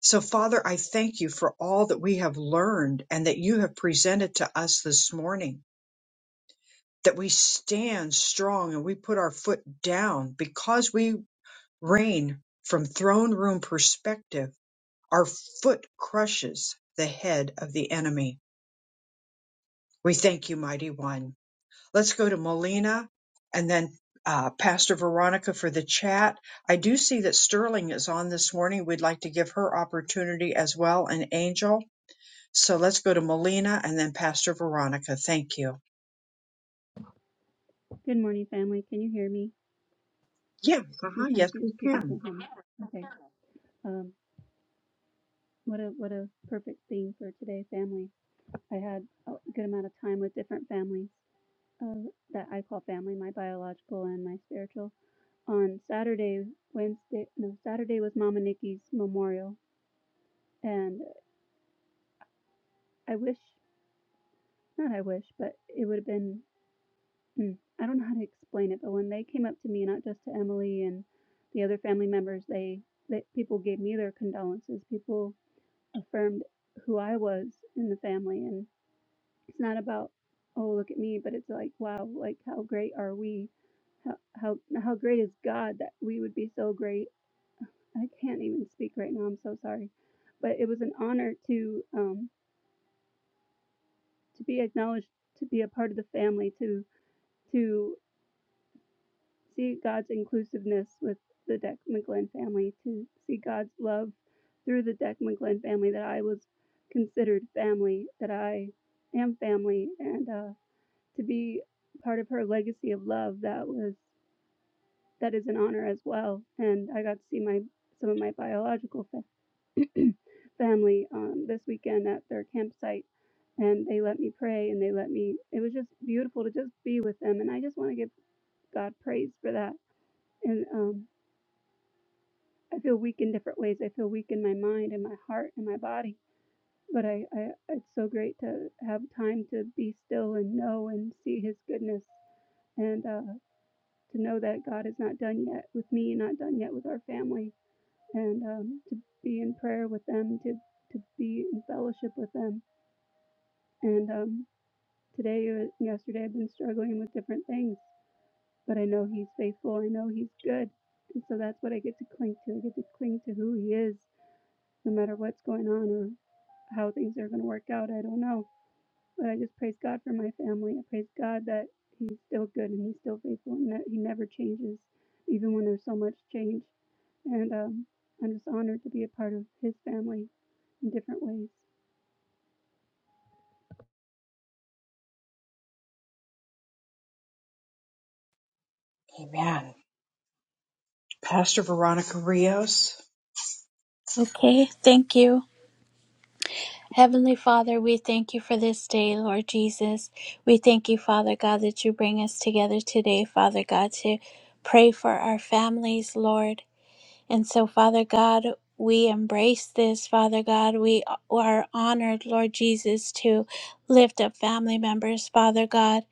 So Father, I thank you for all that we have learned and that you have presented to us this morning. That we stand strong and we put our foot down because we Rain from throne room perspective, our foot crushes the head of the enemy. We thank you, mighty one. Let's go to Melina and then uh, Pastor Veronica for the chat. I do see that Sterling is on this morning. We'd like to give her opportunity as well, an angel. So let's go to Melina and then Pastor Veronica. Thank you. Good morning, family. Can you hear me? Yeah, uh-huh, yes, Sometimes you we people can. can't hear me. Okay. Um, what a what a perfect theme for today, family. I had a good amount of time with different families uh, that I call family, my biological and my spiritual. On Saturday, Wednesday, no, Saturday was Mama Nikki's memorial, and I wish, not I wish, but it would have been. hmm, I don't know how to explain it, but when they came up to me, not just to Emily and the other family members, they, they people gave me their condolences. People affirmed who I was in the family. And it's not about, oh, look at me, but it's like, wow, like how great are we? How, how, how great is God that we would be so great? I can't even speak right now. I'm so sorry. But it was an honor to, um, to be acknowledged, to be a part of the family, to, to See God's inclusiveness with the Declan family, to see God's love through the Declan family that I was considered family, that I am family, and uh, to be part of her legacy of love that was that is an honor as well. And I got to see my some of my biological fa- family um, this weekend at their campsite and they let me pray and they let me it was just beautiful to just be with them and i just want to give god praise for that and um, I feel weak in different ways. I feel weak in my mind and my heart and my body. But I, I it's so great to have time to be still and know and see his goodness and uh, to know that God is not done yet with me, not done yet with our family, and um, to be in prayer with them, to, to be in fellowship with them. And um, today, uh, yesterday, I've been struggling with different things, but I know he's faithful. I know he's good. And so that's what I get to cling to. I get to cling to who he is no matter what's going on or how things are going to work out. I don't know. But I just praise God for my family. I praise God that He's still good and He's still faithful and that He never changes, even when there's so much change. And um, I'm just honored to be a part of His family in different ways. Amen. Pastor Veronica Rios. Okay, thank you. Heavenly Father, we thank you for this day, Lord Jesus. We thank you, Father God, that you bring us together today, Father God, to pray for our families, Lord. And so, Father God, we embrace this, Father God. We are honored, Lord Jesus, to lift up family members, Father God.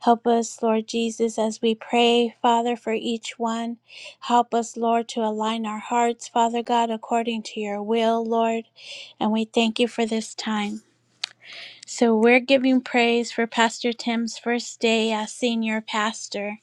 Help us, Lord Jesus, as we pray, Father, for each one. Help us, Lord, to align our hearts, Father God, according to your will, Lord. And we thank you for this time. So, we're giving praise for Pastor Tim's first day as senior pastor.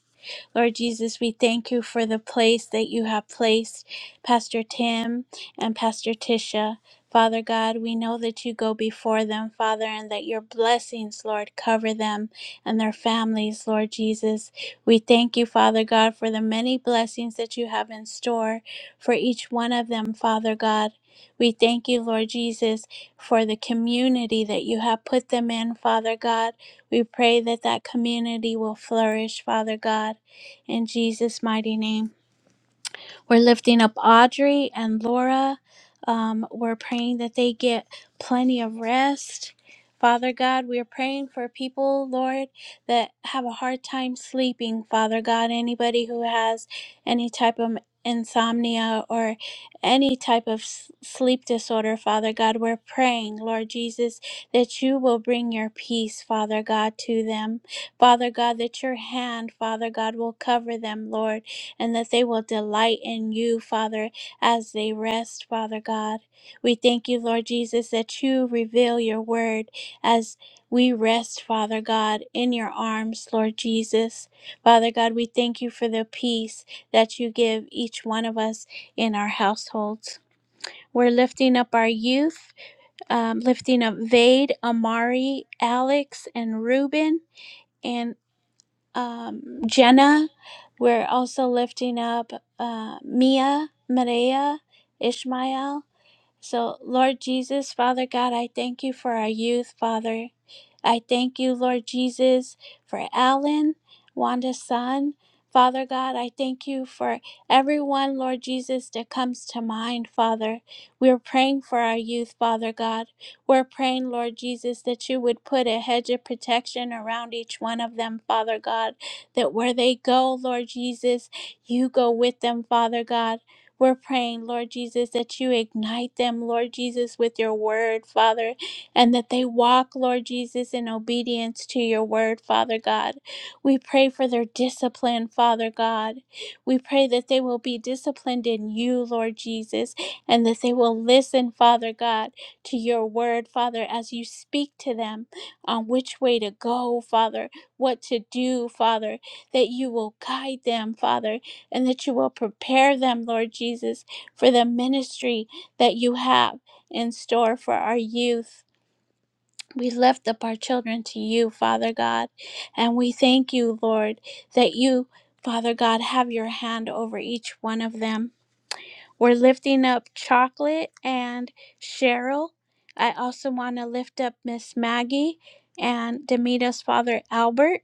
Lord Jesus, we thank you for the place that you have placed Pastor Tim and Pastor Tisha. Father God, we know that you go before them, Father, and that your blessings, Lord, cover them and their families, Lord Jesus. We thank you, Father God, for the many blessings that you have in store for each one of them, Father God. We thank you, Lord Jesus, for the community that you have put them in, Father God. We pray that that community will flourish, Father God in Jesus' mighty name. We're lifting up Audrey and Laura. Um, we're praying that they get plenty of rest. Father God, we are praying for people, Lord, that have a hard time sleeping. Father God, anybody who has any type of insomnia or any type of s- sleep disorder, Father God, we're praying, Lord Jesus, that you will bring your peace, Father God, to them. Father God, that your hand, Father God, will cover them, Lord and that they will delight in you, Father, as they rest, Father God. We thank you, Lord Jesus, that you reveal your word as we rest, Father God, in your arms, Lord Jesus. Father God, we thank you for the peace that you give each one of us in our households. We're lifting up our youth, um, lifting up Vade, Amari, Alex, and Reuben. and um, Jenna. We're also lifting up uh, Mia, Maria, Ishmael. So, Lord Jesus, Father God, I thank you for our youth, Father. I thank you, Lord Jesus, for Alan, Wanda's son. Father God, I thank you for everyone, Lord Jesus, that comes to mind, Father. We're praying for our youth, Father God. We're praying, Lord Jesus, that you would put a hedge of protection around each one of them, Father God, that where they go, Lord Jesus, you go with them, Father God. We're praying, Lord Jesus, that you ignite them, Lord Jesus, with your word, Father, and that they walk, Lord Jesus, in obedience to your word, Father God. We pray for their discipline, Father God. We pray that they will be disciplined in you, Lord Jesus, and that they will listen, Father God, to your word, Father, as you speak to them on which way to go, Father, what to do, Father, that you will guide them, Father, and that you will prepare them, Lord Jesus, for the ministry that you have in store for our youth. We lift up our children to you, Father God, and we thank you, Lord, that you, Father God, have your hand over each one of them. We're lifting up Chocolate and Cheryl. I also want to lift up Miss Maggie and Demita's father, Albert.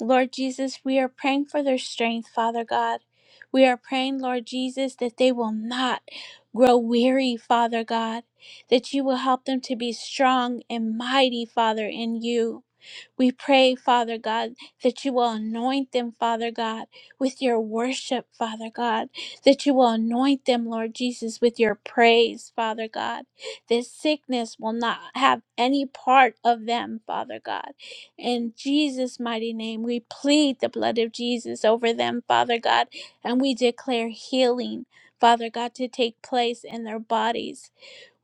Lord Jesus, we are praying for their strength, Father God. We are praying, Lord Jesus, that they will not grow weary, Father God, that you will help them to be strong and mighty, Father, in you. We pray, Father God, that you will anoint them, Father God, with your worship, Father God, that you will anoint them, Lord Jesus, with your praise, Father God. This sickness will not have any part of them, Father God. In Jesus' mighty name, we plead the blood of Jesus over them, Father God, and we declare healing, Father God, to take place in their bodies.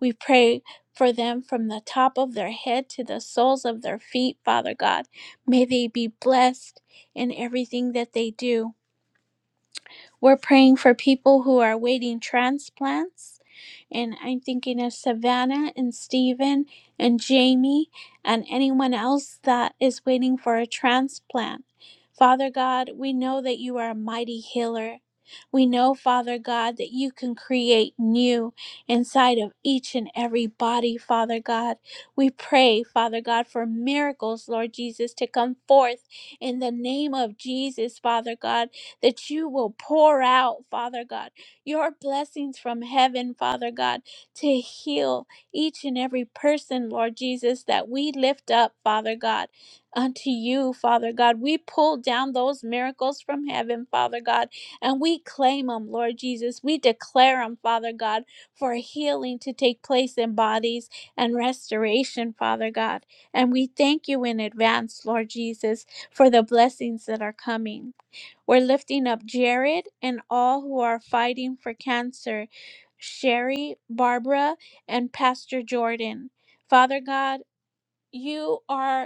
We pray for them from the top of their head to the soles of their feet, Father God. May they be blessed in everything that they do. We're praying for people who are waiting transplants and I'm thinking of Savannah and Steven and Jamie and anyone else that is waiting for a transplant. Father God, we know that you are a mighty healer. We know, Father God, that you can create new inside of each and every body, Father God. We pray, Father God, for miracles, Lord Jesus, to come forth in the name of Jesus, Father God, that you will pour out, Father God your blessings from heaven, Father God, to heal each and every person, Lord Jesus, that we lift up, Father God, unto you, Father God. We pull down those miracles from heaven, Father God, and we claim them, Lord Jesus. We declare them, Father God, for healing to take place in bodies and restoration, Father God. And we thank you in advance, Lord Jesus, for the blessings that are coming. We're lifting up Jared and all who are fighting for cancer Sherry, Barbara, and Pastor Jordan. Father God, you are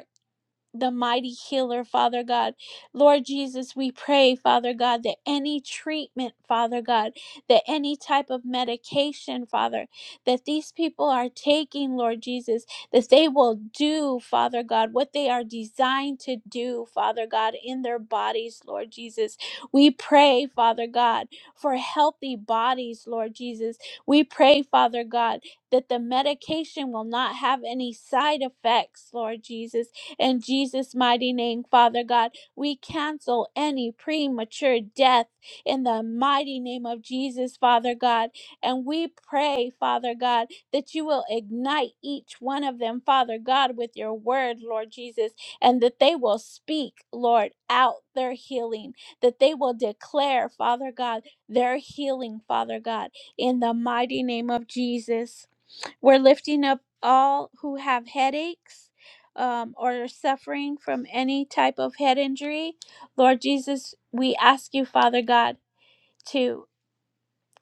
the mighty healer, Father God. Lord Jesus, we pray, Father God, that any treatment, Father God, that any type of medication, Father, that these people are taking, Lord Jesus, that they will do, Father God, what they are designed to do, Father God, in their bodies, Lord Jesus. We pray, Father God, for healthy bodies, Lord Jesus. We pray, Father God, that the medication will not have any side effects, Lord Jesus in Jesus' mighty name, Father God, we cancel any premature death in the mighty name of Jesus, Father God. And we pray, Father God, that you will ignite each one of them, Father God, with your word, Lord Jesus, and that they will speak, Lord, out their healing, that they will declare, Father God, their healing, Father God, in the mighty name of Jesus. We're lifting up all who have headaches um, or are suffering from any type of head injury. Lord Jesus, we ask you, Father God, to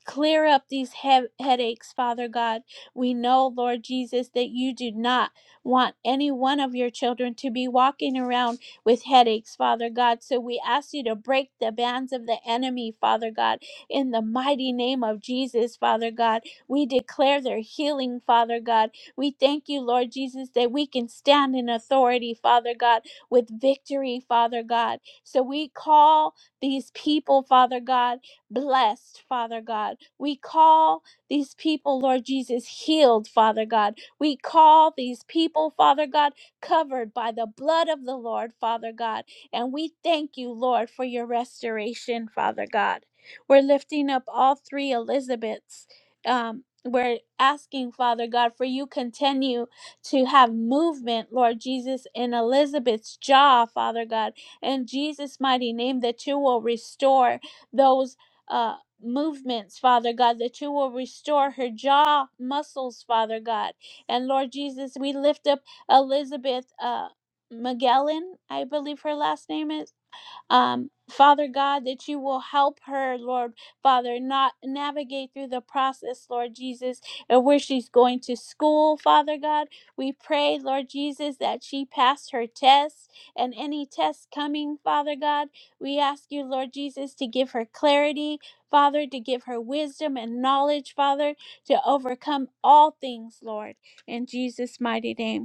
Clear up these he- headaches, Father God. We know, Lord Jesus, that you do not want any one of your children to be walking around with headaches, Father God. So we ask you to break the bands of the enemy, Father God, in the mighty name of Jesus, Father God. We declare their healing, Father God. We thank you, Lord Jesus, that we can stand in authority, Father God, with victory, Father God. So we call these people, Father God blessed, Father God. We call these people, Lord Jesus, healed, Father God. We call these people, Father God, covered by the blood of the Lord, Father God. And we thank you, Lord, for your restoration, Father God. We're lifting up all three Elizabeths. Um, we're asking, Father God, for you continue to have movement, Lord Jesus, in Elizabeth's jaw, Father God. In Jesus' mighty name, that you will restore those uh, movements, Father God, that you will restore her jaw muscles, Father God. And Lord Jesus, we lift up Elizabeth uh, Magellan, I believe her last name is um, Father God, that you will help her, Lord Father, not navigate through the process, Lord Jesus, and where she's going to school, Father God. We pray, Lord Jesus, that she pass her tests and any tests coming, Father God. We ask you, Lord Jesus, to give her clarity, Father, to give her wisdom and knowledge, Father, to overcome all things, Lord, in Jesus' mighty name.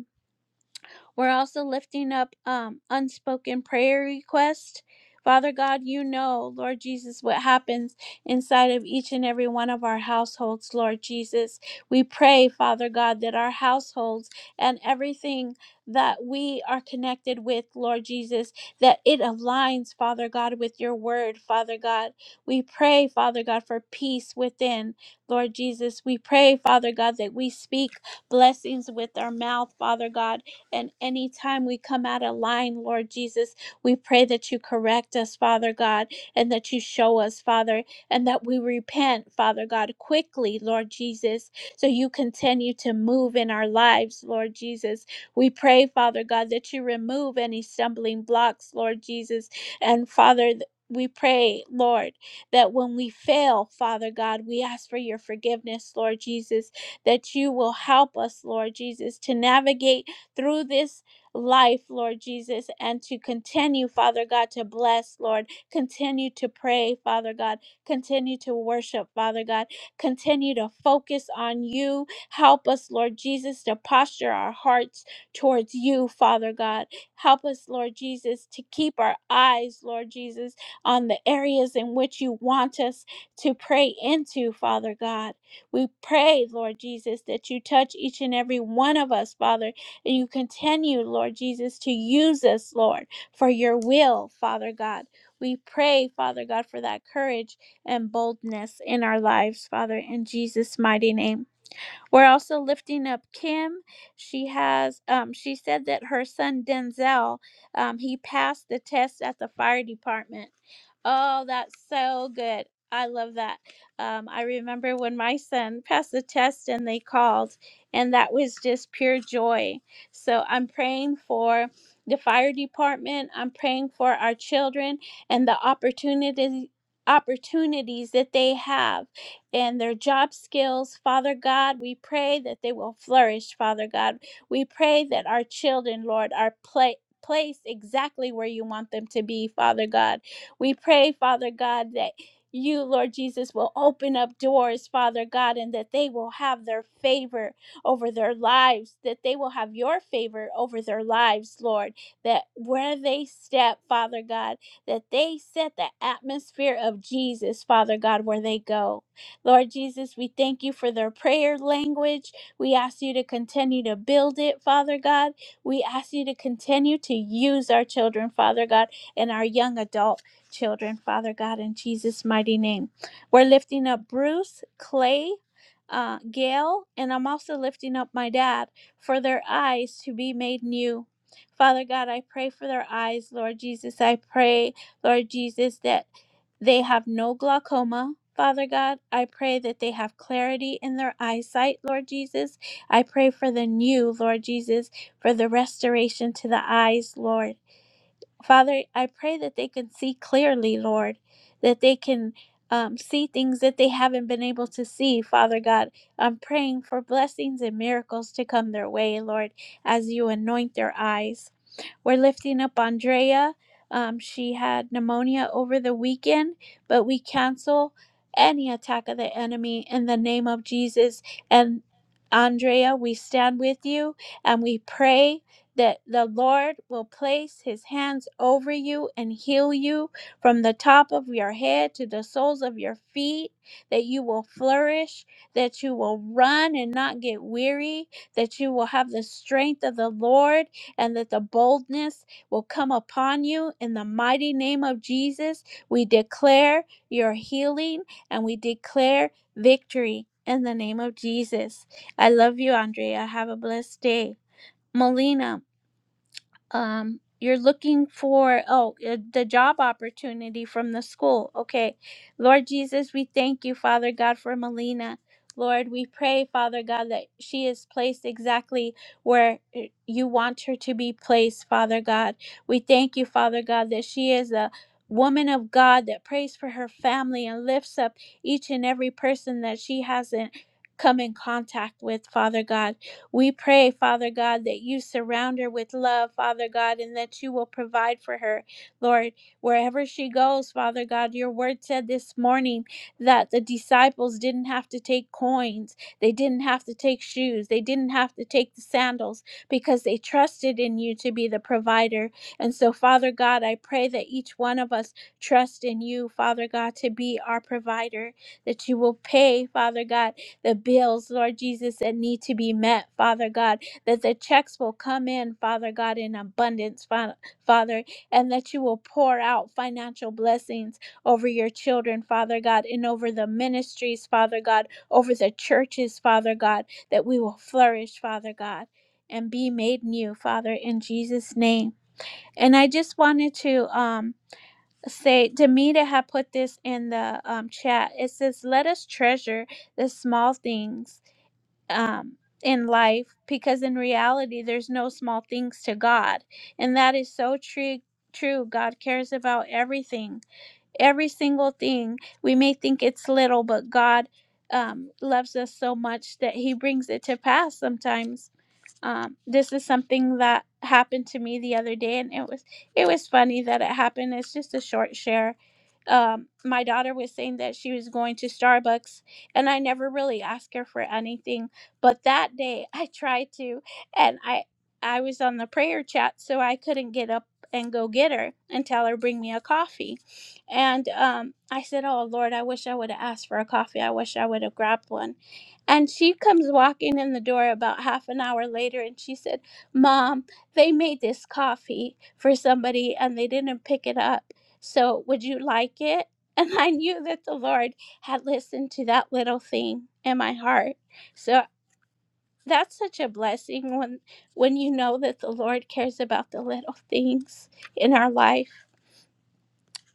We're also lifting up um, unspoken prayer requests. Father God, you know, Lord Jesus, what happens inside of each and every one of our households, Lord Jesus. We pray, Father God, that our households and everything that we are connected with, Lord Jesus, that it aligns, Father God, with your word, Father God. We pray, Father God, for peace within, Lord Jesus. We pray, Father God, that we speak blessings with our mouth, Father God and anytime we come out of line, Lord Jesus, we pray that you correct us, Father God, and that you show us, Father, and that we repent, Father God, quickly, Lord Jesus, so you continue to move in our lives, Lord Jesus. We pray, Father God, that you remove any stumbling blocks, Lord Jesus. And Father, th- we pray, Lord, that when we fail, Father God, we ask for your forgiveness, Lord Jesus, that you will help us, Lord Jesus, to navigate through this life, Lord Jesus, and to continue, Father God, to bless, Lord. Continue to pray, Father God. Continue to worship, Father God. Continue to focus on you. Help us, Lord Jesus, to posture our hearts towards you, Father God. Help us, Lord Jesus, to keep our eyes, Lord Jesus, on the areas in which you want us to pray into, Father God. We pray, Lord Jesus, that you touch each and every one of us, Father and you continue, Lord Jesus, to use us, Lord, for your will, Father God. We pray, Father God, for that courage and boldness in our lives, Father, in Jesus' mighty name. We're also lifting up Kim. She has, um, she said that her son Denzel, um, he passed the test at the fire department. Oh, that's so good. I love that. Um, I remember when my son passed the test and they called, and that was just pure joy. So I'm praying for the fire department. I'm praying for our children and the opportunities opportunities that they have and their job skills. Father God, we pray that they will flourish, Father God. We pray that our children, Lord, are pla Placed exactly where you want them to be, Father God. We pray, Father God, that you, Lord Jesus, will open up doors, Father God, and that they will have their favor over their lives, that they will have your favor over their lives, Lord, that where they step, Father God, that they set the atmosphere of Jesus, Father God, where they go. Lord Jesus, we thank you for their prayer language. We ask you to continue to build it, Father God. We ask you to continue to use our children, Father God, and our young adult children, Father God, in Jesus' mighty name. We're lifting up Bruce, Clay, uh, Gail, and I'm also lifting up my dad for their eyes to be made new. Father God, I pray for their eyes, Lord Jesus. I pray, Lord Jesus, that they have no glaucoma. Father God, I pray that they have clarity in their eyesight, Lord Jesus. I pray for the new, Lord Jesus, for the restoration to the eyes, Lord. Father, I pray that they can see clearly, Lord, that they can um, see things that they haven't been able to see, Father God. I'm praying for blessings and miracles to come their way, Lord, as you anoint their eyes. We're lifting up Andrea. Um, she had pneumonia over the weekend, but we cancel any attack of the enemy in the name of Jesus. And Andrea, we stand with you and we pray that the Lord will place his hands over you and heal you from the top of your head to the soles of your feet, that you will flourish, that you will run and not get weary, that you will have the strength of the Lord and that the boldness will come upon you in the mighty name of Jesus. We declare your healing and we declare victory in the name of Jesus. I love you, Andrea. Have a blessed day. Molina um you're looking for oh uh, the job opportunity from the school okay lord jesus we thank you father god for melina lord we pray father god that she is placed exactly where uh, you want her to be placed father god we thank you father god that she is a woman of god that prays for her family and lifts up each and every person that she hasn't come in contact with father god we pray, Father God, that you surround her with love, Father God, and that you will provide for her, Lord, wherever she goes, Father God. Your word said this morning that the disciples didn't have to take coins, they didn't have to take shoes, they didn't have to take the sandals because they trusted in you to be the provider. And so, Father God, I pray that each one of us trust in you, Father God, to be our provider, that you will pay, Father God the bills, Lord Jesus, that need to be met, Father God, that the checks will come in, Father God, in abundance, Fa- Father, and that you will pour out financial blessings over your children, Father God, and over the ministries, Father God, over the churches, Father God, that we will flourish, Father God. And be made new, Father, in Jesus' name. And I just wanted to um, say, Demita had put this in the um, chat. It says, "Let us treasure the small things um, in life because in reality there's no small things to god and that is so true true god cares about everything every single thing we may think it's little but god um, loves us so much that he brings it to pass sometimes um, this is something that happened to me the other day and it was it was funny that it happened it's just a short share um, my daughter was saying that she was going to starbucks and i never really asked her for anything but that day i tried to and i i was on the prayer chat so i couldn't get up and go get her and tell her bring me a coffee and um, i said oh lord i wish i would have asked for a coffee i wish i would have grabbed one and she comes walking in the door about half an hour later and she said, Mom, they made this coffee for somebody and they didn't pick it up. So would you like it? And I knew that the Lord had listened to that little thing in my heart. So that's such a blessing when when you know that the Lord cares about the little things in our life.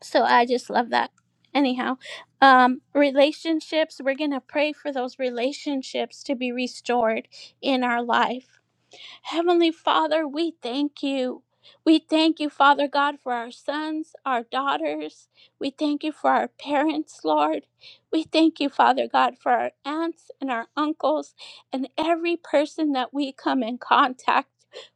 So I just love that. Anyhow, um, relationships, we're going to pray for those relationships to be restored in our life. Heavenly Father, we thank you. We thank you, Father God, for our sons, our daughters. We thank you for our parents, Lord. We thank you, Father God, for our aunts and our uncles and every person that we come in contact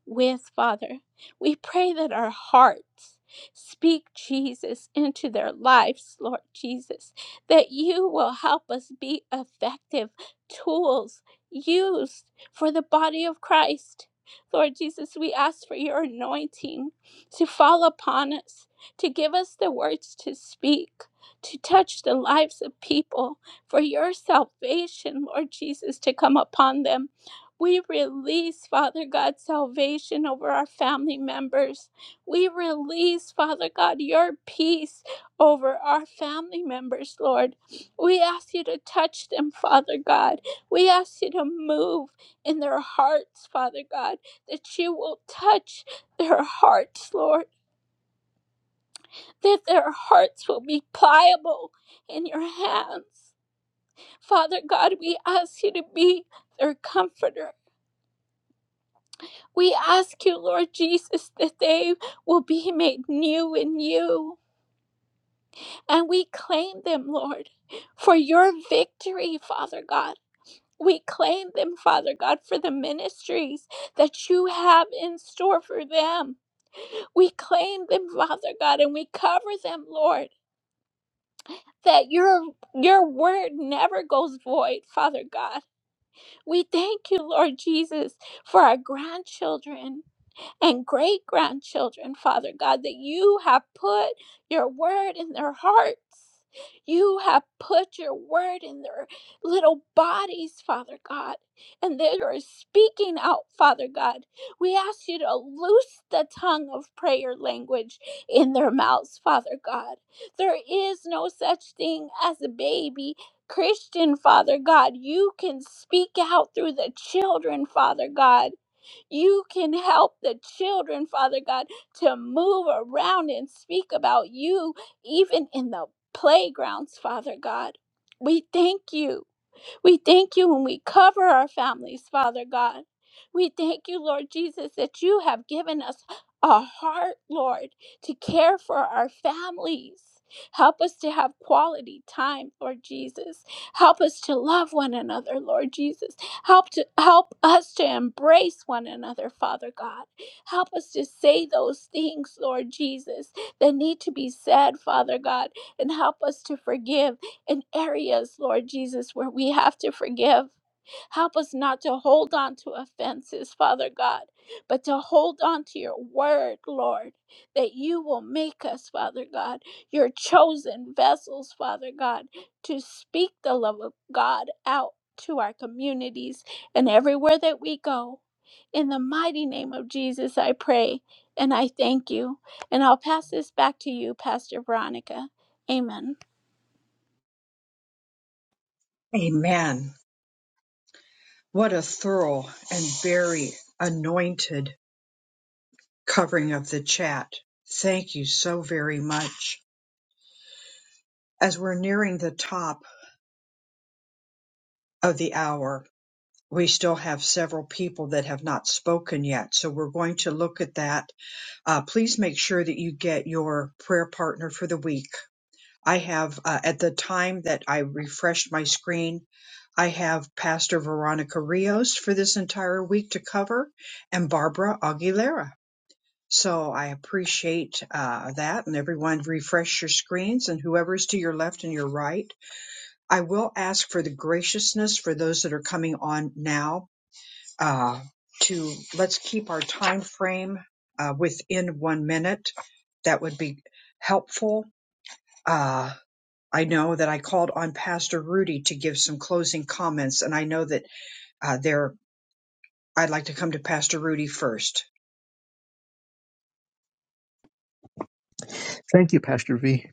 with, Father. We pray that our hearts speak Jesus into their lives, Lord Jesus, that you will help us be effective tools used for the body of Christ Lord Jesus, we ask for your anointing to fall upon us, to give us the words to speak, to touch the lives of people, for your salvation, Lord Jesus, to come upon them. We release, Father God, salvation over our family members. We release, Father God, your peace over our family members, Lord. We ask you to touch them, Father God. We ask you to move in their hearts, Father God that you will touch their hearts, Lord, that their hearts will be pliable in your hands. Father God, we ask you to be their comforter. We ask you, Lord Jesus, that they will be made new in you. And we claim them, Lord, for your victory, Father God. We claim them, Father God, for the ministries that you have in store for them. We claim them, Father God, and we cover them, Lord. that your your word never goes void, Father God. We thank you, Lord Jesus, for our grandchildren and great grandchildren, Father God, that you have put your word in their hearts. You have put your word in their little bodies, Father God, and they are speaking out, Father God. We ask you to loose the tongue of prayer language in their mouths, Father God. There is no such thing as a baby Christian, Father God. You can speak out through the children, Father God. You can help the children, Father God, to move around and speak about you, even in the playgrounds, Father God. We thank you. We thank you when we cover our families, Father God. We thank you, Lord Jesus, that you have given us a heart, Lord, to care for our families. Help us to have quality time, Lord Jesus. Help us to love one another, Lord Jesus. Help to help us to embrace one another, Father God. Help us to say those things, Lord Jesus, that need to be said, Father God, and help us to forgive in areas, Lord Jesus, where we have to forgive. Help us not to hold on to offenses, Father God, but to hold on to your word, Lord, that you will make us, Father God, your chosen vessels, Father God, to speak the love of God out to our communities and everywhere that we go. In the mighty name of Jesus, I pray and I thank you. And I'll pass this back to you, Pastor Veronica. Amen. Amen. What a thorough and very anointed covering of the chat. Thank you so very much. As we're nearing the top of the hour, we still have several people that have not spoken yet. So we're going to look at that. Uh, please make sure that you get your prayer partner for the week. I have, uh, at the time that I refreshed my screen, I have Pastor Veronica Rios for this entire week to cover and Barbara Aguilera. So I appreciate uh, that. And everyone, refresh your screens and whoever is to your left and your right. I will ask for the graciousness for those that are coming on now uh, to let's keep our time frame uh, within one minute. That would be helpful. Uh, I know that I called on Pastor Rudy to give some closing comments, and I know that uh, there. I'd like to come to Pastor Rudy first. Thank you, Pastor V.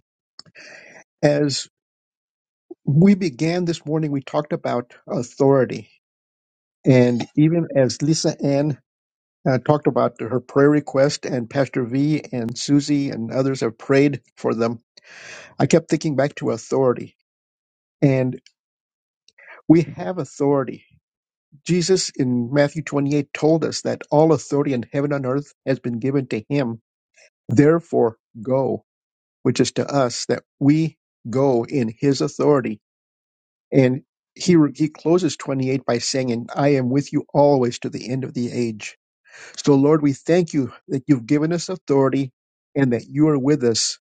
As we began this morning, we talked about authority. And even as Lisa Ann uh, talked about her prayer request, and Pastor V and Susie and others have prayed for them, I kept thinking back to authority. And we have authority. Jesus in Matthew 28 told us that all authority in heaven and earth has been given to him Therefore, go, which is to us that we go in his authority. And he, he closes 28 by saying, And I am with you always to the end of the age. So, Lord, we thank you that you've given us authority and that you are with us.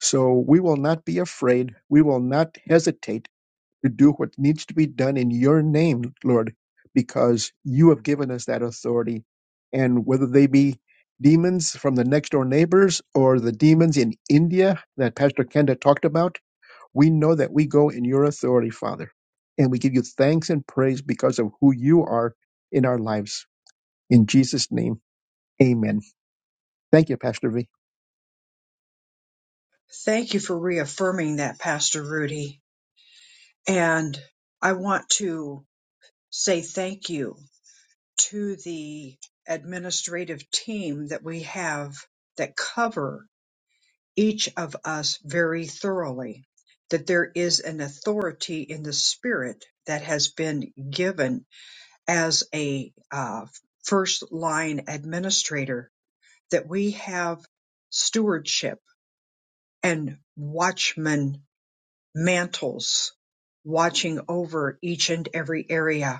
So we will not be afraid. We will not hesitate to do what needs to be done in your name, Lord, because you have given us that authority. And whether they be demons from the next door neighbors or the demons in India that Pastor Kenda talked about, we know that we go in your authority, Father. And we give you thanks and praise because of who you are in our lives. In Jesus' name, amen. Thank you, Pastor V. Thank you for reaffirming that, Pastor Rudy And I want to say thank you to the administrative team that we have that cover each of us very thoroughly. That there is an authority in the spirit that has been given as a uh, first line administrator, that we have stewardship and watchman mantles watching over each and every area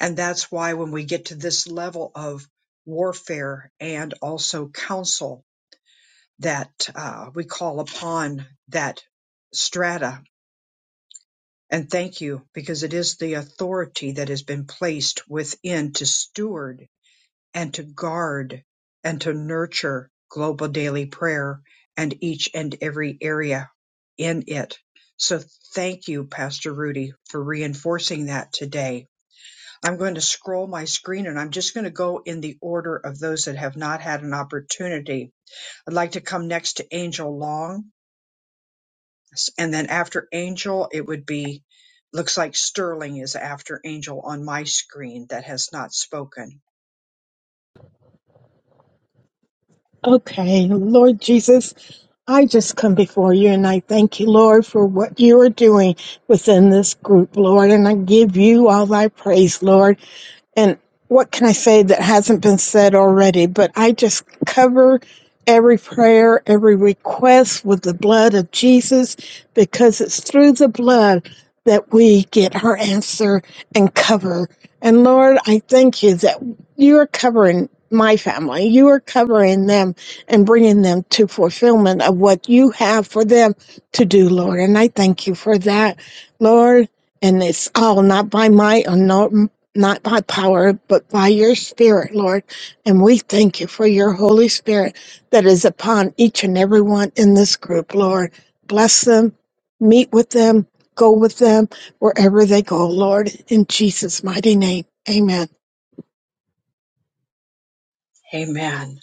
And that's why when we get to this level of warfare and also counsel that uh, we call upon that strata. And thank you, because it is the authority that has been placed within to steward and to guard and to nurture global daily prayer and each and every area in it. So thank you, Pastor Rudy, for reinforcing that today I'm going to scroll my screen and I'm just going to go in the order of those that have not had an opportunity. I'd like to come next to Angel Long. And then after Angel, it would be, looks like Sterling is after Angel on my screen that has not spoken. Okay, Lord Jesus, I just come before you and I thank you, Lord, for what you are doing within this group, Lord. And I give you all thy praise, Lord. And what can I say that hasn't been said already? But I just cover every prayer, every request with the blood of Jesus because it's through the blood that we get our answer and cover. And Lord, I thank you that you are covering my family. You are covering them and bringing them to fulfillment of what you have for them to do, Lord. And I thank you for that, Lord. And it's all not by might or not not by power, but by your Spirit, Lord. And we thank you for your Holy Spirit that is upon each and every one in this group, Lord. Bless them, meet with them, go with them wherever they go, Lord. In Jesus' mighty name, amen. Amen.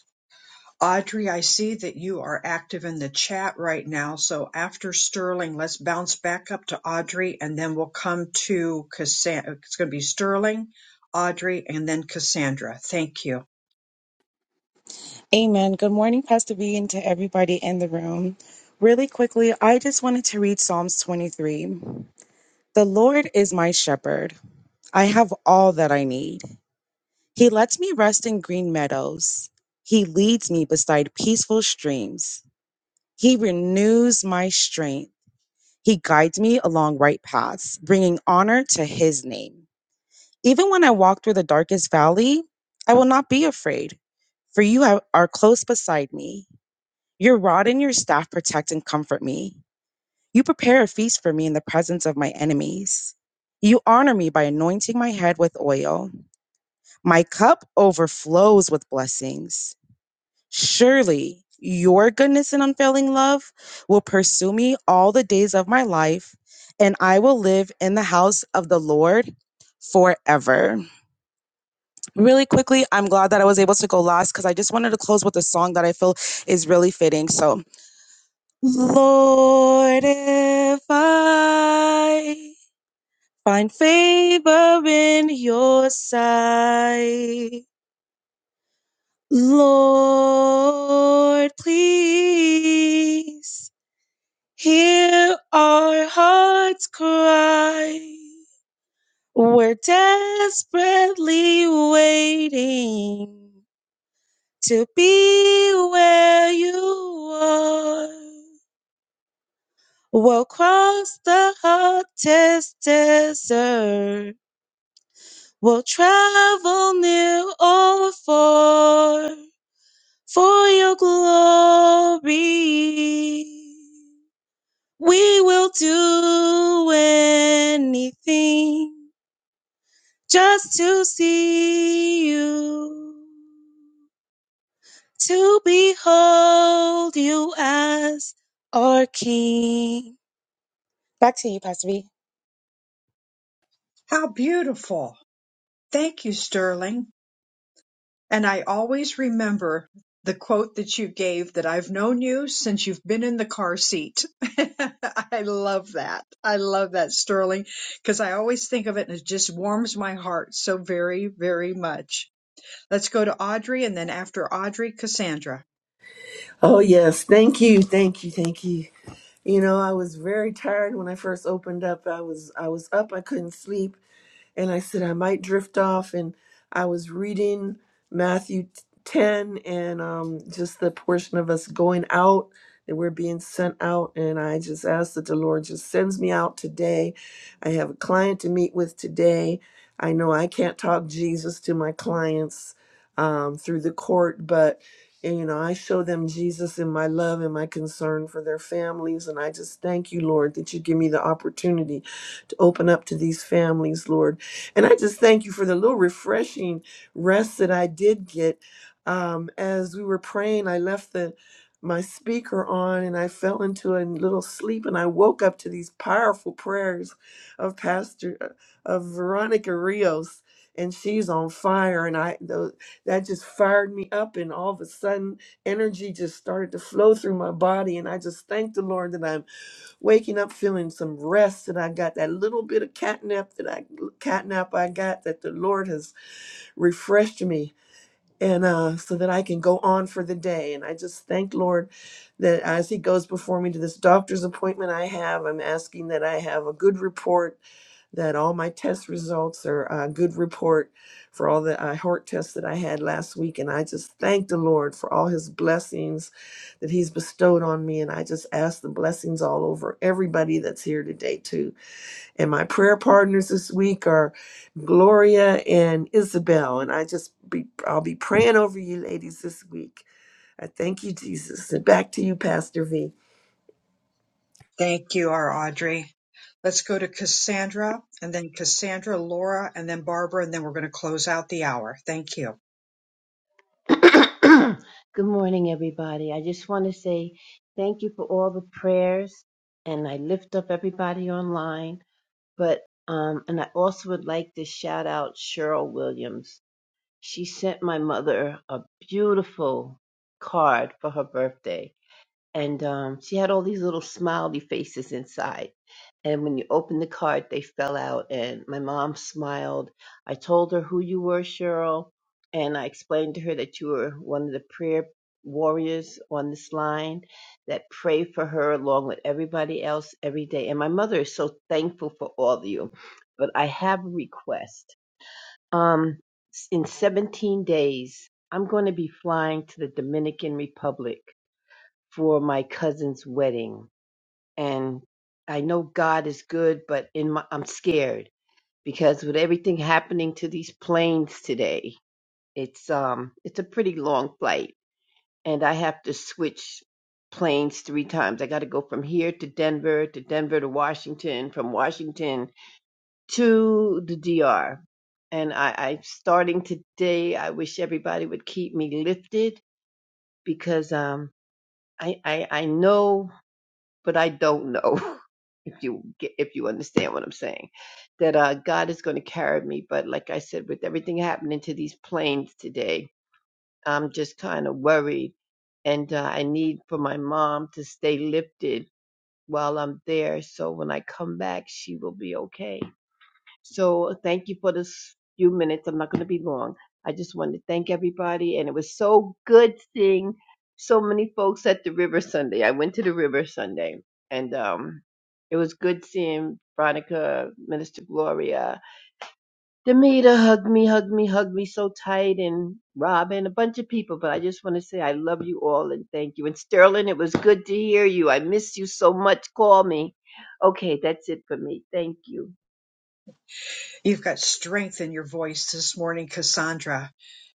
Audrey, I see that you are active in the chat right now. So after Sterling, let's bounce back up to Audrey and then we'll come to Cassandra. It's going to be Sterling, Audrey, and then Cassandra. Thank you. Amen. Good morning, Pastor B, and to everybody in the room. Really quickly, I just wanted to read Psalms 23. The Lord is my shepherd. I have all that I need. He lets me rest in green meadows. He leads me beside peaceful streams. He renews my strength. He guides me along right paths, bringing honor to his name. Even when I walk through the darkest valley, I will not be afraid, for you have- are close beside me. Your rod and your staff protect and comfort me. You prepare a feast for me in the presence of my enemies. You honor me by anointing my head with oil. My cup overflows with blessings. Surely your goodness and unfailing love will pursue me all the days of my life, and I will live in the house of the Lord forever. Really quickly, I'm glad that I was able to go last because I just wanted to close with a song that I feel is really fitting. So, Lord, if I find favor in your sight, Lord, please hear our hearts cry. We're desperately waiting to be where you are. We'll cross the hottest desert. We'll travel near or far for your glory. We will do anything just to see you, to behold you as our King. Back to you, Pastor B. How beautiful. Thank you, Sterling. And I always remember the quote that you gave that I've known you since you've been in the car seat. I love that. I love that, Sterling, because I always think of it and it just warms my heart so very, very much. Let's go to Audrey and then after Audrey, Cassandra. Oh, yes. Thank you. Thank you. Thank you. You know, I was very tired when I first opened up. I was I was up, I couldn't sleep, and I said I might drift off and I was reading Matthew 10 and um just the portion of us going out that we're being sent out and I just asked that the Lord just sends me out today. I have a client to meet with today. I know I can't talk Jesus to my clients um, through the court, but and, you know, I show them Jesus in my love and my concern for their families. And I just thank you, Lord, that you give me the opportunity to open up to these families, Lord. And I just thank you for the little refreshing rest that I did get. Um, as we were praying, I left the my speaker on and I fell into a little sleep and I woke up to these powerful prayers of Pastor uh, of Veronica Rios and she's on fire and I those that just fired me up and all of a sudden energy just started to flow through my body and i just thank the lord that i'm waking up feeling some rest that i got that little bit of catnap that i catnap i got that the lord has refreshed me and uh, so that i can go on for the day and i just thank lord that as he goes before me to this doctor's appointment i have i'm asking that i have a good report that all my test results are a good report for all the uh, heart tests that I had last week. And I just thank the Lord for all his blessings that he's bestowed on me. And I just ask the blessings all over everybody that's here today, too. And my prayer partners this week are Gloria and Isabel. And I just be, I'll be praying over you ladies this week. I thank you, Jesus. And back to you, Pastor V. Thank you, our Audrey. Let's go to Cassandra and then Cassandra, Laura, and then Barbara, and then we're going to close out the hour. Thank you. Good morning, everybody. I just want to say thank you for all the prayers, and I lift up everybody online. But um, and I also would like to shout out Cheryl Williams. She sent my mother a beautiful card for her birthday, and um, she had all these little smiley faces inside. And when you opened the card, they fell out. And my mom smiled. I told her who you were, Cheryl, and I explained to her that you were one of the prayer warriors on this line that pray for her along with everybody else every day. And my mother is so thankful for all of you. But I have a request. Um, in 17 days, I'm going to be flying to the Dominican Republic for my cousin's wedding and I know God is good but in my I'm scared because with everything happening to these planes today it's um it's a pretty long flight and I have to switch planes three times. I got to go from here to Denver to Denver to Washington from Washington to the DR. And I, I starting today, I wish everybody would keep me lifted because um I, I I know but I don't know if you get, if you understand what I'm saying. That uh, God is going to carry me, but like I said, with everything happening to these planes today, I'm just kind of worried, and uh, I need for my mom to stay lifted while I'm there, so when I come back, she will be okay. So thank you for this few minutes. I'm not going to be long. I just wanted to thank everybody, and it was so good seeing so many folks at the river Sunday. I went to the river Sunday, and um, it was good seeing Veronica, Minister Gloria, Demita hug me, hug me, hug me so tight, and Robin, a bunch of people. But I just want to say I love you all and thank you. And Sterling, it was good to hear you. I miss you so much. Call me. Okay, that's it for me. Thank you. You've got strength in your voice this morning, Cassandra.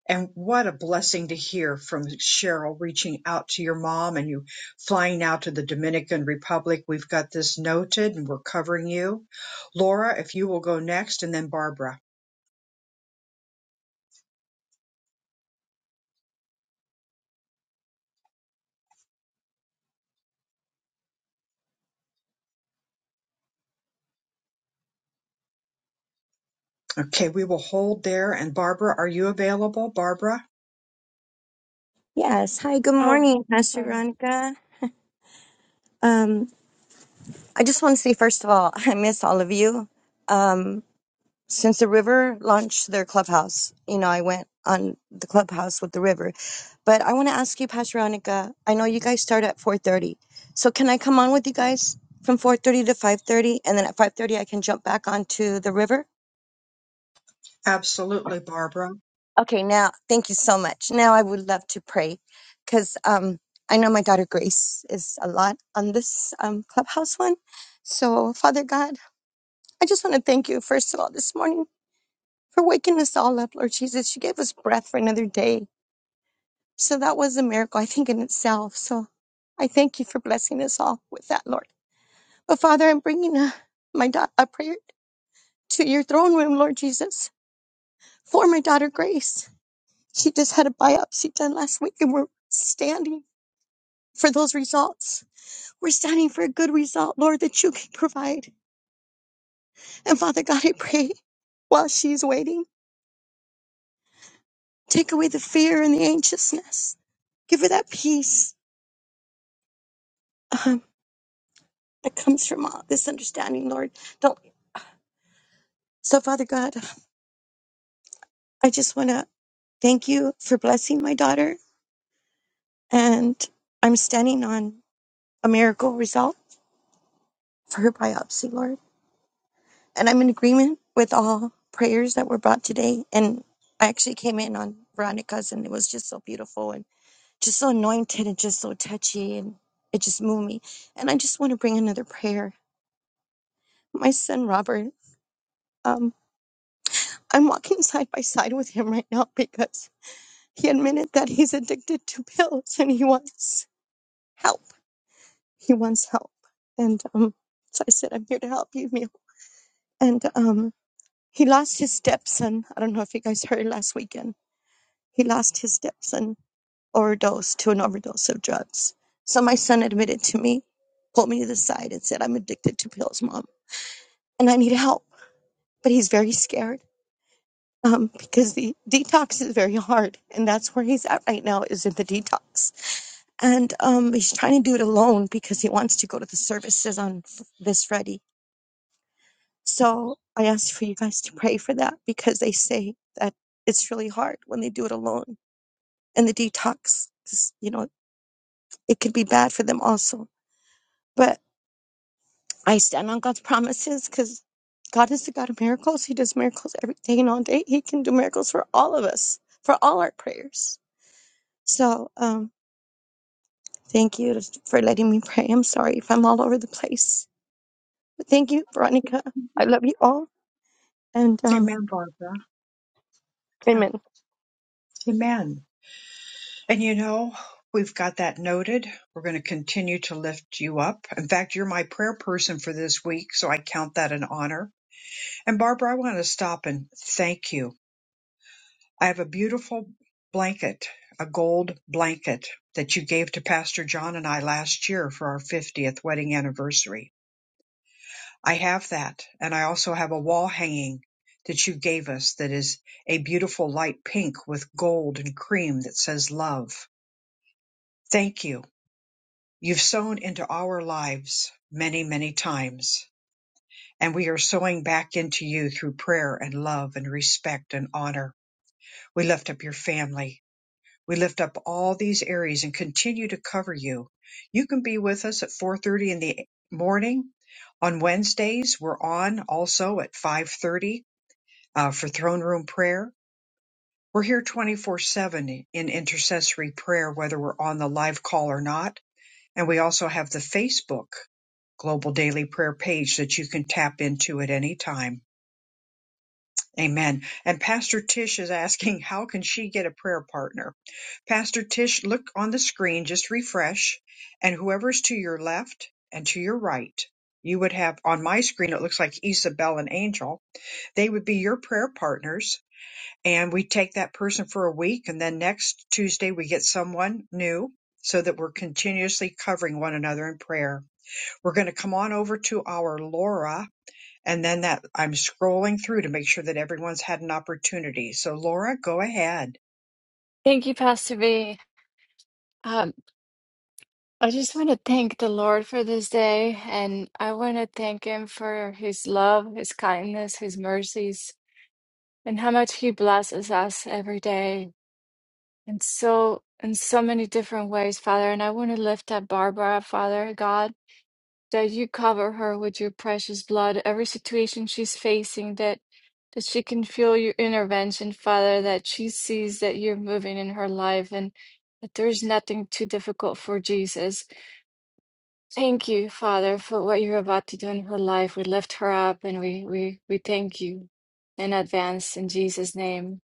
And what a blessing to hear from Cheryl reaching out to your mom and you flying out to the Dominican Republic. We've got this noted and we're covering you. Laura, if you will go next and then Barbara. Okay, we will hold there. And Barbara, are you available? Barbara? Yes. Hi, good Oh, morning, Pastor sorry. Veronica. Um, I just want to say, first of all, I miss all of you. Um, since the river launched their clubhouse, you know, I went on the clubhouse with the river. But I want to ask you, Pastor Veronica, I know you guys start at 4.30. So can I come on with you guys from 4.30 to 5.30? And then at 5.30, I can jump back onto the river? Absolutely, Barbara. Okay, now thank you so much. Now I would love to pray because um, I know my daughter Grace is a lot on this um, clubhouse one. So, Father God, I just want to thank you, first of all, this morning for waking us all up, Lord Jesus. You gave us breath for another day. So, that was a miracle, I think, in itself. So, I thank you for blessing us all with that, Lord. But, Father, I'm bringing uh my da- a prayer to your throne room, Lord Jesus, for my daughter Grace. She just had a biopsy done last week and we're standing. for those results. We're standing for a good result, Lord, that you can provide. And Father God, I pray while she's waiting, take away the fear and the anxiousness. Give her that peace um, that comes from all this understanding, Lord. Don't. So, Father God, I just want to thank you for blessing my daughter. And I'm standing on a miracle result for her biopsy, Lord. And I'm in agreement with all prayers that were brought today. And I actually came in on Veronica's, and it was just so beautiful. And just so anointed and just so touchy and it just moved me and i just want to bring another prayer my son robert um, i'm walking side by side with him right now because he admitted that he's addicted to pills and he wants help he wants help and um, so i said i'm here to help you Mio. and um, he lost his stepson i don't know if you guys heard last weekend he lost his stepson overdose to an overdose of drugs. So my son admitted to me, pulled me to the side, and said, I'm addicted to pills, mom, and I need help. But he's very scared um, because the detox is very hard. And that's where he's at right now, is in the detox. And um, he's trying to do it alone because he wants to go to the services on f- this Friday. So I asked for you guys to pray for that because they say that it's really hard when they do it alone and the detox, 'cause, you know, it can be bad for them also. But I stand on God's promises because God is the God of miracles. He does miracles every day and all day. He can do miracles for all of us, for all our prayers. So, um, thank you for letting me pray. I'm sorry if I'm all over the place. But thank you, Veronica. I love you all. And um, Amen, Barbara. Yeah. amen. Amen. And you know, we've got that noted. We're going to continue to lift you up. In fact, you're my prayer person for this week, so I count that an honor. And Barbara, I want to stop and thank you. I have a beautiful blanket, a gold blanket that you gave to Pastor John and I last year for our 50th wedding anniversary. I have that, and I also have a wall hanging that you gave us that is a beautiful light pink with gold and cream that says love. Thank you You've sown into our lives many, many times, and we are sowing back into you through prayer and love and respect and honor. We lift up your family. We lift up all these areas and continue to cover you. You can be with us at 4:30 in the morning. On Wednesdays, we're on also at 5:30 uh, for throne room prayer. We're here 24/7 in intercessory prayer, whether we're on the live call or not And we also have the Facebook Global Daily Prayer page that you can tap into at any time. Amen. And Pastor Tish is asking, how can she get a prayer partner? Pastor Tish, look on the screen, just refresh, and whoever's to your left and to your right, you would have on my screen, it looks like Isabel and Angel. They would be your prayer partners. And we take that person for a week, and then next Tuesday, we get someone new so that we're continuously covering one another in prayer. We're going to come on over to our Laura and then that I'm scrolling through to make sure that everyone's had an opportunity. So Laura, go ahead. Thank you, Pastor V. Um, I just want to thank the Lord for this day, and I want to thank Him for His love, His kindness, His mercies, and how much He blesses us every day, and so in so many different ways, Father. And I want to lift up Barbara, Father God. that you cover her with your precious blood, every situation she's facing, that that she can feel your intervention, Father, that she sees that you're moving in her life and that there's nothing too difficult for Jesus. Thank you, Father, for what you're about to do in her life. We lift her up and we we, we thank you in advance in Jesus' name.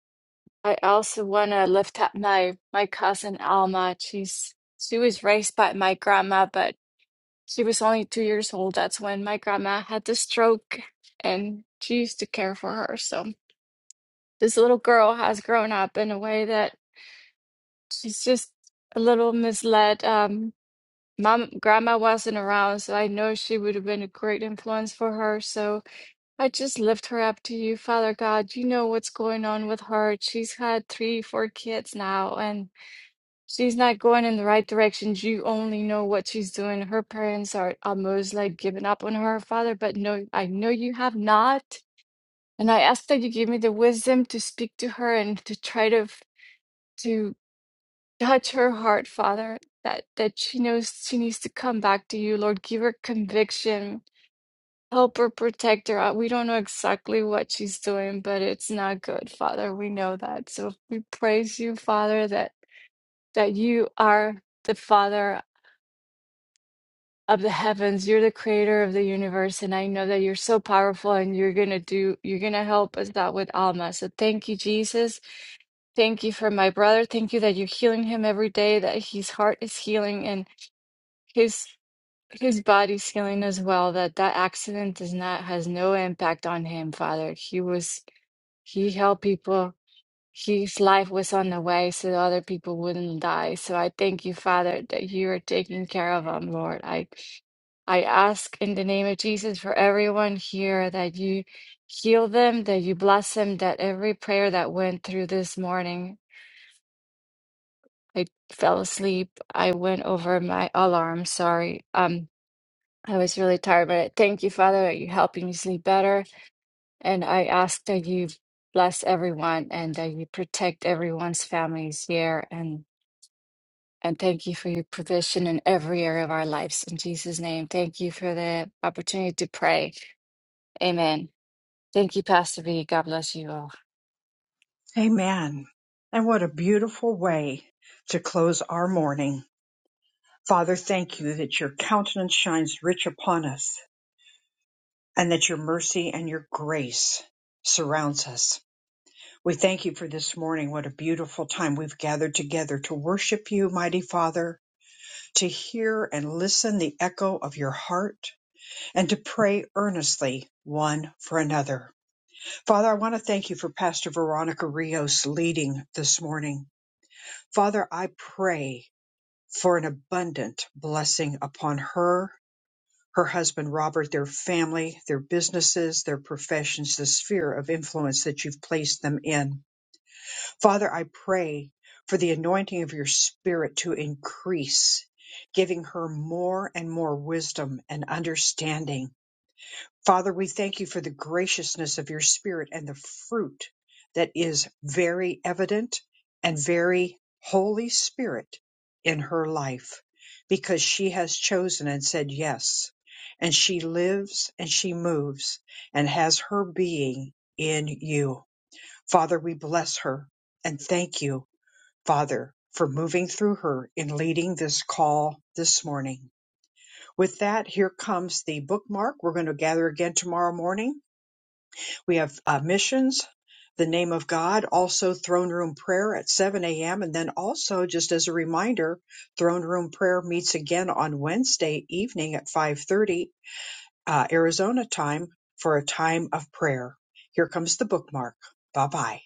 I also want to lift up my my cousin Alma. She's she was raised by my grandma, but she was only two years old. That's when my grandma had the stroke, and she used to care for her. So this little girl has grown up in a way that she's just a little misled. Um, mom, grandma wasn't around, so I know she would have been a great influence for her. So I just lift her up to you, Father God. You know what's going on with her. She's had three, four kids now, and She's not going in the right direction. You only know what she's doing. Her parents are almost like giving up on her father, but no, I know you have not. And I ask that you give me the wisdom to speak to her and to try to f- to touch her heart, Father, that that she knows she needs to come back to you, Lord. Give her conviction. Help her, protect her. Uh, We don't know exactly what she's doing, but it's not good, Father. We know that. So we praise you, Father, that that you are the Father of the heavens. You're the creator of the universe. And I know that you're so powerful and you're going to do, you're going to help us out with Alma. So thank you, Jesus. Thank you for my brother. Thank you that you're healing him every day, that his heart is healing and his. His body's healing as well. That that accident does not has no impact on him, Father. He was he helped people. His life was on the way, so that other people wouldn't die. So I thank you, Father, that you are taking care of him, Lord. I I ask in the name of Jesus for everyone here that you heal them, that you bless them, that every prayer that went through this morning, I fell asleep. I went over my alarm. Sorry. Um, I was really tired, but I thank you, Father, that you're helping me sleep better. And I ask that you bless everyone and that you protect everyone's families here. And and thank you for your provision in every area of our lives. In Jesus' name, thank you for the opportunity to pray. Amen. Thank you, Pastor B. God bless you all. Amen. And what a beautiful way to close our morning. Father, thank you that your countenance shines rich upon us and that your mercy and your grace surrounds us. We thank you for this morning. What a beautiful time we've gathered together to worship you, mighty Father, to hear and listen the echo of your heart, and to pray earnestly one for another. Father, I want to thank you for Pastor Veronica Rios leading this morning. Father, I pray for an abundant blessing upon her, her husband Robert, their family, their businesses, their professions, the sphere of influence that you've placed them in. Father, I pray for the anointing of your spirit to increase, giving her more and more wisdom and understanding Father, we thank you for the graciousness of your spirit and the fruit that is very evident and very Holy Spirit in her life because she has chosen and said yes. And she lives and she moves and has her being in you. Father, we bless her and thank you, Father, for moving through her in leading this call this morning. With that, here comes the bookmark. We're going to gather again tomorrow morning we have uh, missions, the name of God, also throne room prayer at 7 a.m. And then also, just as a reminder, throne room prayer meets again on Wednesday evening at 5:30 uh, Arizona time for a time of prayer. Here comes the bookmark. Bye bye.